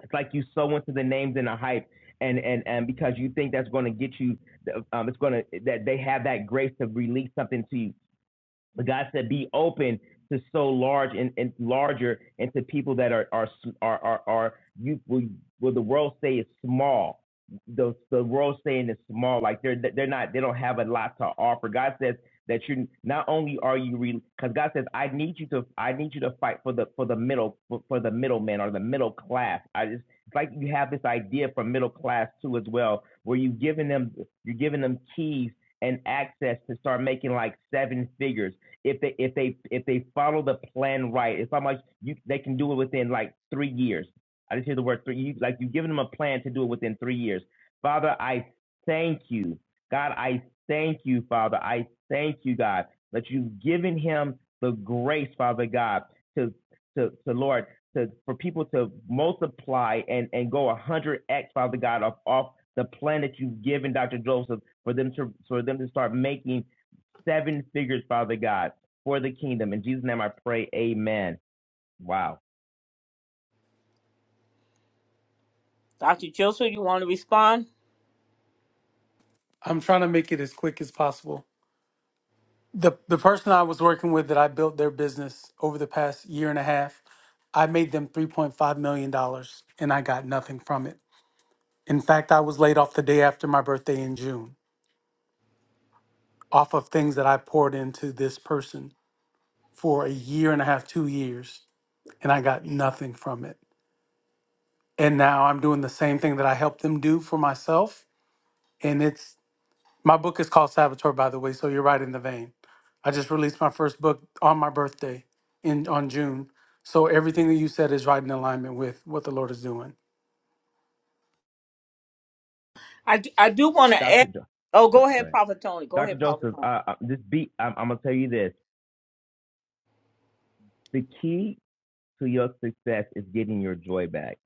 It's like you sow into the names and the hype, and and and because you think that's going to get you, um, it's going to that they have that grace to release something to you. But God said, be open to so large and, and larger and to people that are are are are, are you will, will the world say is small. The the world saying is small, like they're they're not they don't have a lot to offer. God says that you not only are you because God says I need you to I need you to fight for the for the middle for, for the middleman or the middle class. I just it's like you have this idea for middle class too as well, where you giving them you're giving them keys and access to start making like seven figures if they if they if they follow the plan right. It's how much you they can do it within like three years. I just hear the word three. You, like you've given them a plan to do it within three years. Father, I thank you, God. I thank you, Father. I thank you, God, that you've given him the grace, Father God, to to to Lord to for people to multiply and and go a hundred x, Father God, off off the plan that you've given Dr. Joseph for them to for them to start making seven figures, Father God for the kingdom. In Jesus' name I pray, amen. Wow. Dr. Joseph, you want to respond? I'm trying to make it as quick as possible." The the person I was working with that I built their business over the past year and a half, I made them 3.5 million dollars, and I got nothing from it. In fact, I was laid off the day after my birthday in June, off of things that I poured into this person for a year and a half, two years, and I got nothing from it And now I'm doing the same thing that I helped them do for myself. And it's my book is called Saboteur, by the way. So you're right in the vein. I just released my first book on my birthday in on June. So everything that you said is right in alignment with what the Lord is doing. I, d- I do want to Dr. add. Jo- Oh, go, go go ahead, ahead. Prophet Tony. Go Dr. ahead, Prophet Joseph, Tony. uh, uh, this beat, I'm, I'm going to tell you this. The key to your success is getting your joy back.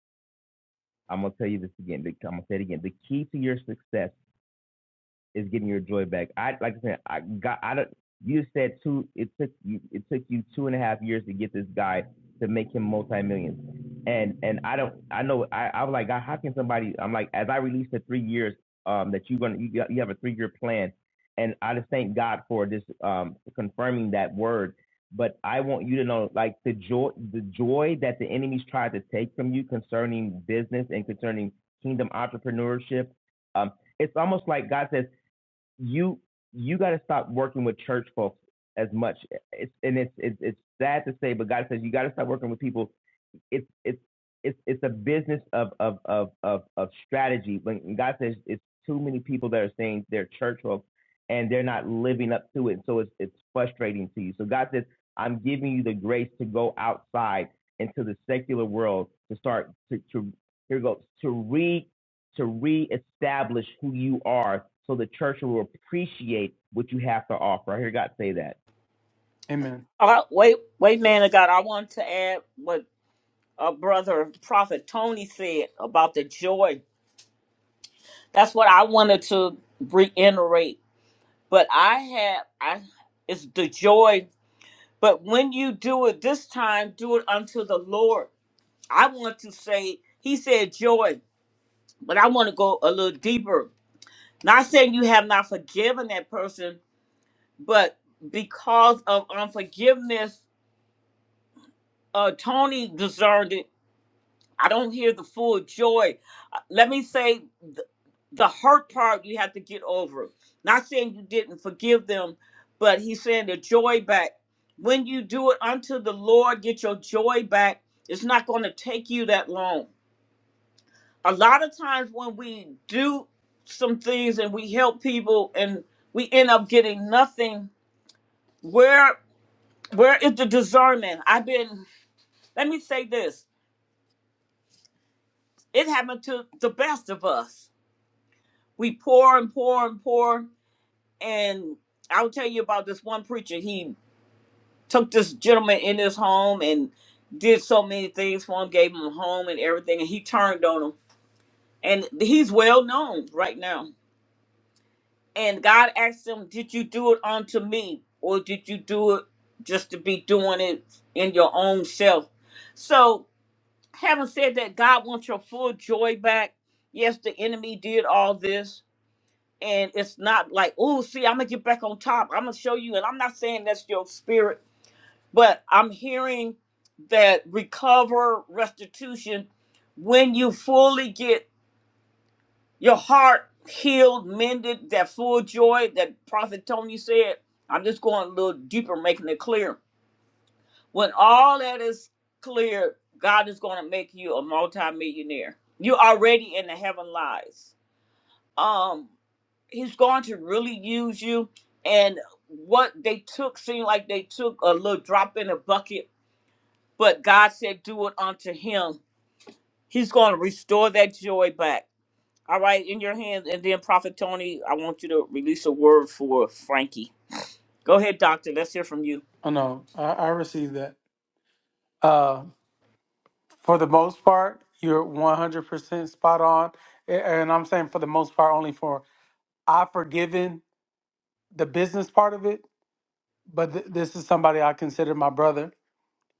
I'm going to tell you this again. I'm going to say it again. The key to your success is getting your joy back. I like I said, I got I don't. You just said two. It took you. It took you two and a half years to get this guy to make him multi millions. And and I don't. I know. I I was like, God, how can somebody? I'm like, as I released the three years, um, that you're gonna you, got, you have a three year plan, and I just thank God for this um confirming that word. But I want you to know, like the joy, the joy that the enemies tried to take from you concerning business and concerning kingdom entrepreneurship. Um, it's almost like God says you you got to stop working with church folks as much. eh, It's, and it's, it's it's sad to say, but God says you got to stop working with people it's it's it's it's a business of of of of, of strategy. When God says it's too many people that are saying they're church folk and they're not living up to it, so it's it's frustrating to you. So God says, I'm giving you the grace to go outside into the secular world to start to to here goes to re to reestablish who you are, so the church will appreciate what you have to offer. I hear God say that. Amen. Uh, wait, wait, man of God. I want to add what uh, brother Prophet Tony said about the joy. That's what I wanted to reiterate. But I have, I it's the joy. But when you do it this time, do it unto the Lord I want to say, he said joy, but I want to go a little deeper. Not saying you have not forgiven that person, but because of unforgiveness, uh, Tony discerned it. I don't hear the full joy. Uh, Let me say the, the hurt part you have to get over. Not saying you didn't forgive them, but he's saying the joy back. When you do it unto the Lord, get your joy back. It's not going to take you that long a lot of times when we do some things and we help people and we end up getting nothing where where is the discernment i've been let me say this it happened to the best of us we pour and pour and pour and i'll tell you about this one preacher he took this gentleman in his home and did so many things for him gave him a home and everything and he turned on him and he's well known right now And God asked him, Did you do it unto me? Or did you do it just to be doing it in your own self? So, having said that, God wants your full joy back. Yes, the enemy did all this. And it's not like, oh, see, I'm going to get back on top. I'm going to show you. And I'm not saying that's your spirit, but I'm hearing that recover, restitution, when you fully get your heart healed, mended, that full joy that Prophet Tony said. I'm just going a little deeper, making it clear. When all that is clear, God is going to make you a multimillionaire. You're already in the heaven lies. Um, he's going to really use you. And what they took seemed like they took a little drop in a bucket, but God said, Do it unto him. He's going to restore that joy back. All right, in your hands. And then, Prophet Tony, I want you to release a word for Frankie. Go ahead, Doctor. Let's hear from you. Oh no, I, I received that. Uh, for the most part, you're 100% spot on. A- And I'm saying for the most part, only for I've forgiven the business part of it, but th- this is somebody I consider my brother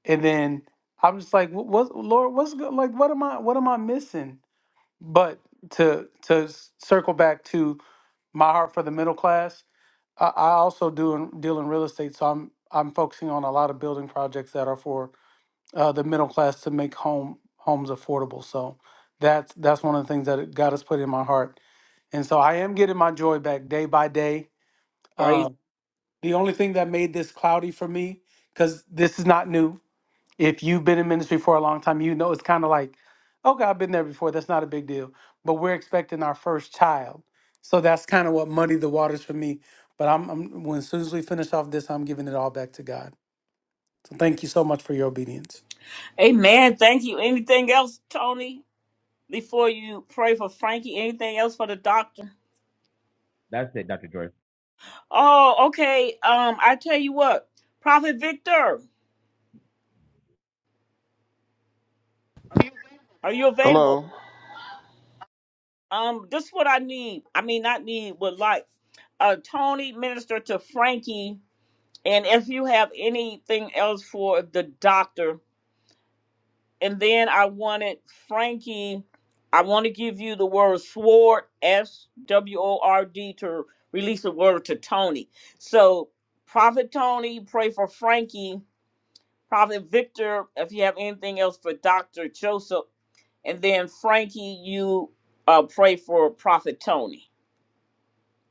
and then I'm just like, "Wh- what, Lord, what's good? Like, what am I, what am I missing? But to to s- circle back to my heart for the middle class, I, I also do in, deal in real estate, so I'm I'm focusing on a lot of building projects that are for uh, the middle class to make home homes affordable. So that's that's one of the things that it- God has put in my heart, and so I am getting my joy back day by day. Praise. Uh, the only thing that made this cloudy for me, because this is not new, if you've been in ministry for a long time, you know it's kind of like, okay, I've been there before. That's not a big deal. But we're expecting our first child. So that's kind of what muddied the waters for me. But I'm, I'm when as soon as we finish off this, I'm giving it all back to God. So thank you so much for your obedience. Amen. Thank you. Anything else, Tony, before you pray for Frankie? Anything else for the doctor? That's it, Dr. Joy. Oh, okay. Um, I tell you what, Prophet Victor, are you available? Hello. Um, this is what I need. I mean, not need, but like, uh, Tony, minister to Frankie. And if you have anything else for the doctor, and then I wanted Frankie. I want to give you the word sword, S W O R D, to release the word to Tony. So, Prophet Tony, pray for Frankie. Prophet Victor, if you have anything else for Dr. Joseph. And then, Frankie, you uh, pray for Prophet Tony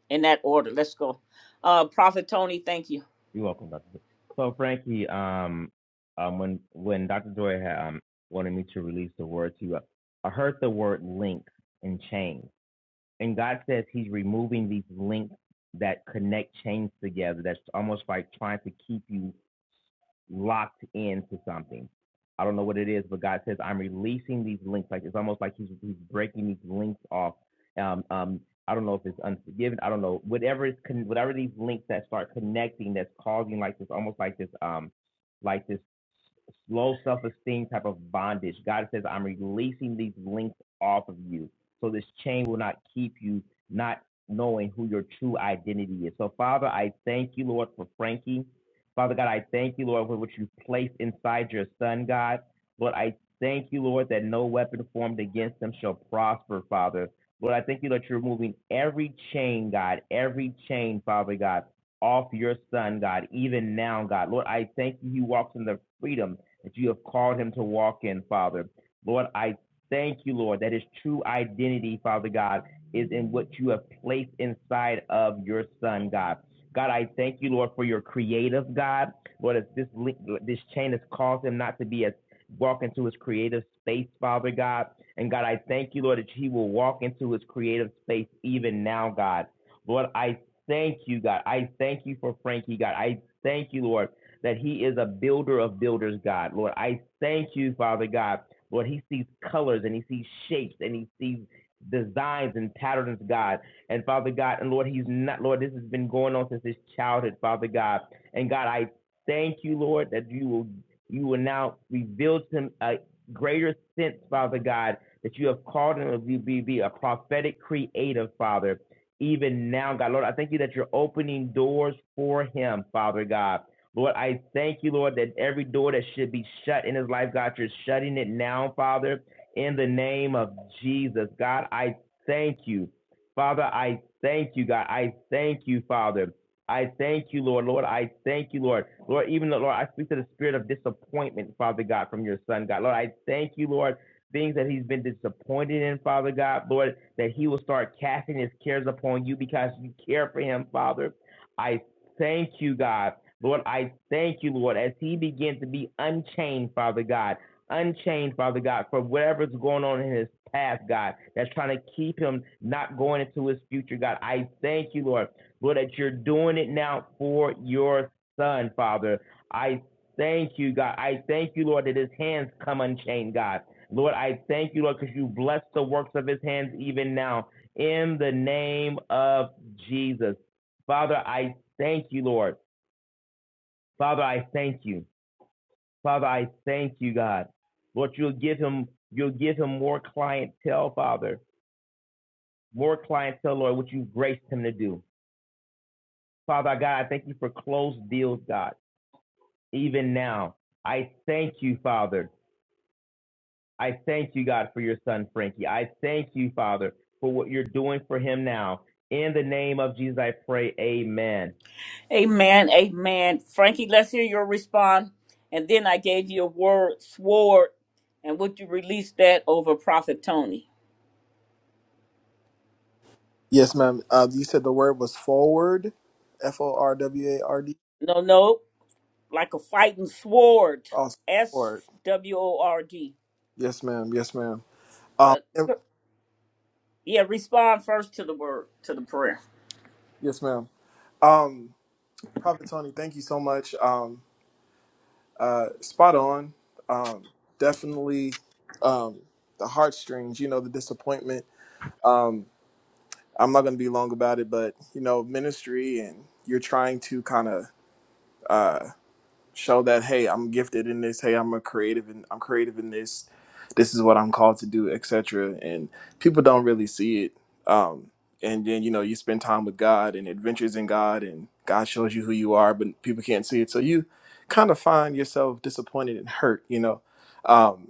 in that order. Let's go. Uh, Prophet Tony, thank you. You're welcome, Dr. Joy. So, Frankie, um, um, when when Dr. Joy had, um, wanted me to release the word to you, I heard the word link and chain and God says He's removing these links that connect chains together. That's almost like trying to keep you locked into something. I don't know what it is, but God says I'm releasing these links. Like it's almost like He's He's breaking these links off. Um, um, I don't know if it's unforgiving. I don't know whatever is con- whatever these links that start connecting that's causing like this almost like this um like this low self esteem type of bondage. God says I'm releasing these links off of you so this chain will not keep you not knowing who your true identity is. So, Father, I thank you, Lord, for Frankie. Father God, I thank you, Lord, for what you placed inside your son, God. Lord, I thank you, Lord, that no weapon formed against him shall prosper, Father. Lord, I thank you that you're removing every chain, God, every chain, Father God, off your son, God, even now, God. Lord, I thank you, he walks in the freedom that you have called him to walk in, Father. Lord, I Thank you, Lord, that his true identity, Father God, is in what you have placed inside of your son, God. God, I thank you, Lord, for your creative God. Lord, as this link, this chain has caused him not to be as walk into his creative space, Father God. And God, I thank you, Lord, that he will walk into his creative space even now, God. Lord, I thank you, God. I thank you for Frankie, God. I thank you, Lord, that he is a builder of builders, God. Lord, I thank you, Father God, Lord, he sees colors and he sees shapes and he sees designs and patterns, God. And Father God, and Lord, he's not, Lord, this has been going on since his childhood, Father God. And God, I thank you, Lord, that you will you will now reveal to him a greater sense, Father God, that you have called him to be, be, a prophetic creative, Father. Even now, God, Lord, I thank you that you're opening doors for him, Father God. Lord, I thank you, Lord, that every door that should be shut in his life, God, you're shutting it now, Father, in the name of Jesus. God, I thank you. Father, I thank you, God. I thank you, Father. I thank you, Lord. Lord, I thank you, Lord. Lord, even though, Lord, I speak to the spirit of disappointment, Father God, from your son, God. Lord, I thank you, Lord. Things that he's been disappointed in, Father God, Lord, that he will start casting his cares upon you because you care for him, Father. I Thank you, God. Lord, I thank you, Lord, as he began to be unchained, Father God. Unchained, Father God, for whatever's going on in his past, God, that's trying to keep him not going into his future, God. I thank you, Lord, Lord, that you're doing it now for your son, Father. I thank you, God. I thank you, Lord, that his hands come unchained, God. Lord, I thank you, Lord, because you bless the works of his hands even now. In the name of Jesus. Father, I thank you, Lord. Father, I thank you. Father, I thank you, God. Lord, you'll give him, you'll give him more clientele, Father, more clientele, Lord, what you've graced him to do. Father, God, I thank you for closed deals, God, even now. I thank you, Father. I thank you, God, for your son, Frankie. I thank you, Father, for what you're doing for him now. In the name of Jesus, I pray. Amen. Amen, amen. Frankie, let's hear your response. And then I gave you a word, sword, and would you release that over Prophet Tony? Yes, ma'am. Uh, you said the word was forward, F O R W A R D. No, no, like a fighting sword, Also S forward. W O R D. Yes, ma'am. Yes, ma'am. Um, But and- yeah, respond first to the word, to the prayer. yes, ma'am. Um, Prophet Tony, thank you so much. Um, Uh, spot on. Um, definitely um, the heartstrings, you know, the disappointment. I'm not going to be long about it, but, you know, ministry and you're trying to kind of uh, show that, hey, I'm gifted in this. Hey, I'm a creative and I'm creative in this. This is what I'm called to do, etc. And people don't really see it. Um, and then, you know, you spend time with God and adventures in God and God shows you who you are, but people can't see it. So you kind of find yourself disappointed and hurt, you know. Um,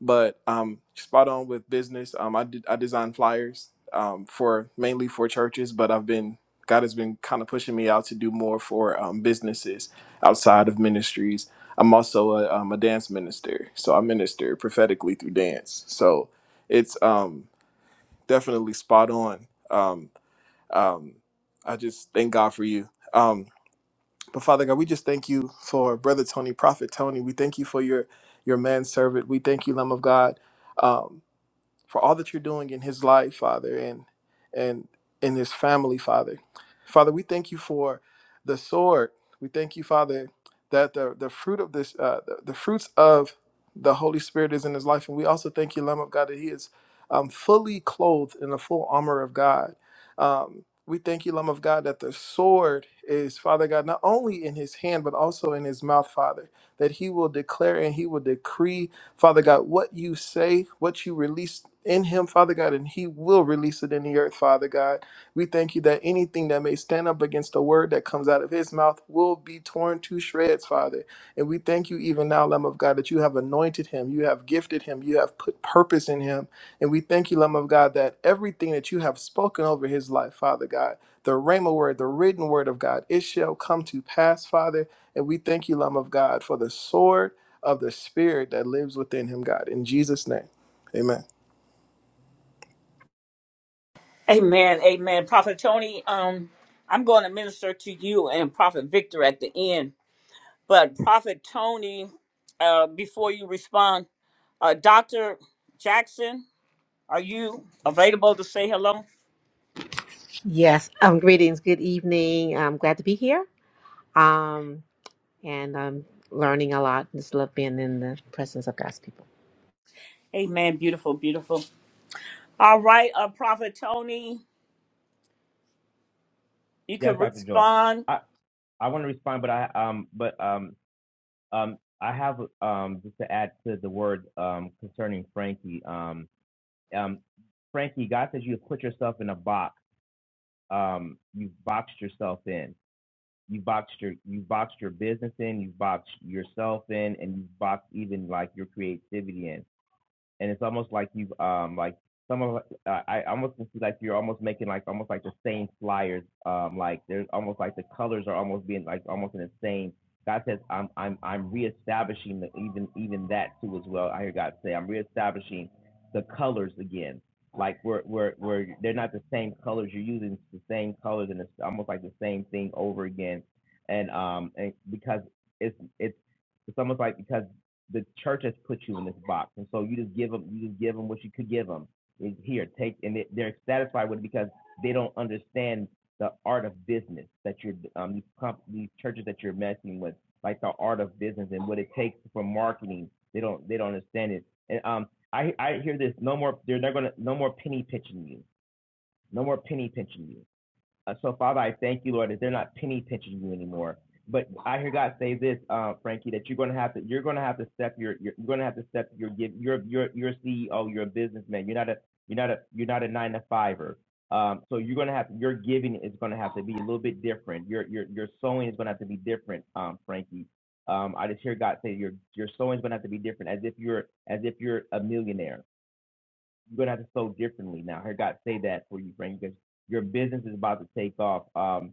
but um, spot on with business. Um, I did I design flyers um, for mainly for churches, but I've been God has been kind of pushing me out to do more for um, businesses outside of ministries. I'm also a, um, a dance minister, so I minister prophetically through dance. So it's um, definitely spot on. Um, um, I just thank God for you. Um, but Father God, we just thank you for Brother Tony, Prophet Tony. We thank you for your your manservant. We thank you, Lamb of God. Um, for all that you're doing in his life, Father, and and in his family, Father. Father, we thank you for the sword. We thank you, Father, that the the fruit of this, uh, the, the fruits of the Holy Spirit is in his life, and we also thank you, Lamb of God, that he is um, fully clothed in the full armor of God. Um, we thank you, Lamb of God, that the sword is, Father God, not only in his hand, but also in his mouth, Father, that he will declare and he will decree Father God, what you say, what you release in him, Father God, and he will release it in the earth, Father God. We thank you that anything that may stand up against the word that comes out of his mouth will be torn to shreds, Father. And we thank you even now, Lamb of God, that you have anointed him, you have gifted him, you have put purpose in him. And we thank you, Lamb of God, that everything that you have spoken over his life, Father God, the rhema word, the written word of God, it shall come to pass, Father. And we thank you, Lamb of God, for the sword of the spirit that lives within him, God. In Jesus' name. Amen. Amen, amen. Prophet Tony, um, I'm going to minister to you and Prophet Victor at the end. But Prophet Tony, uh, before you respond, uh, Doctor Jackson. Are you available to say hello? Yes. Um, greetings. Good evening. I'm glad to be here. Um, and I'm learning a lot. Just love being in the presence of God's people. Amen. Beautiful, beautiful. All right, uh, Prophet Tony, you can Yes, Dr. Joy. respond. I, I want to respond, but I um, but um, Um, I have um, just to add to the word um, concerning Frankie. Um, um, Frankie, God says you have put yourself in a box. Um, you've boxed yourself in. You boxed your you boxed your business in. You've boxed yourself in, and you've boxed even like your creativity in and it's almost like you've um like some of uh, I almost can see like you're almost making like almost like the same flyers um like there's almost like the colors are almost being like almost in the same. God says I'm I'm I'm reestablishing the, even even that too as well. I hear God say I'm reestablishing the colors again. Like we're, we're, we're, they're not the same colors you're using it's the same colors and it's almost like the same thing over again. And um and because it's it's it's almost like because the church has put you in this box, and so you just give them, you just give them what you could give them. Is here, take, and they- they're satisfied with it because they don't understand the art of business that you're um, these comp- these churches that you're messing with, like the art of business and what it takes for marketing. They don't they don't understand it. And um, I I hear this no more. They're not gonna no more penny pinching you. No more penny pinching you. Uh, so, Father, I thank you, Lord, that they're not penny pinching you anymore. But I hear God say this, uh, Frankie, that you're going to have to you're going to have to step your you're, you're going to have to step your give you're you're you're a CEO, you're a businessman. You're not a you're not a you're not a nine to fiver. Um, so you're going to have your giving is going to have to be a little bit different. Your your your sowing is going to have to be different, um, Frankie. Um, I just hear God say your your sowing is going to have to be different, as if you're as if you're a millionaire you're gonna have to sow differently now. I heard God say that for you, Frank, because your business is about to take off. Um,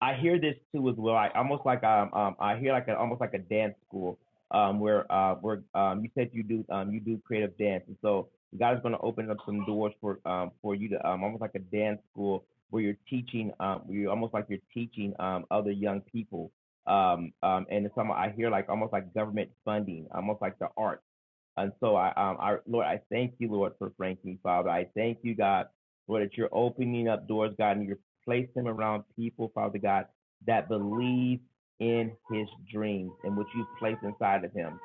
I hear this too as well. I almost like um, um I hear like a, almost like a dance school um where uh where um you said you do um you do creative dance and so God is gonna open up some doors for um for you to um almost like a dance school where you're teaching um where you almost like you're teaching um other young people um um and some I hear like almost like government funding almost like the arts and so I, um, I, Lord, I thank you, Lord, for Frankie, Father. I thank you, God, Lord, that you're opening up doors, God, and you're placing him around people, Father God, that believe in his dreams and what you've placed inside of him.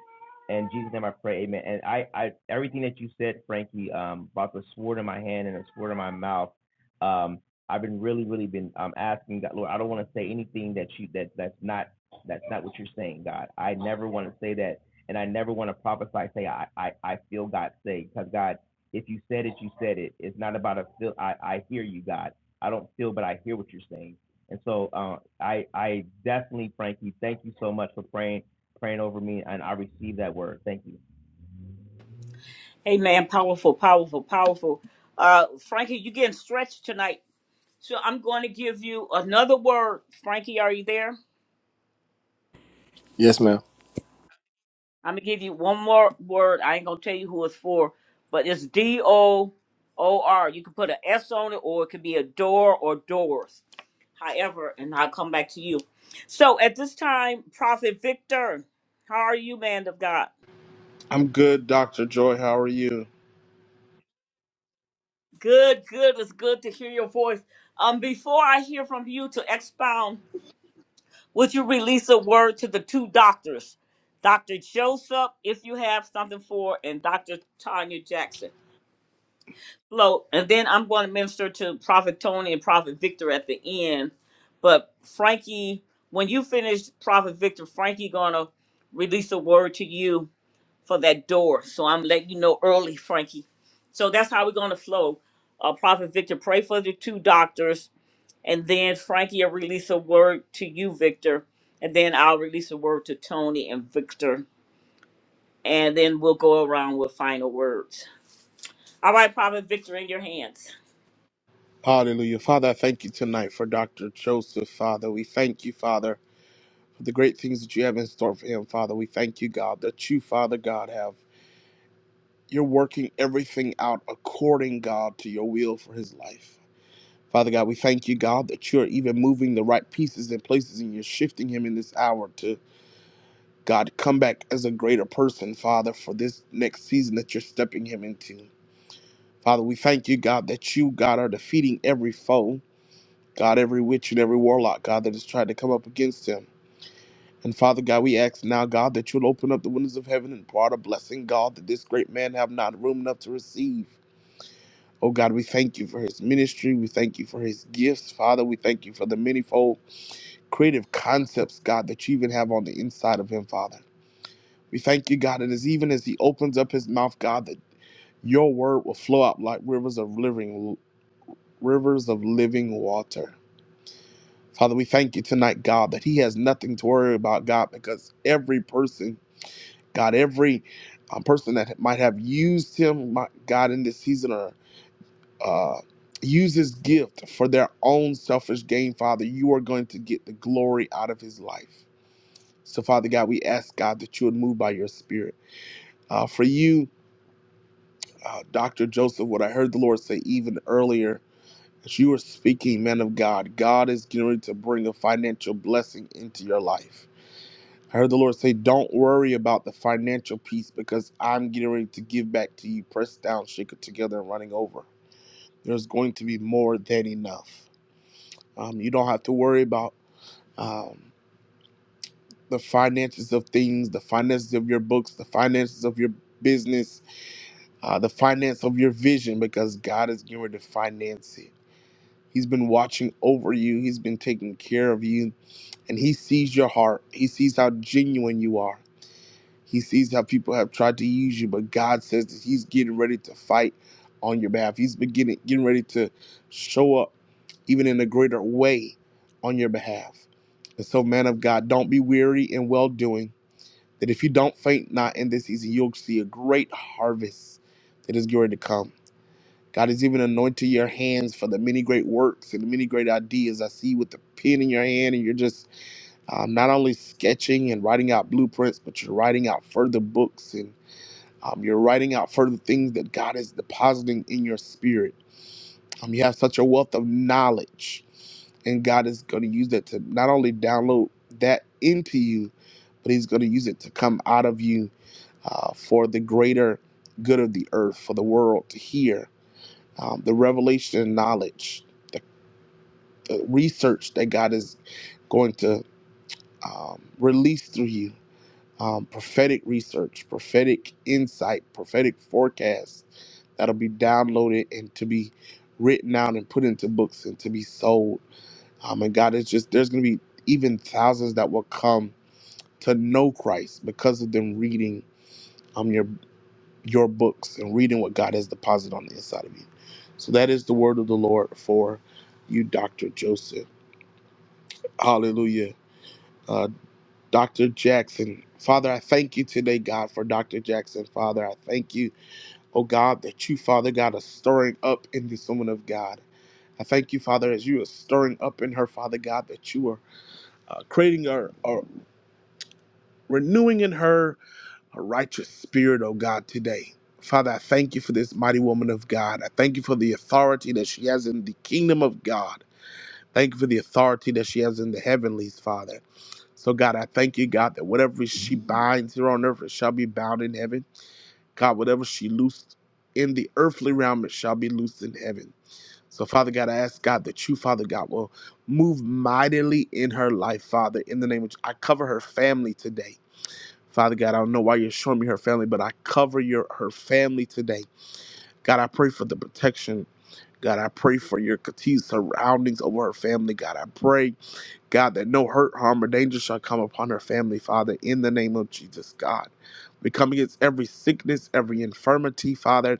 In Jesus' name I pray, amen. And I, I everything that you said, Frankie, um, about the sword in my hand and the sword in my mouth, um, I've been really, really been um asking God, Lord, I don't want to say anything that you that that's not that's not what you're saying, God. I never want to say that and I never want to prophesy, say, I, I, I feel God say, because God, if you said it, you said it. It's not about a feel. I, I hear you, God. I don't feel, but I hear what you're saying. And so uh, I, I definitely, Frankie, thank you so much for praying, praying over me, and I received that word. Thank you. Amen. Powerful, powerful, powerful. Uh, Frankie, you getting stretched tonight. So I'm going to give you another word. Frankie, are you there? Yes, ma'am. I'm going to give you one more word. I ain't going to tell you who it's for, but it's D O O R. You can put an S on it, or it could be a door or doors. however, and I'll come back to you. So at this time, Prophet Victor, how are you, man of God? I'm good, Dr. Joy. How are you? Good, good. It's good to hear your voice. Um, before I hear from you to expound, would you release a word to the two doctors, Doctor Joseph, if you have something for, and Doctor Tanya Jackson? Hello, and then I'm going to minister to Prophet Tony and Prophet Victor at the end. But Frankie, when you finish Prophet Victor, Frankie gonna release a word to you for that door. So I'm letting you know early, Frankie. So that's how we're going to flow. Uh, Prophet Victor, pray for the two doctors, and then Frankie will release a word to you, Victor, and then I'll release a word to Tony and Victor, and then we'll go around with final words. All right, Prophet Victor, in your hands. Hallelujah. Father, I thank you tonight for Dr. Joseph, Father. We thank you, Father, for the great things that you have in store for him, Father. We thank you, God, that you, Father God, have. You're working everything out according, God, to your will for his life. Father God, we thank you, God, that you're even moving the right pieces and places and you're shifting him in this hour to, God, come back as a greater person, Father, for this next season that you're stepping him into. Father, we thank you, God, that you, God, are defeating every foe, God, every witch and every warlock, God, that has tried to come up against him. And Father God, we ask now, God, that you'll open up the windows of heaven and pour out a blessing, God, that this great man have not room enough to receive. Oh God, we thank you for his ministry. We thank you for his gifts, Father. We thank you for the manifold creative concepts, God, that you even have on the inside of him, Father. We thank you, God, and as even as he opens up his mouth, God, that your word will flow out like rivers of living rivers of living water. Father, we thank you tonight, God, that he has nothing to worry about, God, because every person, God, every um, person that might have used him, my, God, in this season or uh, use his gift for their own selfish gain, Father, you are going to get the glory out of his life. So, Father God, we ask, God, that you would move by your spirit. Uh, for you, uh, Dr. Joseph, what I heard the Lord say even earlier As you are speaking, man of God, God is getting ready to bring a financial blessing into your life. I heard the Lord say, Don't worry about the financial piece because I'm getting ready to give back to you, pressed down, shaken together, and running over. There's going to be more than enough. Um, you don't have to worry about um, the finances of things, the finances of your books, the finances of your business, uh, the finance of your vision because God is getting ready to finance it. He's been watching over you. He's been taking care of you and he sees your heart. He sees how genuine you are. He sees how people have tried to use you, but God says that he's getting ready to fight on your behalf. He's beginning getting ready to show up even in a greater way on your behalf. And so, man of God, don't be weary in well doing. That if you don't faint not in this season, you'll see a great harvest that is going to come. God has even anointed your hands for the many great works and the many great ideas. I see you with the pen in your hand, and you're just um, not only sketching and writing out blueprints, but you're writing out further books and um, you're writing out further things that God is depositing in your spirit. Um, you have such a wealth of knowledge, and God is going to use that to not only download that into you, but He's going to use it to come out of you uh, for the greater good of the earth, for the world to hear um, the revelation and knowledge, the, the research that God is going to um, release through you um, prophetic research, prophetic insight, prophetic forecasts that'll be downloaded and to be written out and put into books and to be sold. Um, and God, it's just there's going to be even thousands that will come to know Christ because of them reading um your your books and reading what God has deposited on the inside of you. So that is the word of the Lord for you, Doctor Joseph. Hallelujah. Uh, Dr. Jackson, Father, I thank you today, God, for Dr. Jackson. Father, I thank you oh God, that you, Father God, are stirring up in this woman of God. I thank you, Father, as you are stirring up in her, Father God, that you are uh, creating her or renewing in her a righteous spirit, oh God, today. Father, I thank you for this mighty woman of God. I thank you for the authority that she has in the kingdom of God. Thank you for the authority that she has in the heavenlies, Father. So, God, I thank you, God, that whatever she binds here on earth, it shall be bound in heaven. God, whatever she loosed in the earthly realm, it shall be loosed in heaven. So, Father God, I ask God that you, Father God, will move mightily in her life, Father, in the name of I cover her family today. Father God, I don't know why you're showing me her family, but I cover your her family today. God, I pray for the protection. God, I pray for your continued surroundings over her family. God, I pray, God, that no hurt, harm, or danger shall come upon her family, Father, in the name of Jesus, God. We come against every sickness, every infirmity, Father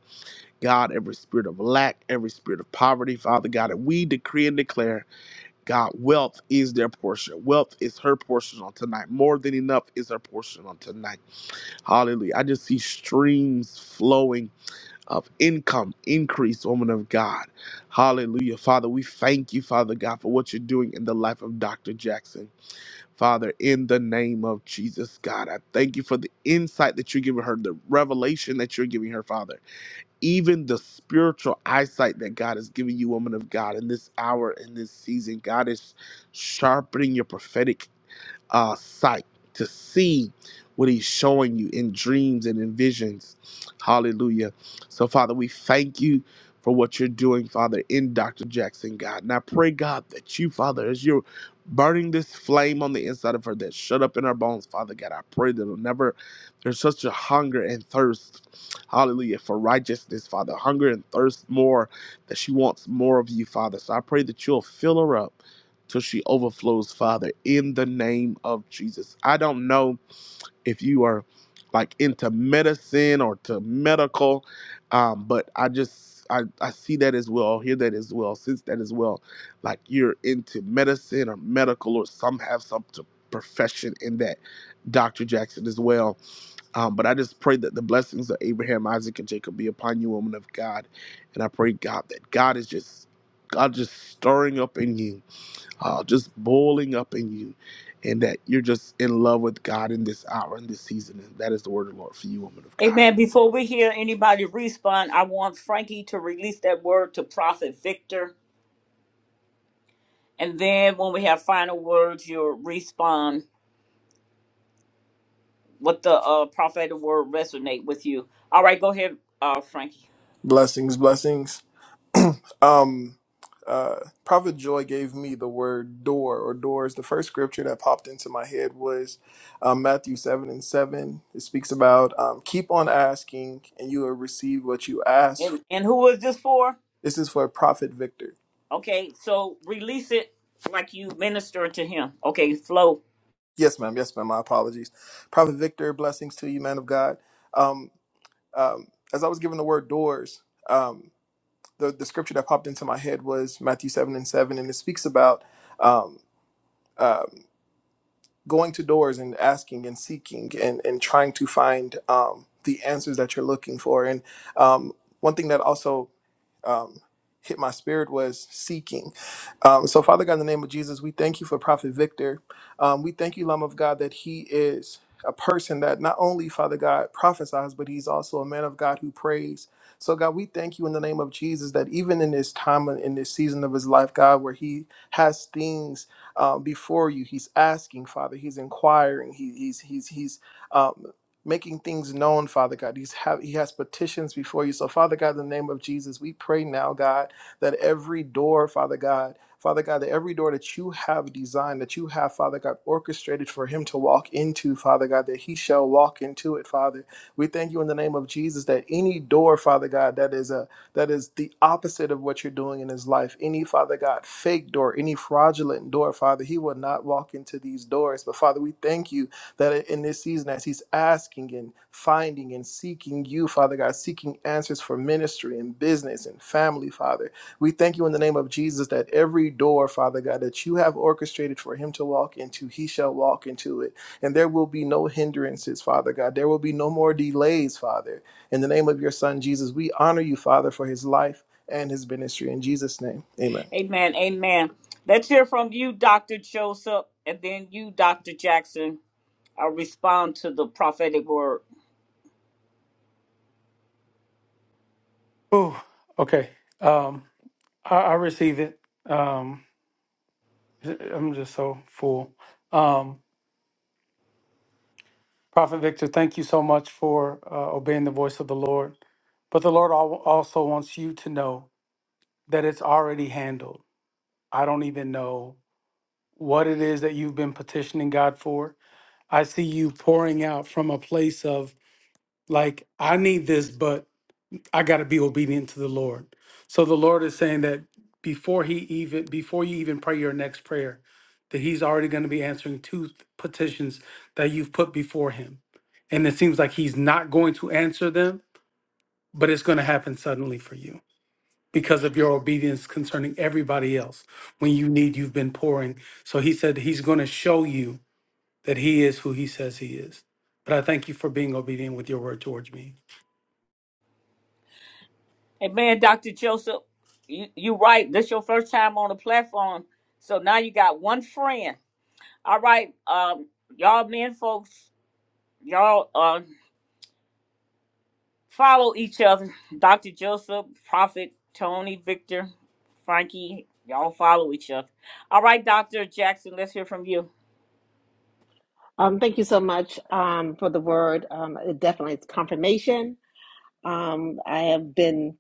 God, every spirit of lack, every spirit of poverty, Father God, and we decree and declare, God, wealth is their portion. Wealth is her portion on tonight. More than enough is her portion on tonight. Hallelujah. I just see streams flowing of income, increase, woman of God. Hallelujah. Father, we thank you, Father God, for what you're doing in the life of Dr. Jackson. Father, in the name of Jesus, God, I thank you for the insight that you're giving her, the revelation that you're giving her, Father even the spiritual eyesight that God has given you, woman of God, in this hour, in this season, God is sharpening your prophetic uh, sight to see what he's showing you in dreams and in visions. Hallelujah. So, Father, we thank you for what you're doing, Father, in Dr. Jackson, God. And I pray, God, that you, Father, as you're burning this flame on the inside of her that shut up in her bones, Father God, I pray that it'll never, there's such a hunger and thirst, hallelujah, for righteousness, Father, hunger and thirst more, that she wants more of you, Father. So I pray that you'll fill her up till she overflows, Father, in the name of Jesus. I don't know if you are like into medicine or to medical, um, but I just I, I see that as well, hear that as well, sense that as well. Like you're into medicine or medical, or some have some t- profession in that, Dr. Jackson as well. Um, but I just pray that the blessings of Abraham, Isaac, and Jacob be upon you, woman of God. And I pray, God, that God is just God just stirring up in you uh, just boiling up in you, and that you're just in love with God in this hour, in this season. And that is the word of the Lord for you, woman of God. Amen. Before we hear anybody respond, I want Frankie to release that word to Prophet Victor, and then when we have final words, you'll respond what the uh, prophetic word resonate with you. All right, go ahead, uh, Frankie. Blessings, blessings. Um uh Prophet Joy gave me the word door or doors. The first scripture that popped into my head was um, Matthew seven and seven. It speaks about um, keep on asking and you will receive what you ask. And for. and who is this for? This is for Prophet Victor. Okay, so release it like you minister to him. Okay, flow. Yes, ma'am. Yes, ma'am. My apologies. Prophet Victor, blessings to you, man of God. Um, um, as I was given the word doors, um, the, the scripture that popped into my head was Matthew 7 and 7, and it speaks about um, um, going to doors and asking and seeking and, and trying to find um, the answers that you're looking for. And um, one thing that also um, hit my spirit was seeking. Um, so, Father God, in the name of Jesus, we thank you for Prophet Victor. Um, we thank you, Lamb of God, that he is a person that not only, Father God, prophesies, but he's also a man of God who prays. So, God, we thank you in the name of Jesus that even in this time and in this season of his life, God, where he has things um, before you, he's asking, Father, he's inquiring, he, he's he's he's um, making things known, Father God. He's have, he has petitions before you. So, Father God, in the name of Jesus, we pray now, God, that every door, Father God, Father God, that every door that you have designed, that you have, Father God, orchestrated for him to walk into, Father God, that he shall walk into it, Father. We thank you in the name of Jesus that any door, Father God, that is a that is the opposite of what you're doing in his life, any Father God, fake door, any fraudulent door, Father, he will not walk into these doors. But Father, we thank you that in this season, as he's asking and finding and seeking you, Father God, seeking answers for ministry and business and family, Father, we thank you in the name of Jesus that every door, Father God, that you have orchestrated for him to walk into, he shall walk into it. And there will be no hindrances, Father God. There will be no more delays, Father. In the name of your son, Jesus, we honor you, Father, for his life and his ministry. In Jesus' name, amen. Amen. Amen. Let's hear from you, Doctor Joseph, and then you, Doctor Jackson. I'll respond to the prophetic word. Oh, okay. Um, I, I receive it. Um, I'm just so full. Um, Prophet Victor, thank you so much for uh, obeying the voice of the Lord. But the Lord al- also wants you to know that it's already handled. I don't even know what it is that you've been petitioning God for. I see you pouring out from a place of, like, I need this, but I got to be obedient to the Lord. So the Lord is saying that before he even before you even pray your next prayer, that he's already going to be answering two th- petitions that you've put before him. And it seems like he's not going to answer them, but it's going to happen suddenly for you because of your obedience concerning everybody else. When you need, you've been pouring. So he said he's going to show you that he is who he says he is. But I thank you for being obedient with your word towards me. Amen, Doctor Joseph. You you right. This your first time on the platform, so now you got one friend. All right, um, y'all men folks, y'all. uh, follow each other. Dr. Joseph, Prophet Tony, Victor, Frankie, y'all follow each other. All right, Dr. Jackson, let's hear from you. Um, thank you so much um, for the word. Um, it definitely, it's confirmation. Um, I have been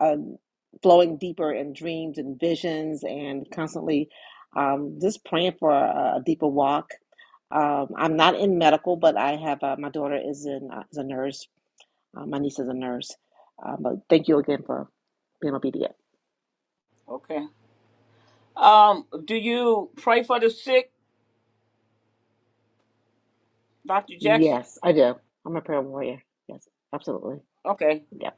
um, flowing deeper in dreams and visions, and constantly um, just praying for a, a deeper walk. Um, I'm not in medical, but I have uh, my daughter is in uh, is a nurse Uh, my niece is a nurse. Uh, but thank you again for being obedient. Okay. Um, do you pray for the sick, Dr. Jackson? Yes, I do. I'm a prayer warrior. Yes, absolutely. Okay. Yep.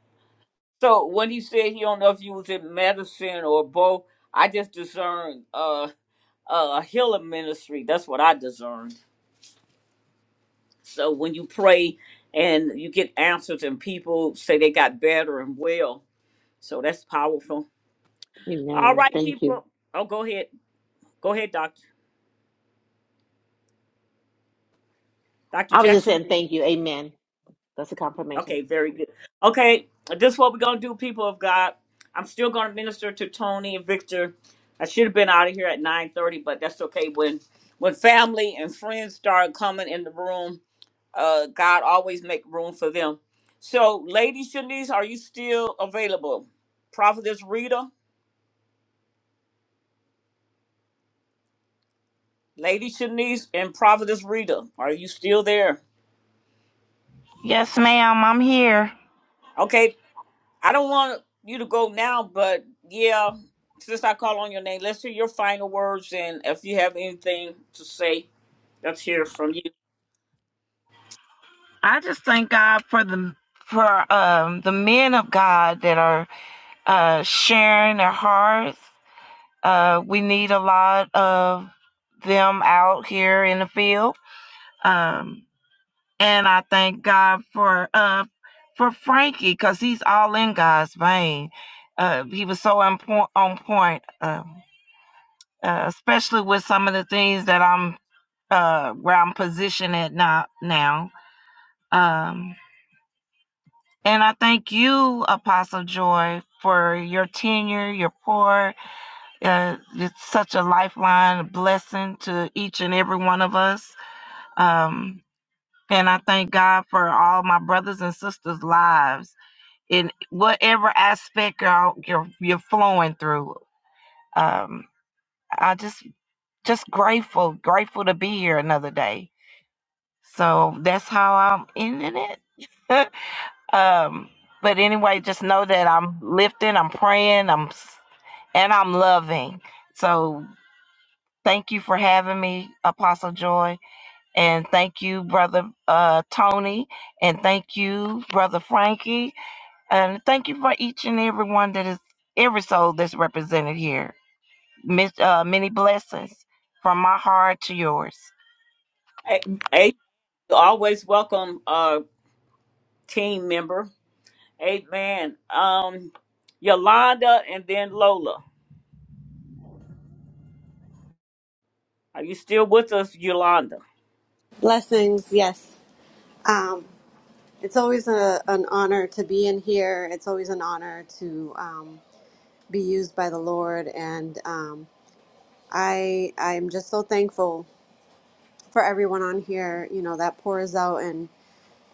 So when he said he don't know if you was in medicine or both, I just discerned uh a healing ministry. That's what I discerned. So when you pray and you get answers and people say they got better and well, so that's powerful. All Amen. right, Thank you. people. Oh, go ahead. Go ahead, Doctor. Dr. I was just Jackson. saying thank you. Amen. That's a confirmation. Okay, very good. Okay, this is what we're going to do, people of God. I'm still going to minister to Tony and Victor. I should have been out of here at 9.30, but that's okay. When when family and friends start coming in the room, uh, God always make room for them. So, Lady Shanice, are you still available? Prophetess Rita, Lady Shanice and Prophetess Rita, are you still there? Yes, ma'am, I'm here. Okay, I don't want you to go now, but yeah, since I call on your name, let's hear your final words. And if you have anything to say, let's hear from you. I just thank God for the for um the men of God that are uh sharing their hearts. Uh we need a lot of them out here in the field. Um and I thank God for uh for Frankie cuz he's all in God's vein. Uh he was so on point on point um uh, especially with some of the things that I'm uh, where I'm positioned at now. now. Um, and I thank you, Apostle Joy, for your tenure, your pour. Uh, it's such a lifeline, a blessing to each and every one of us. Um, and I thank God for all my brothers and sisters' lives in whatever aspect you're you're, you're flowing through. Um, I just just grateful, grateful to be here another day. So that's how I'm ending it. Um, but anyway, just know that I'm lifting, I'm praying, I'm s- and I'm loving. So thank you for having me, Apostle Joy, and thank you, brother uh, Tony, and thank you, brother Frankie, and thank you for each and every one that is every soul that's represented here. Miss, uh, many blessings from my heart to yours. Hey, hey, you always welcome, uh, team member. Amen. Um, Yolanda and then Lola. Are you still with us, Yolanda? Blessings, yes. Um, it's always a, an honor to be in here. It's always an honor to um, be used by the Lord. And um, I I'm just so thankful for everyone on here. You know that pours out and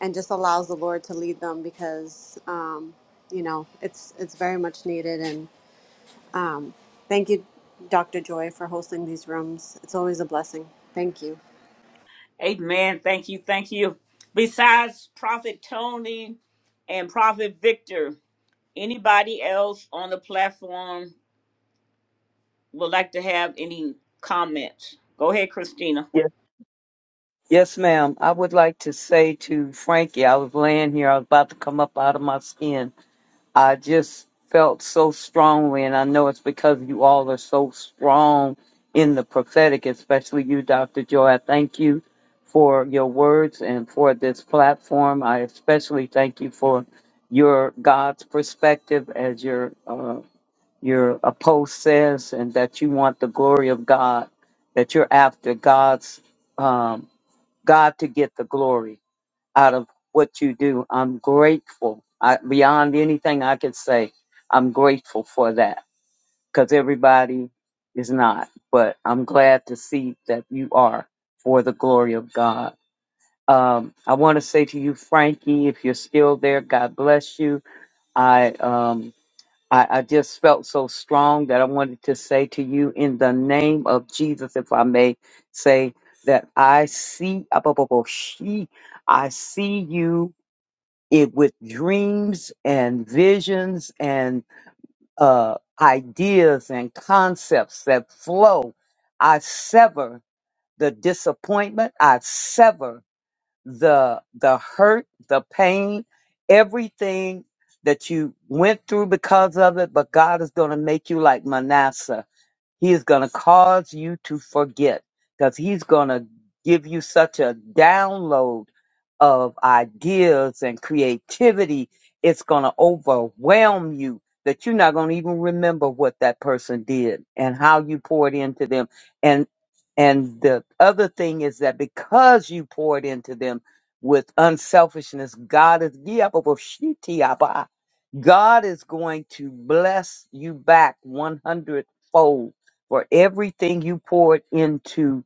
and just allows the Lord to lead them because um, you know it's it's very much needed. And um, thank you, Dr. Joy, for hosting these rooms. It's always a blessing. Thank you. Amen. Thank you. Thank you. Besides Prophet Tony and Prophet Victor, anybody else on the platform would like to have any comments. Go ahead, Christina. Yes, yes, ma'am. I would like to say to Frankie, I was laying here, I was about to come up out of my skin. I just felt so strongly, and I know it's because you all are so strong in the prophetic, especially you, Dr. Joy. I thank you for your words and for this platform. I especially thank you for your God's perspective as your uh, your post says and that you want the glory of God, that you're after God's um, God to get the glory out of what you do. I'm grateful. I, beyond anything I could say, I'm grateful for that because everybody is not, but I'm glad to see that you are for the glory of God. Um, I want to say to you, Frankie, if you're still there, God bless you. I um, I, I just felt so strong that I wanted to say to you in the name of Jesus, if I may say that I see she I see you it with dreams and visions and uh, ideas and concepts that flow. I sever the disappointment. I sever the the hurt, the pain, everything that you went through because of it, but God is going to make you like Manasseh he is going to cause you to forget because he's going to give you such a download of ideas and creativity. It's going to overwhelm you that you're not going to even remember what that person did and how you poured into them. And and the other thing is that because you poured into them with unselfishness, God is God is going to bless you back 100 fold for everything you poured into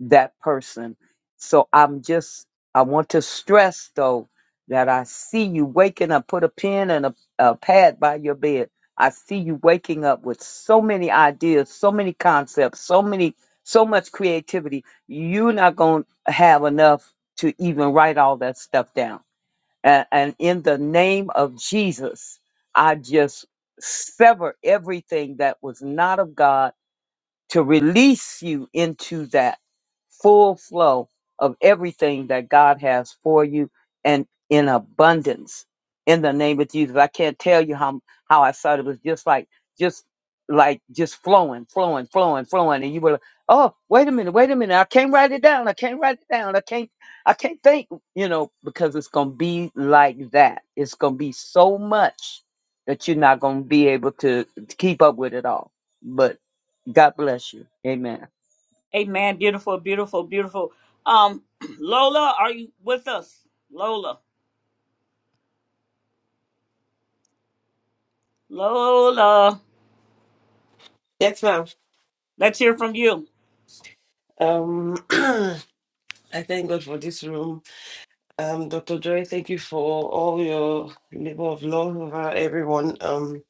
that person. So I'm just, I want to stress though that I see you waking up, put a pen and a, a pad by your bed. I see you waking up with so many ideas, so many concepts, so many, so much creativity. You're not going to have enough to even write all that stuff down and, and in the name of Jesus, I just sever everything that was not of God to release you into that full flow of everything that God has for you and in abundance. In the name of Jesus, I can't tell you how how I felt. It was just like just like just flowing, flowing, flowing, flowing, and you were like, "Oh, wait a minute, wait a minute! I can't write it down. I can't write it down. I can't, I can't think." You know, because it's gonna be like that. It's gonna be so much that you're not gonna be able to to keep up with it all. But God bless you. Amen. Amen. Beautiful, beautiful, beautiful. Um, Lola, are you with us? Lola, Lola, Yes, ma'am. let's hear from you. Um. I thank God for this room. Um, Dr. Joy, thank you for all your labor of love over everyone. Um,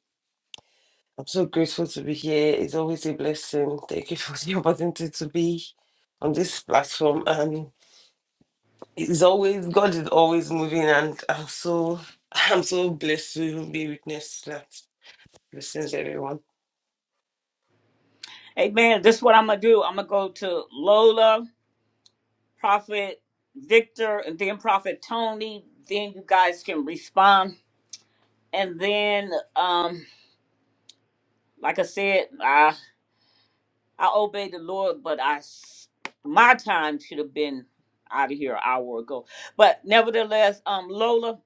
I'm so grateful to be here. It's always a blessing. Thank you for the opportunity to be on this platform. Um, it's always God is always moving, and I'm so I'm so blessed to be witness to that blessings everyone. Amen. This is what I'm gonna do. I'm gonna go to Lola, Prophet Victor, and then Prophet Tony. Then you guys can respond, and then um, like I said, I. I obey the Lord, but I s- my time should have been out of here an hour ago. But nevertheless, um, Lola,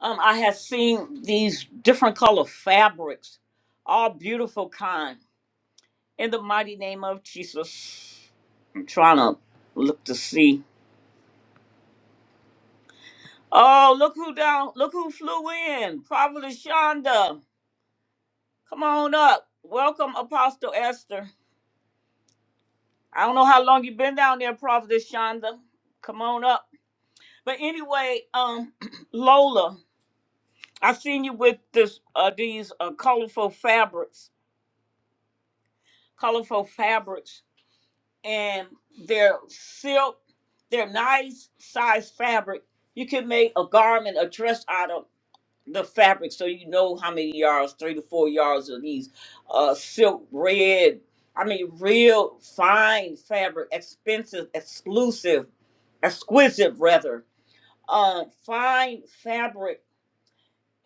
um, I have seen these different color fabrics, all beautiful kind. In the mighty name of Jesus, I'm trying to look to see. Oh, look who down! Look who flew in, Prophet Shonda. Come on up. Welcome, Apostle Esther. I don't know how long you've been down there, Prophet Shonda. Come on up. But anyway, um, Lola, I seen you with this uh, these uh, colorful fabrics, colorful fabrics, and they're silk. They're nice size fabric. You can make a garment, a dress out of the fabric, so you know how many yards, three to four yards of these uh, silk red. I mean, real fine fabric, expensive, exclusive, exquisite rather. Uh, fine fabric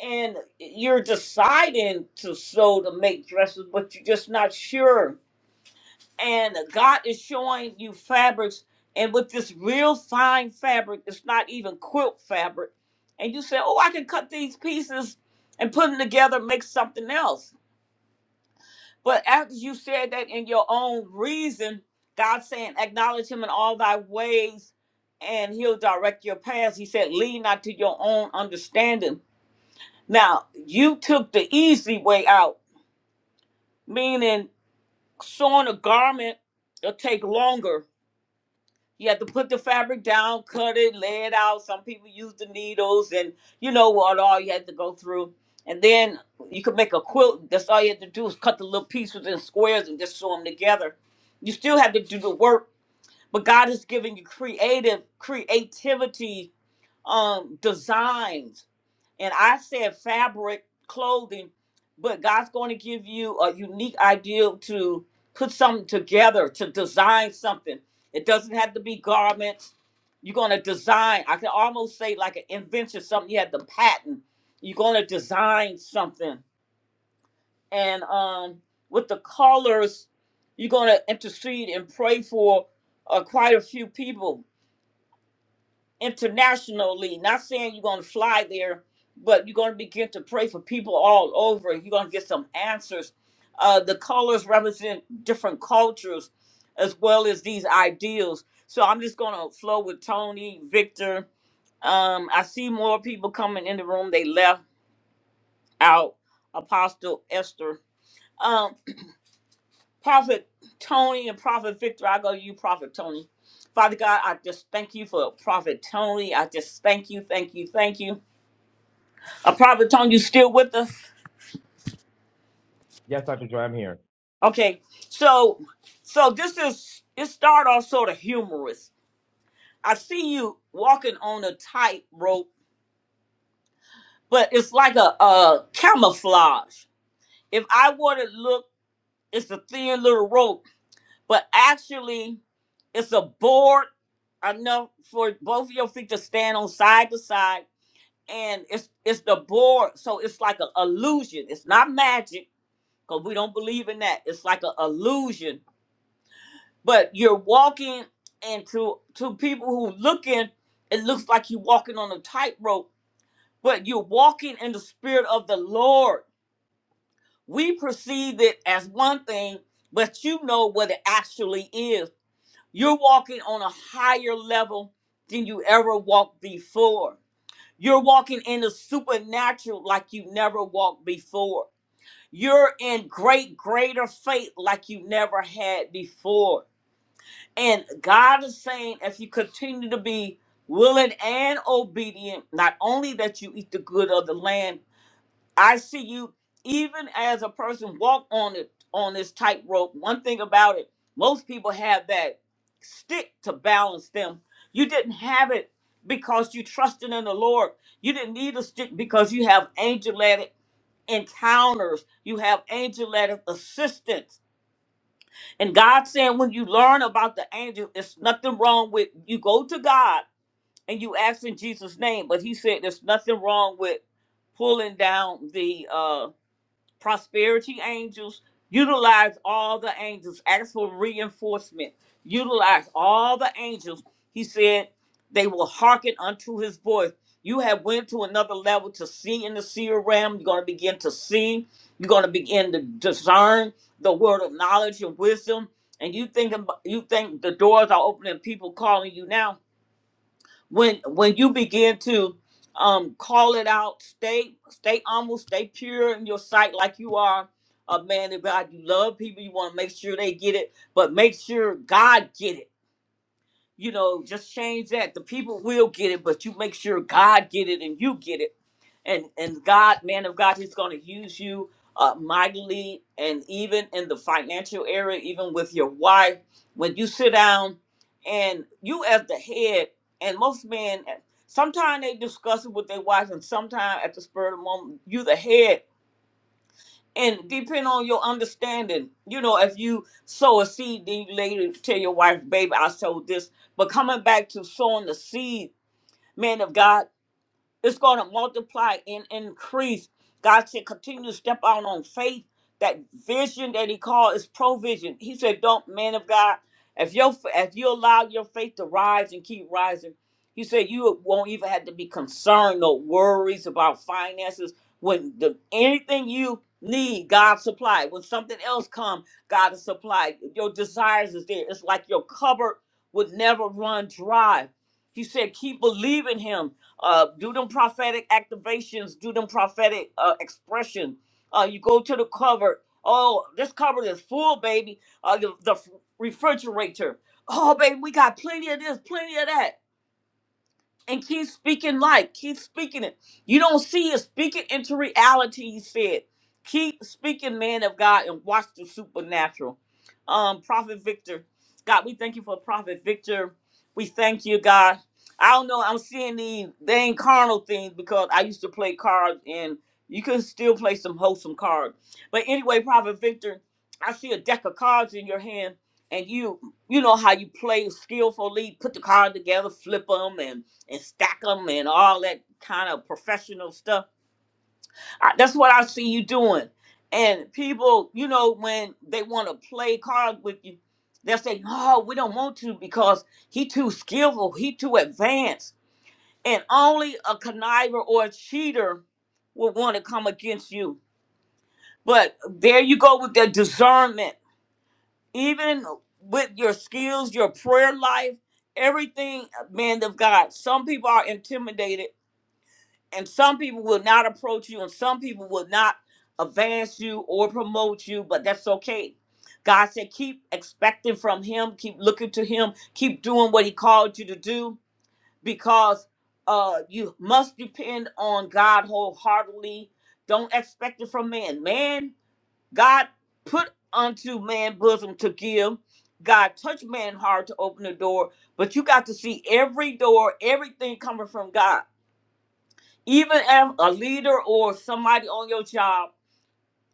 and you're deciding to sew to make dresses, but you're just not sure. And God is showing you fabrics, and with this real fine fabric, it's not even quilt fabric. And you say, "Oh, I can cut these pieces and put them together, make something else." But after you said that in your own reason, God saying, "Acknowledge Him in all thy ways, and He'll direct your paths." He said, "Lean not to your own understanding." Now, you took the easy way out, meaning sewing a garment, it'll take longer. You have to put the fabric down, cut it, lay it out. Some people use the needles and you know what all you had to go through. And then you could make a quilt. That's all you had to do is cut the little pieces in squares and just sew them together. You still have to do the work, but God is giving you creative creativity um designs. And I said fabric clothing, but God's going to give you a unique idea to put something together, to design something. It doesn't have to be garments. You're going to design, I can almost say like an invention, something you had to patent. You're going to design something. And um, with the colors, you're going to intercede and pray for uh, quite a few people internationally. Not saying you're going to fly there, but you're going to begin to pray for people all over. You're going to get some answers. Uh, the colors represent different cultures as well as these ideals. So I'm just going to flow with Tony, Victor. Um, I see more people coming in the room. They left out Apostle Esther. Um, Prophet Tony and Prophet Victor, I go to you, Prophet Tony. Father God, I just thank you for Prophet Tony. I just thank you, thank you, thank you. A prophet Tone, you still with us? Yes, Dr. Joy, I'm here. Okay. So so this is it start off sort of humorous. I see you walking on a tightrope, but it's like a, a camouflage. If I were to look, it's a thin little rope, but actually it's a board enough for both of your feet to stand on side to side. And it's it's the board, so it's like an illusion. It's not magic, because we don't believe in that. It's like an illusion but you're walking and to to people who looking it looks like you're walking on a tightrope but you're walking in the spirit of the lord we perceive it as one thing but you know what it actually is you're walking on a higher level than you ever walked before you're walking in the supernatural like you never walked before you're in great greater faith like you never had before And God is saying, if you continue to be willing and obedient, not only that you eat the good of the land, I see you even as a person walk on it on this tightrope. One thing about it, most people have that stick to balance them. You didn't have it because you trusted in the Lord. You didn't need a stick because you have angelic encounters. You have angelic assistance and God saying, when you learn about the angel, it's nothing wrong with you go to God and you ask in Jesus' name. But He said, there's nothing wrong with pulling down the uh prosperity angels utilize all the angels ask for reinforcement utilize all the angels he said they will hearken unto his voice you have went to another level to see in the seer realm you're going to begin to see you're going to begin to discern the word of knowledge and wisdom and you think you think the doors are opening people calling you now when when you begin to um call it out stay stay humble stay pure in your sight like you are a man of god you love people you want to make sure they get it but make sure god get it you know, just change that. The people will get it, but you make sure God get it and you get it. And and God, man of God, He's going to use you uh, mightily, and even in the financial area, even with your wife, when you sit down and you as the head, and most men, sometimes they discuss it with their wives, and sometimes at the spur of the moment, you the head and depend on your understanding. You know, if you sow a seed, then you later tell your wife, "Baby, I sowed this." But coming back to sowing the seed, man of God, it's going to multiply and increase. God said, continue to step out on faith. That vision that He called is provision. He said, don't, man of God, if your if you allow your faith to rise and keep rising, He said you won't even have to be concerned or worries about finances. When the anything you need, God supply. When something else comes, God is supplied. Your desires is there. It's like your cupboard would never run dry. He said, keep believing Him uh, do them prophetic activations. Do them prophetic uh, expression. Uh, you go to the cupboard. Oh, this cupboard is full, baby. Uh, the, the f- refrigerator. Oh, baby, we got plenty of this, plenty of that and keep speaking life. Keep speaking it. You don't see it. Speak it into reality, he said. Keep speaking, man of God, and watch the supernatural. Um, Prophet Victor, God, we thank you for Prophet Victor. We thank you, God. I don't know. I'm seeing these dang carnal things because I used to play cards and you can still play some wholesome cards. But anyway, Prophet Victor, I see a deck of cards in your hand and you, you know how you play skillfully, put the card together, flip them and and stack them and all that kind of professional stuff. I, that's what I see you doing. And people, you know, when they want to play cards with you, they'll say, "No, we don't want to because he too skillful, he too advanced." And only a conniver or a cheater would want to come against you. But there you go with that discernment. Even with your skills, your prayer life, everything, uh, man of God. Some people are intimidated and some people will not approach you and some people will not advance you or promote you but that's okay god said keep expecting from him keep looking to him keep doing what he called you to do because uh you must depend on god wholeheartedly don't expect it from man man god put unto man bosom to give god touch man hard to open the door but you got to see every door everything coming from god even if a leader or somebody on your job,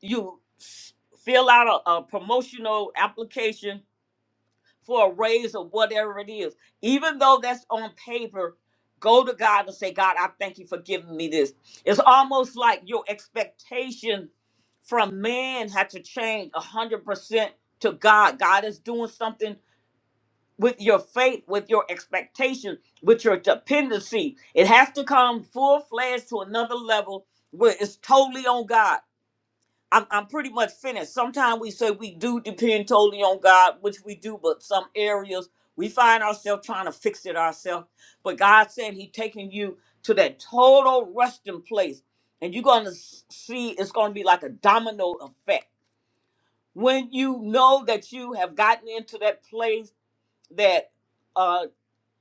you s- fill out a, a promotional application for a raise or whatever it is, even though that's on paper, go to God and say, God, I thank you for giving me this. It's almost like your expectation from man had to change 100% to God. God is doing something with your faith, with your expectation, with your dependency. It has to come full fledged to another level where it's totally on God. I'm, I'm pretty much finished. Sometimes we say we do depend totally on God, which we do, but some areas we find ourselves trying to fix it ourselves. But God said He taking you to that total resting place, and you're going to see it's going to be like a domino effect. When you know that you have gotten into that place that uh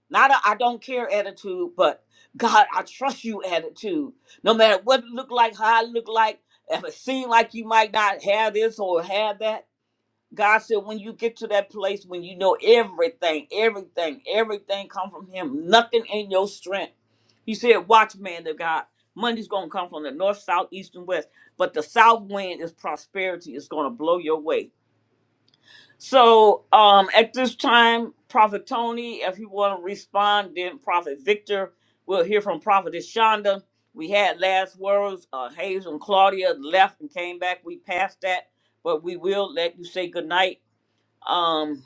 not a I don't care attitude, but God, I trust you attitude. No matter what it look like, how it look like, if it seem like you might not have this or have that. God said when you get to that place when you know everything, everything, everything come from him. Nothing in your strength. He said, watch man of God. Money's gonna come from the north, south, east, and west. But the south wind is prosperity. It's gonna blow your way so um, at this time, Prophet Tony, if you want to respond, then Prophet Victor. We'll hear from Prophetess Shonda. We had last words. Uh, Hayes and Claudia left and came back. We passed that, but we will let you say goodnight. Um,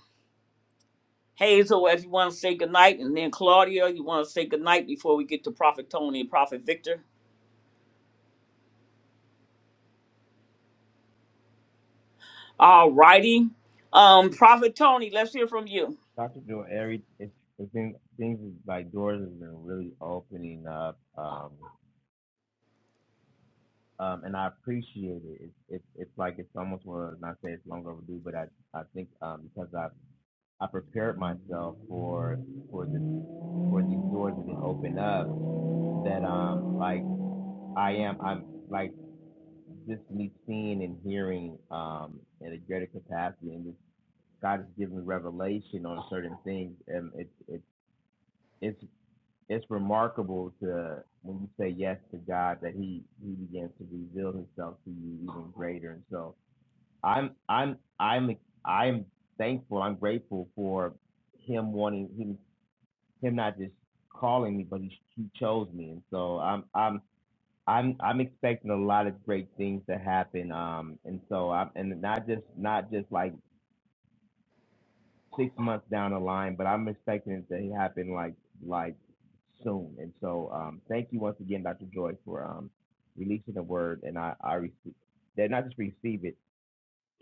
Hazel, if you want to say goodnight, and then Claudia, you want to say goodnight before we get to Prophet Tony and Prophet Victor. All righty. Um, Prophet Tony, let's hear from you. Dr. Joy, every it's it's been things like doors have been really opening up. Um um and I appreciate it. It's it's it's like it's almost well not say it's long overdue, but I I think um because I've I prepared myself for for the for these doors that didn't open up. That um like I am I'm like just me seeing and hearing um in a greater capacity, and just God has given me revelation on certain things, and it's it's it's it's remarkable to when you say yes to God that He He begins to reveal Himself to you even greater. And so I'm I'm I'm I'm thankful. I'm grateful for Him wanting Him him not just calling me, but he, he chose me, and so I'm I'm I'm I'm expecting a lot of great things to happen. Um, and so I'm and not just not just like six months down the line, but I'm expecting it to happen like like soon. And so um, thank you once again, Dr. Joy, for um releasing the word, and I I receive that not just receive it,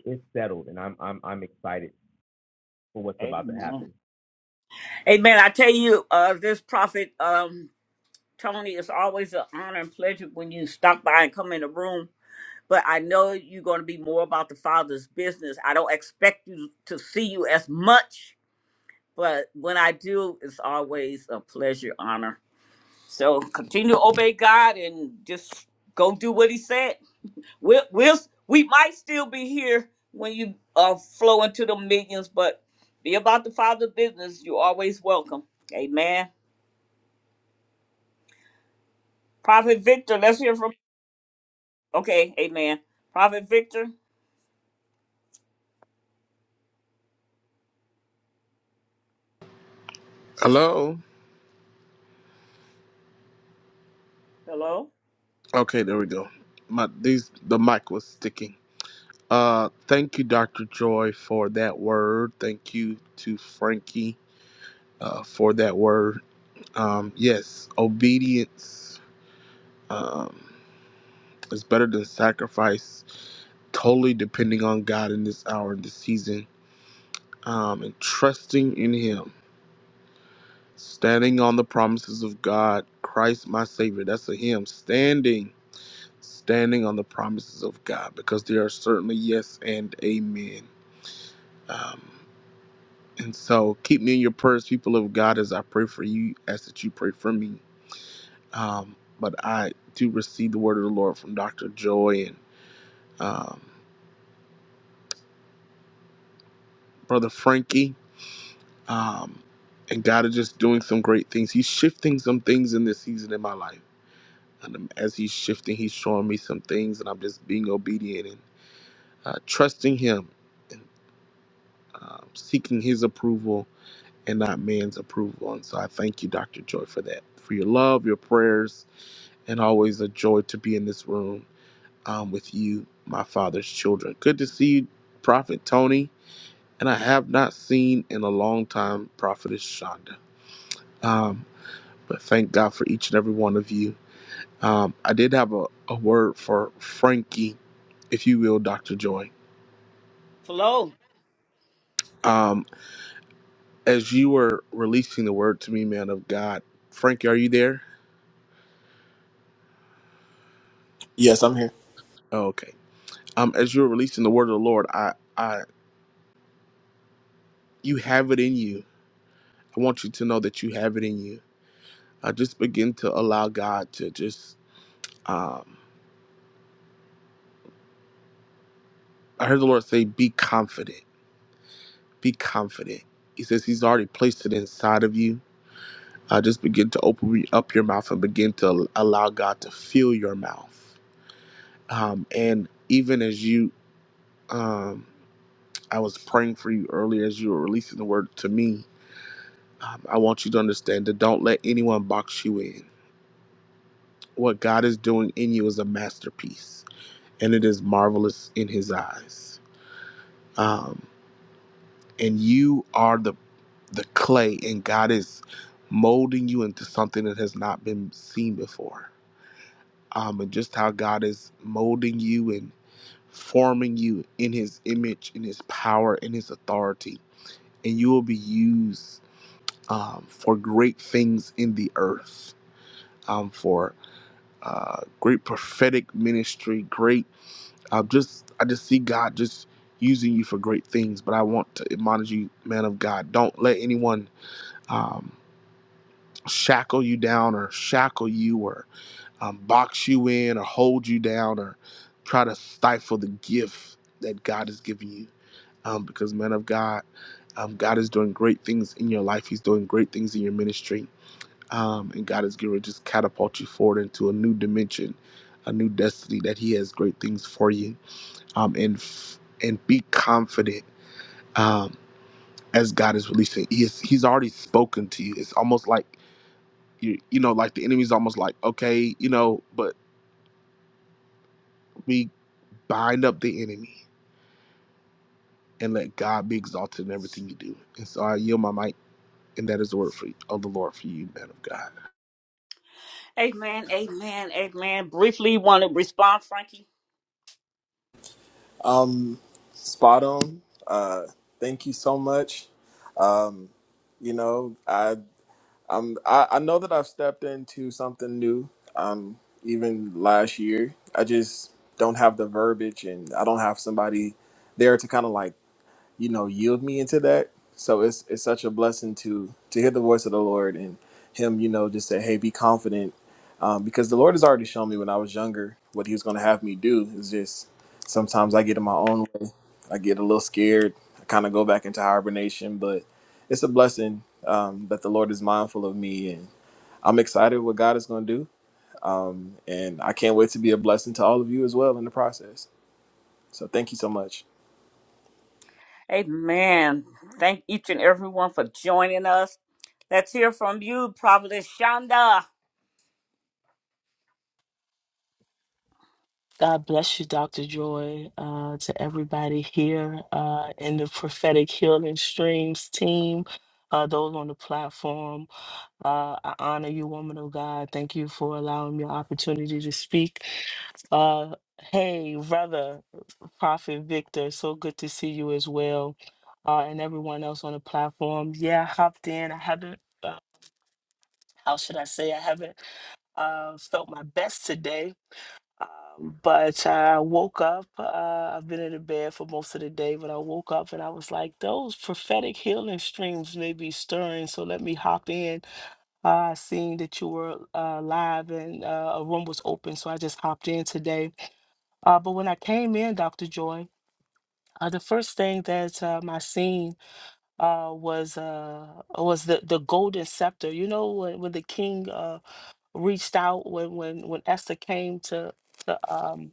it's settled, and I'm I'm I'm excited for what's about to Amen. happen. Amen. I tell you, uh, this prophet. Um, Tony, it's always an honor and pleasure when you stop by and come in the room. But I know you're going to be more about the Father's business. I don't expect you to see you as much, but when I do, it's always a pleasure, honor. So continue to obey God and just go do what He said. We'll, we'll we might still be here when you uh, flow into the millions, but be about the Father's business. You're always welcome. Amen. Prophet Victor, let's hear from. Okay, amen. Prophet Victor, Hello. hello. Okay, there we go. My these the mic was sticking. Uh, thank you, Doctor Joy, for that word. Thank you to Frankie uh, for that word. Um, yes, obedience um, is better than sacrifice. Totally depending on God in this hour, in this season, um, and trusting in Him Standing on the promises of God, Christ my Savior. That's a hymn. Standing, standing on the promises of God, because there are certainly yes and amen. Um, and so keep me in your prayers, people of God, as I pray for you, as that you pray for me. Um, but I do receive the word of the Lord from Dr. Joy and um, Brother Frankie. Um, and God is just doing some great things. He's shifting some things in this season in my life. And um, as he's shifting, he's showing me some things, and I'm just being obedient and uh, trusting him and um seeking his approval and not man's approval. And so I thank you, Dr. Joy, for that, for your love, your prayers, and always a joy to be in this room um, with you, my father's children. Good to see you, Prophet Tony. And I have not seen in a long time Prophetess Shonda. Um, but thank God for each and every one of you. Um, I did have a, a word for Frankie if you will, Dr. Joy. hello. Um, as you were releasing the word to me, man of God, Frankie, are you there? Yes, I'm here. Oh, okay. Um, as you were releasing the word of the Lord, I, I, you have it in you. I want you to know that you have it in you. I just begin to allow God to just. Um, I heard the Lord say, "Be confident. Be confident." He says He's already placed it inside of you. I just begin to open up your mouth and begin to allow God to fill your mouth. Um, and even as you, um, I was praying for you earlier as you were releasing the word to me. Um, I want you to understand that don't let anyone box you in. What God is doing in you is a masterpiece, and it is marvelous in His eyes. Um, and you are the the clay, and God is molding you into something that has not been seen before. Um, and just how God is molding you and forming you in His image, in His power, in His authority, and you will be used um, for great things in the earth, um, for uh, great prophetic ministry, great. Uh, just I just see God just using you for great things. But I want to admonish you, man of God, don't let anyone um, shackle you down or shackle you or um, box you in or hold you down or try to stifle the gift that God has given you. Um, because man of God, um, God is doing great things in your life. He's doing great things in your ministry um, and God is going to just catapult you forward into a new dimension, a new destiny that He has great things for you. Um, and f- and be confident um, as God is releasing. He is, He's already spoken to you. It's almost like you you know like the enemy's almost like okay you know, but we bind up the enemy and let God be exalted in everything you do. And so I yield my mic, and that is the word for you of the Lord for you, man of God. Amen, amen, amen. Briefly, want to respond, Frankie? Um, spot on. Uh, thank you so much. Um, you know i i'm I, I know that i've stepped into something new um even last year i just don't have the verbiage and i don't have somebody there to kind of like you know yield me into that so it's it's such a blessing to to hear the voice of the lord and him you know just say hey be confident um, because the lord has already shown me when i was younger what he was going to have me do is just sometimes i get in my own way i get a little scared i kind of go back into hibernation but it's a blessing um, that the lord is mindful of me and i'm excited what god is going to do um, and i can't wait to be a blessing to all of you as well in the process so thank you so much Amen. Thank each and everyone for joining us. Let's hear from you, Prophet Shonda. God bless you, Dr. Joy, uh, to everybody here uh, in the Prophetic Healing Streams team, uh, those on the platform. Uh, I honor you, woman of God. Thank you for allowing me the opportunity to speak. Uh, hey, brother, Prophet Victor, so good to see you as well, uh, and everyone else on the platform. Yeah, I hopped in. I haven't, uh, how should I say, I haven't uh, felt my best today um, but I woke up. Uh, I've been in the bed for most of the day, but I woke up and I was like, those prophetic healing streams may be stirring. So let me hop in. Uh, I seen that you were uh, live and uh, a room was open. So I just hopped in today. Uh, but when I came in, Dr. Joy, uh, the first thing that um, I seen uh, was uh, was the, the golden scepter. You know, when, when the king uh, reached out, when, when, when Esther came to, to um,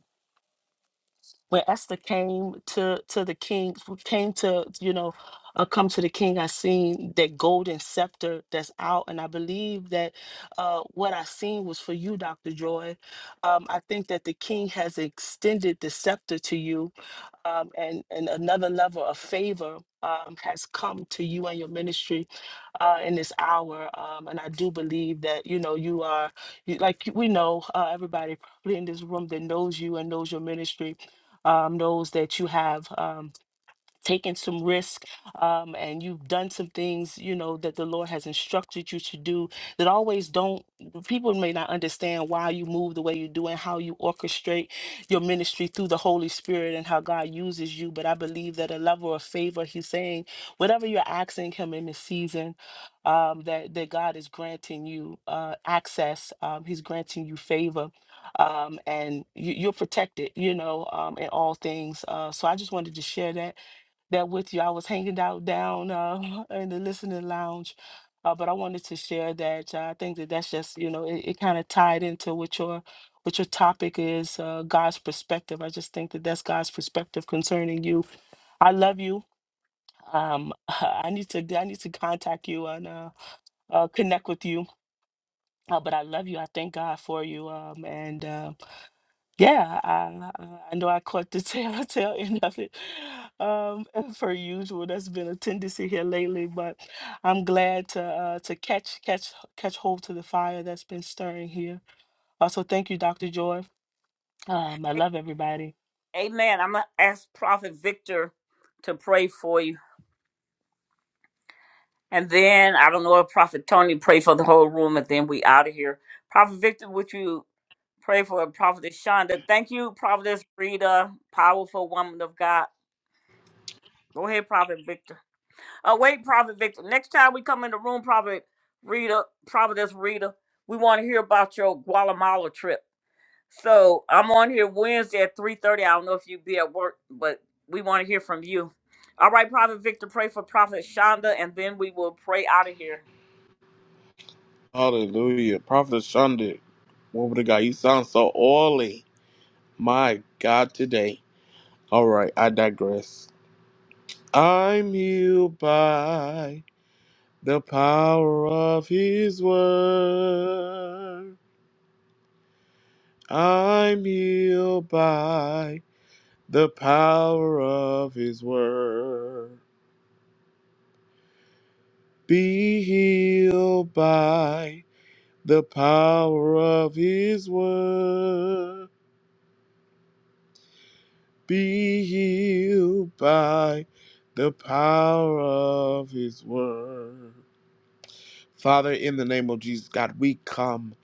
when Esther came to to the king, came to you know, uh, come to the king, I seen that golden scepter that's out, and I believe that uh, what I seen was for you, Doctor Joy. Um, I think that the king has extended the scepter to you, um, and and another level of favor um, has come to you and your ministry uh, in this hour. Um, and I do believe that, you know, you are, you, like we know, uh, everybody probably in this room that knows you and knows your ministry um, knows that you have. Um, taken some risk um, and you've done some things you know that the lord has instructed you to do that always don't people may not understand why you move the way you do and how you orchestrate your ministry through the holy spirit and how god uses you but i believe that a level of favor he's saying whatever you're asking him in this season um, that that god is granting you uh, access um, he's granting you favor um, and you, you're protected you know um, in all things uh, so i just wanted to share that that with you. I was hanging out down uh, in the listening lounge, uh, but I wanted to share that. Uh, I think that that's just you know it, it kind of tied into what your what your topic is, uh, God's perspective. I just think that that's God's perspective concerning you. I love you. Um, I need to I need to contact you and uh, uh, connect with you. Uh, but I love you. I thank God for you. Um, and uh, yeah, I, I I know I caught the tail tail end of it. Um, and per usual, that's been a tendency here lately, but I'm glad to uh, to catch catch catch hold to the fire that's been stirring here. Also, thank you, Dr. Joy. Um, I love everybody. Amen. I'm going to ask Prophet Victor to pray for you. And then I don't know if Prophet Tony pray for the whole room, and then we out of here. Prophet Victor, would you pray for Prophet Shonda? Thank you, Prophet Rita, powerful woman of God. Go ahead, Prophet Victor. Uh, wait, Prophet Victor. Next time we come in the room, Prophet Rita, Prophetess Rita, we want to hear about your Guatemala trip. So I'm on here Wednesday at 3:30. I don't know if you be at work, but we want to hear from you. All right, Prophet Victor, pray for Prophet Shonda, and then we will pray out of here. Hallelujah, Prophet Shonda, woman of God, you sound so oily. My God, today. All right, I digress. I'm healed by the power of His word. I'm healed by the power of His word. Be healed by the power of His word. Be healed by the power of His word. Father, in the name of Jesus, God, we come,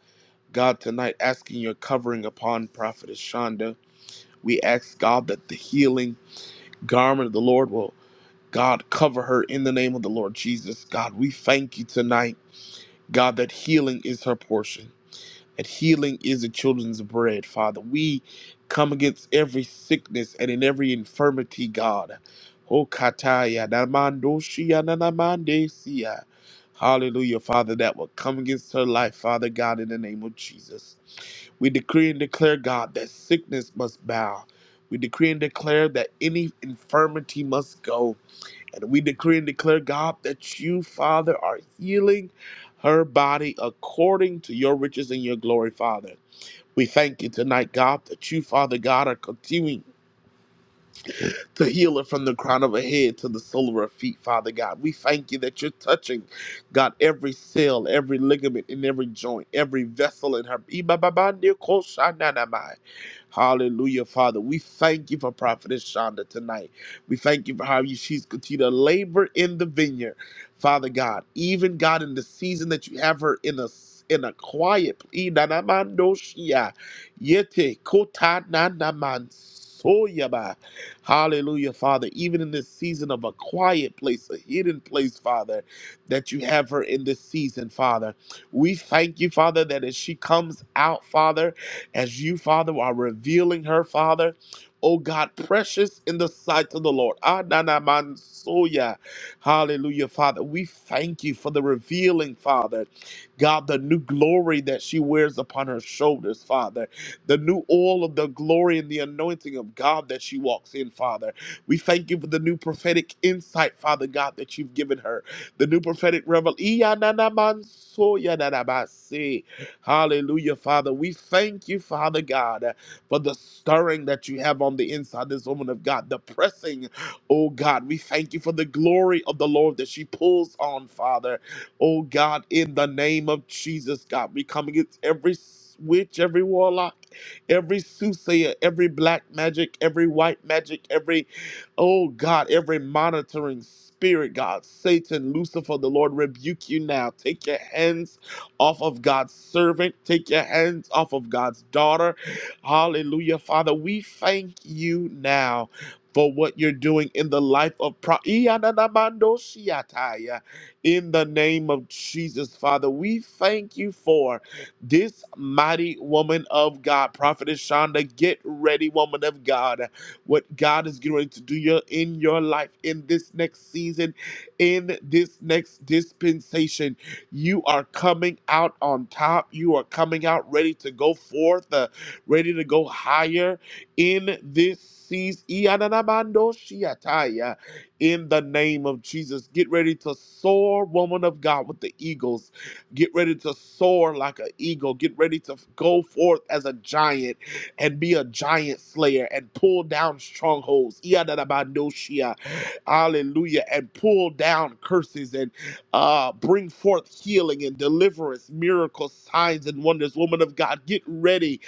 God, tonight asking your covering upon Prophetess Shonda. We ask, God, that the healing garment of the Lord will, God, cover her in the name of the Lord Jesus. God, we thank you tonight, God, that healing is her portion and healing is the children's bread, Father. We come against every sickness and in every infirmity, God. Oh, kataya, namando shia, nanamande sia. Hallelujah, Father, that will come against her life, Father God, in the name of Jesus. We decree and declare, God, that sickness must bow. We decree and declare that any infirmity must go. And we decree and declare, God, that you, Father, are healing her body according to your riches and your glory, Father. We thank you tonight, God, that you, Father God, are continuing to heal her from the crown of her head to the sole of her feet, Father God. We thank you that you're touching, God, every cell, every ligament in every joint, every vessel in her. Hallelujah, Father. We thank you for Prophetess Shonda tonight. We thank you for how you, she's continued to labor in the vineyard, Father God. Even God, in the season that you have her in a in a quiet plea, yete kota na na man soya ba. Hallelujah, Father. Even in this season of a quiet place, a hidden place, Father, that you have her in this season, Father. We thank you, Father, that as she comes out, Father as you, Father, are revealing her, Father. Oh God, precious in the sight of the Lord. Ananamansoya. Hallelujah, Father. We thank you for the revealing, Father. God, the new glory that she wears upon her shoulders, Father. The new oil of the glory and the anointing of God that she walks in, Father. We thank you for the new prophetic insight, Father God, that you've given her. The new prophetic revelation. Hallelujah, Father. We thank you, Father God, uh, for the stirring that you have on the inside, of this woman of God, the pressing, oh God. We thank you for the glory of the Lord that she pulls on, Father. Oh God, in the name of Jesus, God, we come against every witch, every warlock, every soothsayer, every black magic, every white magic, every Oh God, every monitoring spirit, God, Satan, Lucifer, the Lord rebuke you now. Take your hands off of God's servant. Take your hands off of God's daughter. Hallelujah. Father, we thank you now. For what you're doing in the life of Pro Iyananamando in the name of Jesus, Father, we thank you for this mighty woman of God, Prophetess Shonda. Get ready, woman of God what God is going to do your, in your life in this next season, in this next dispensation. You are coming out on top. You are coming out ready to go forth, uh, ready to go higher in this season. Iyananamando shiataya. In the name of Jesus, get ready to soar, woman of God, with the eagles. Get ready to soar like an eagle. Get ready to go forth as a giant and be a giant slayer and pull down strongholds. Iyananamando shia. Hallelujah. And pull down curses uh, bring forth healing and deliverance, miracles, signs, and wonders. Woman of God, get ready,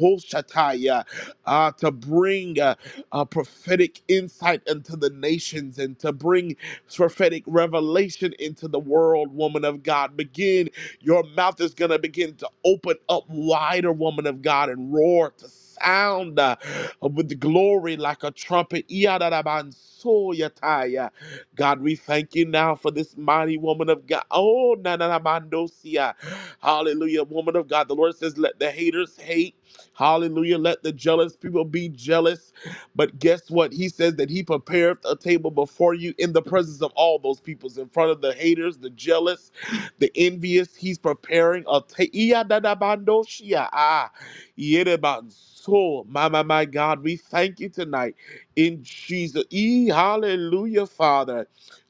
Hoshataya, uh, to bring uh, uh, prophetic insight into the nations and to bring prophetic revelation into the world, woman of God. Begin, your mouth is going to begin to open up wider, woman of God, and roar to sound uh, with glory like a trumpet. Iyadadabansoyataya. God, we thank you now for this mighty woman of God. Oh, na na na mandosia. Hallelujah, woman of God. The Lord says, let the haters hate. Hallelujah. Let the jealous people be jealous. But guess what? He says that he prepared a table before you in the presence of all those peoples, in front of the haters, the jealous, the envious. He's preparing a table. Ah, yereban. so, my, my, my God, we thank you tonight in Jesus. E, hallelujah, Father.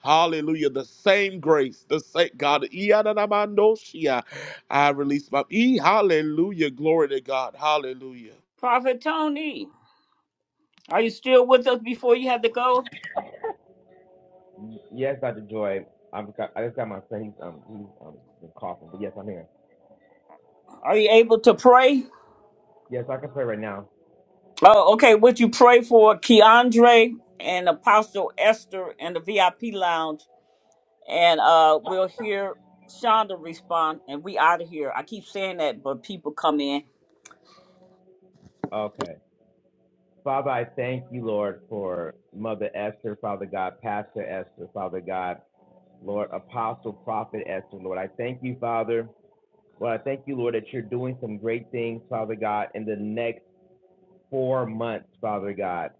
Hallelujah. The same grace, the same God. Iyadadabandoshia. I release my. E, hallelujah. Glory to God. Hallelujah. Prophet Tony, are you still with us before you had to go? Yes, Dr. Joy, I'm I just got my face um, he's, um been coughing, but yes, I'm here. Are you able to pray? Yes, I can pray right now. Oh, okay. Would you pray for Keandre and Apostle Esther and the VIP lounge? and uh we'll hear Shonda respond and we out of here. I keep saying that, but people come in. Okay. Father, I thank you, Lord, for Mother Esther, Father God, Pastor Esther, Father God, Lord, Apostle, Prophet Esther, Lord. I thank you, Father. Lord, I thank you, Lord, that you're doing some great things, Father God, in the next four months, Father God.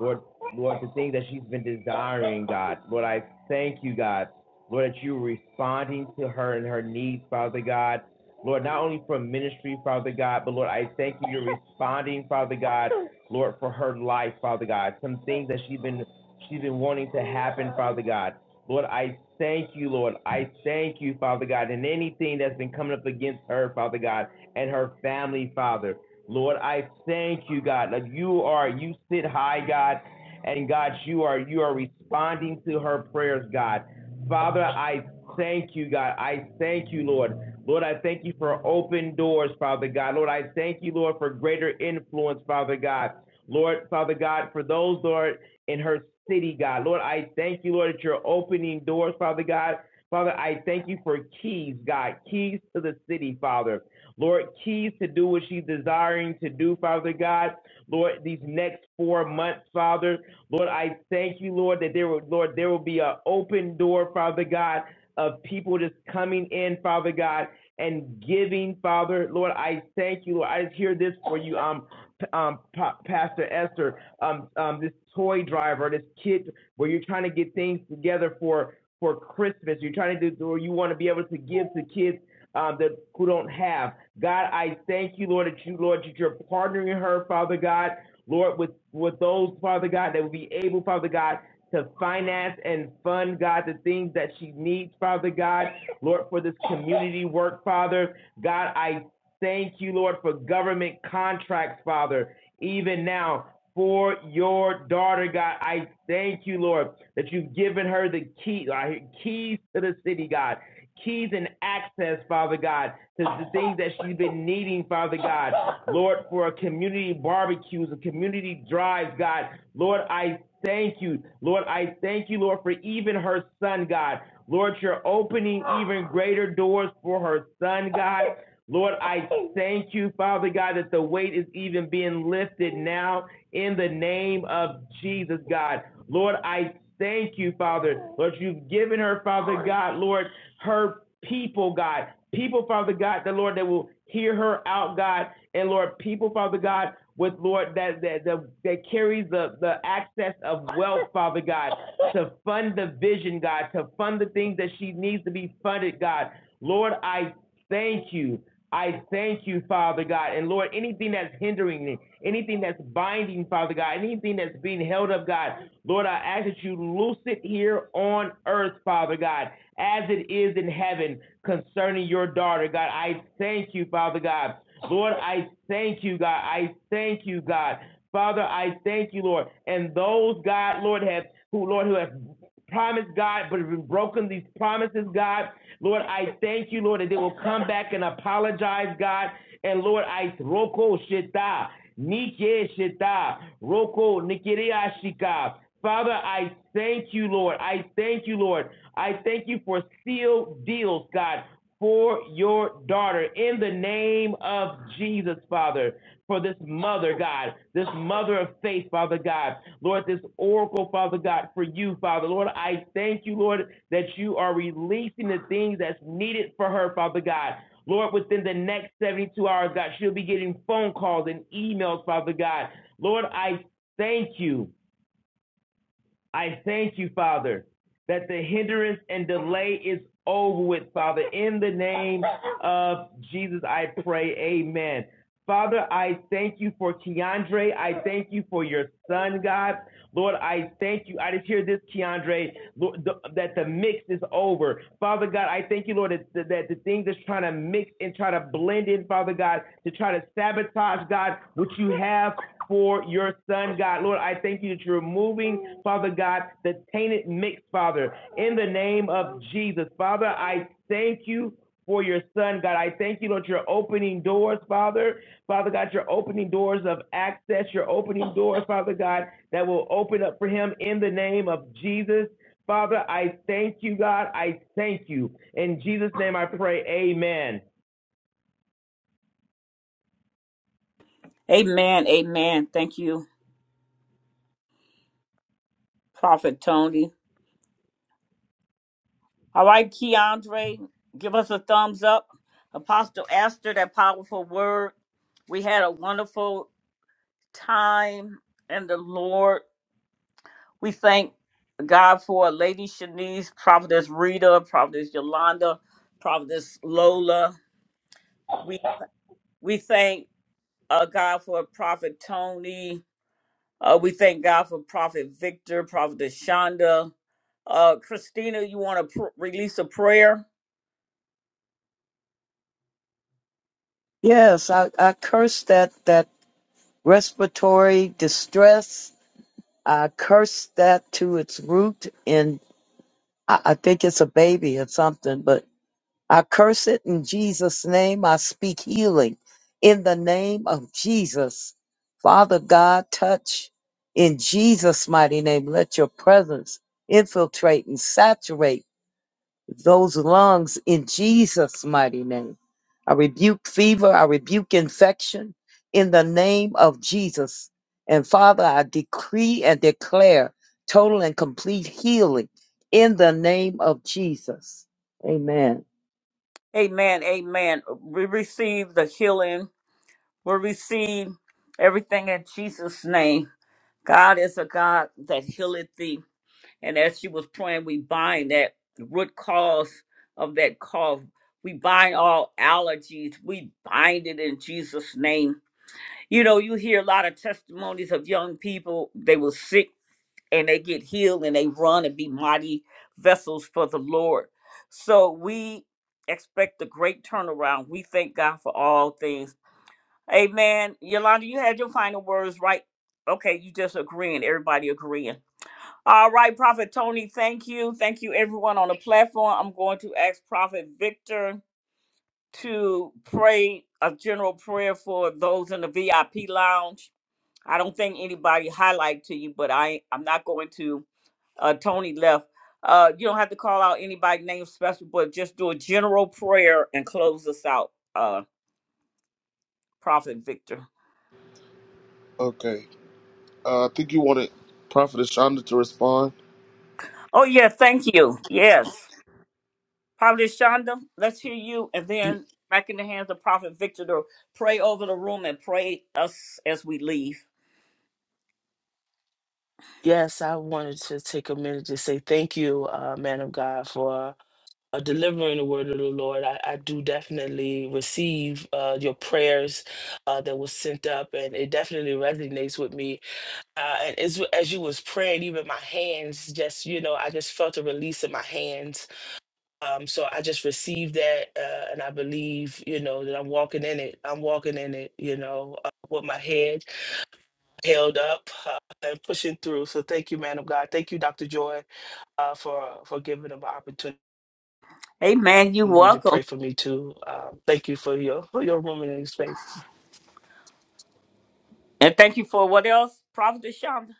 Lord, Lord, the thing that she's been desiring, God. Lord, I thank you, God. Lord, that you're responding to her and her needs, Father God. Lord, not only for ministry, Father God, but Lord, I thank you. You're responding, Father God, Lord, for her life, Father God. Some things that she's been she's been wanting to happen, Father God. Lord, I thank you, Lord. I thank you, Father God, and anything that's been coming up against her, Father God, and her family, Father. Lord, I thank you, God, that you are, you sit high, God, and God, you are, you are responding to her prayers, God. Father, I thank you, God. I thank you, Lord. Lord, I thank you for open doors, Father God. Lord, I thank you, Lord, for greater influence, Father God. Lord, Father God, for those, Lord, in her city, God. Lord, I thank you, Lord, that you're opening doors, Father God. Father, I thank you for keys, God, keys to the city, Father. Lord, keys to do what she's desiring to do, Father God. Lord, these next four months, Father. Lord, I thank you, Lord, that there will, Lord, there will be an open door, Father God, of people just coming in, Father God, and giving, Father. Lord, I thank you, Lord. I just hear this for you, um, um, Pa- Pastor Esther, um, um, this toy driver, this kid, where you're trying to get things together for for Christmas. You're trying to do, or you want to be able to give to kids uh, that who don't have. God, I thank you, Lord, that you, Lord, that you're partnering her, Father God, Lord, with with those, Father God, that will be able, Father God, to finance and fund, God, the things that she needs, Father God, Lord, for this community work, Father. God, I thank you, Lord, for government contracts, Father, even now. For your daughter, God, I thank you, Lord, that you've given her the key, I keys to the city, God keys and access, Father God, to the things that she's been needing, Father God. Lord, for community barbecues and community drives, God. Lord, I thank you. Lord, I thank you, Lord, for even her son, God. Lord, you're opening even greater doors for her son, God. Lord, I thank you, Father God, that the weight is even being lifted now in the name of Jesus, God. Lord, I thank you, Father. Lord, you've given her, Father God, Lord, her people, God. People, Father God, the Lord, that will hear her out, God. And Lord, people, Father God, with Lord that that that, that carries the, the access of wealth, Father God, to fund the vision, God, to fund the things that she needs to be funded, God. Lord, I Thank you. I thank you, Father God. And Lord, anything that's hindering me, anything that's binding, Father God, anything that's being held up, God, Lord, I ask that you loose it here on earth, Father God, as it is in heaven concerning your daughter, God. I thank you, Father God. Lord, I thank you, God. I thank you, God. Father, I thank you, Lord. And those, God, Lord, have who, Lord, who have promise, God, but have been broken these promises, God. Lord, I thank you, Lord, that they will come back and apologize, God. And Lord, I roko shita, nike shita, roko nikiria shika. Father, I thank you, Lord. I thank you, Lord. I thank you for sealed deals, God for your daughter in the name of Jesus, Father, for this mother, God, this mother of faith, Father God, Lord, this oracle, Father God, for you, Father. Lord, I thank you, Lord, that you are releasing the things that's needed for her, Father God. Lord, within the next 72 hours, God, she'll be getting phone calls and emails, Father God. Lord, I thank you. I thank you, Father, that the hindrance and delay is over with, Father. In the name of Jesus, I pray. Amen. Father, I thank you for Keandre. I thank you for your son, God. Lord, I thank you. I just hear this, Keandre, Lord, the, that the mix is over. Father God, I thank you, Lord, that, that the thing that's trying to mix and try to blend in, Father God, to try to sabotage, God, what you have for your son, God. Lord, I thank you that you're removing, Father God, the tainted mix, Father, in the name of Jesus. Father, I thank you for your son, God. I thank you, Lord, you're opening doors, Father. Father God, you're opening doors of access. You're opening doors, Father God, that will open up for him in the name of Jesus. Father, I thank you, God. I thank you. In Jesus' name I pray, amen. Amen, amen. Thank you, Prophet Tony. All right, Keandre, give us a thumbs up. Apostle Esther, that powerful word. We had a wonderful time in the Lord. We thank God for Lady Shanice, Prophetess Rita, Prophetess Yolanda, Prophetess Lola. We we thank uh, God for Prophet Tony, Uh, we thank God for Prophet Victor, Prophet Shonda. Uh, Christina, you want to pr- release a prayer? Yes, I, I curse that that respiratory distress. I curse that to its root, and I, I think it's a baby or something. But I curse it in Jesus' name. I speak healing in the name of Jesus, Father God. Touch in Jesus' mighty name. Let your presence infiltrate and saturate. those lungs in Jesus' mighty name. I rebuke fever, I rebuke infection in the name of Jesus. And Father, I decree and declare total and complete healing in the name of Jesus. Amen. Amen. Amen. We receive the healing. We receive everything in Jesus' name. God is a God that healeth thee. And as she was praying, we bind that root cause of that cough. We bind all allergies. We bind it in Jesus' name. You know, you hear a lot of testimonies of young people. They were sick and they get healed and they run and be mighty vessels for the Lord. So we expect a great turnaround. We thank God for all things. Amen. Yolanda, you had your final words, right? Okay, you just agreeing. Everybody agreeing. All right, Prophet Tony, thank you. Thank you, everyone on the platform. I'm going to ask Prophet Victor to pray a general prayer for those in the VIP lounge. I don't think anybody highlight to you, but I I'm not going to uh, Tony left. Uh, you don't have to call out anybody name special, but just do a general prayer and close us out, uh, Prophet Victor. Okay. Uh, I think you wanted Prophet Shonda to respond. Oh, yeah, thank you. Yes. Prophet Shonda, let's hear you. And Y- then back in the hands of Prophet Victor to pray over the room and pray us as we leave. Yes, I wanted to take a minute to say thank you, uh, man of God, for uh, delivering the word of the Lord. I, I do definitely receive uh, your prayers uh, that was sent up, and it definitely resonates with me uh, and as as you was praying, even my hands just you know I just felt a release in my hands. Um, so I just received that, uh, and I believe you know that I'm walking in it. I'm walking in it, you know, uh, with my head held up uh, and pushing through. So thank you, man of God. Thank you, Dr. Joy, uh, for for giving them an opportunity Amen. You to welcome. pray for me too. Um, thank you for your for your room and your space. And thank you for what else, Prophet Shonda?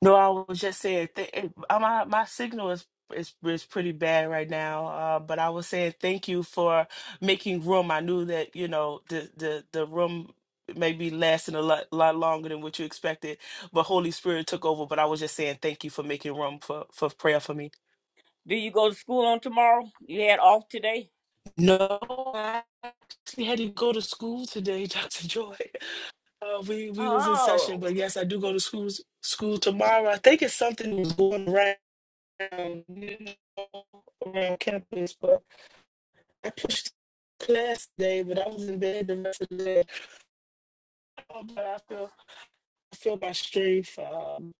No, I was just saying th- it, uh, my my signal is is is pretty bad right now. Uh, but I was saying thank you for making room. I knew that you know the the the room may be lasting a lot lot longer than what you expected, but Holy Spirit took over. But I was just saying thank you for making room for for prayer for me. Do you go to school on tomorrow? You had off today? No, I actually had to go to school today, Doctor Joy. Uh, we we was in session, Oh. but yes, I do go to school school tomorrow. I think it's something going around. um, you know, around campus, but I pushed class day, but I was in bed the rest of the day. Oh, but I feel, I feel my strength. Um,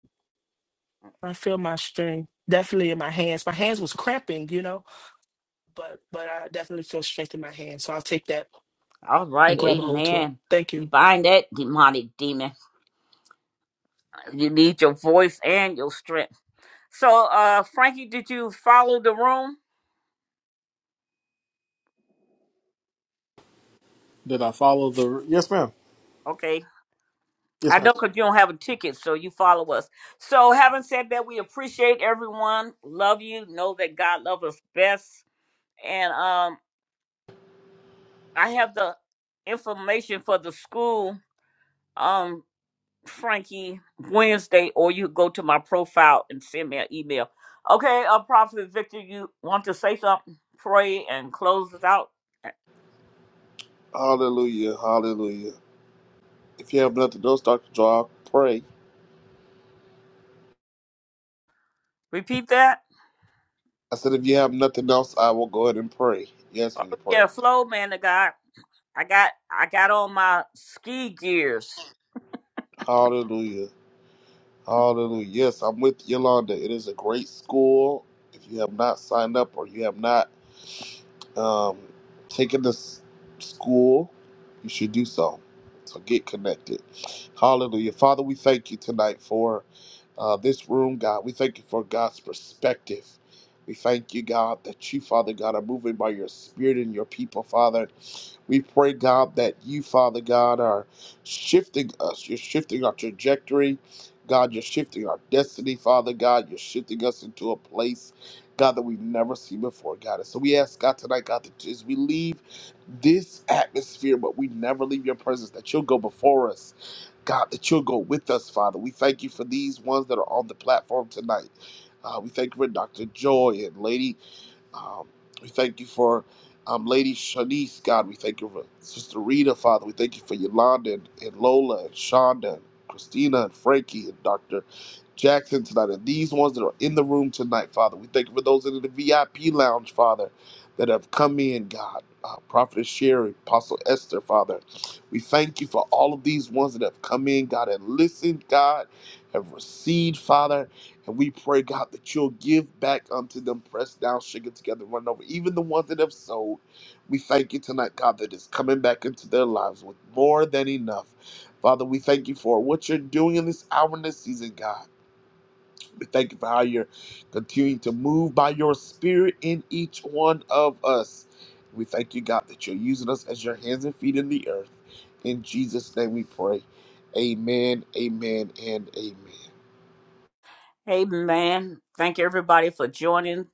I feel my strength definitely in my hands. My hands was cramping, you know, but but I definitely feel strength in my hands. So I'll take that All and right. grab a hold to it. Amen. Thank We you. bind that demonic demon. You need your voice and your strength. So, uh, Frankie, did you follow the room? Okay. I know because you don't have a ticket, so you follow us. So, having said that, we appreciate everyone. Love you. Know that God loves us best. And um, I have the information for the school, um, Frankie, Wednesday, or you go to my profile and send me an email. Okay, uh, Prophet Victor, you want to say something? Pray and close us out. Hallelujah. Hallelujah. If you have nothing else, Dr. Joy, I'll pray. Repeat that. I said, if you have nothing else, I will go ahead and pray. You asked Oh me to pray. yeah, flow man of God. I got I got on my ski gears. Hallelujah. Hallelujah. Yes, I'm with Yolanda. It is a great school. If you have not signed up or you have not, um, taking this school, you should do so. So get connected. Hallelujah. Father, we thank you tonight for uh, this room, God. We thank you for God's perspective. We thank you, God, that you, Father God, are moving by your spirit and your people, Father. We pray, God, that you, Father God, are shifting us. You're shifting our trajectory. God, you're shifting our destiny, Father God. You're shifting us into a place. God, that we've never seen before, God. And so we ask, God, tonight, God, that as we leave this atmosphere, but we never leave your presence, that you'll go before us. God, that you'll go with us, Father. We thank you for these ones that are on the platform tonight. Uh, we thank you for Dr. Joy and Lady. Um, we thank you for um, Lady Shanice, God. We thank you for Sister Rita, Father. We thank you for Yolanda and, and Lola and Shonda and Christina and Frankie and Dr. Jackson tonight and these ones that are in the room tonight, Father. We thank you for those in the VIP lounge, Father, that have come in, God. Uh, Prophet Sherry, Apostle Esther, Father. We thank you for all of these ones that have come in, God, and listened, God, have received, Father. And we pray, God, that you'll give back unto them, pressed down, shaken together, run over. Even the ones that have sold, we thank you tonight, God, that is coming back into their lives with more than enough. Father, we thank you for what you're doing in this hour and this season, God. We Thank you for how you're continuing to move by your spirit in each one of us. We thank you, God, that you're using us as your hands and feet in the earth. In Jesus' name we pray. Amen, amen, and amen. Hey man, thank everybody for joining.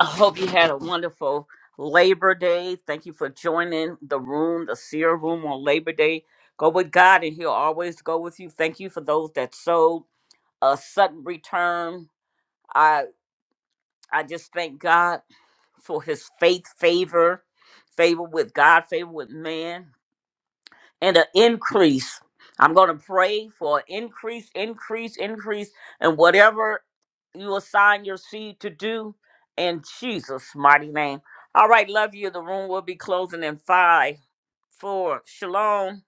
I hope you had a wonderful Labor Day. Thank you for joining the room, the seer room on Labor Day. Go with God and He'll always go with you. Thank you for those that sold a sudden return. I I just thank God for his faith favor, favor with God, favor with man. and an increase. I'm going to pray for an increase, increase, increase, and whatever you assign your seed to do in Jesus' mighty name. All right, love you. The room will be closing in five, four. Shalom.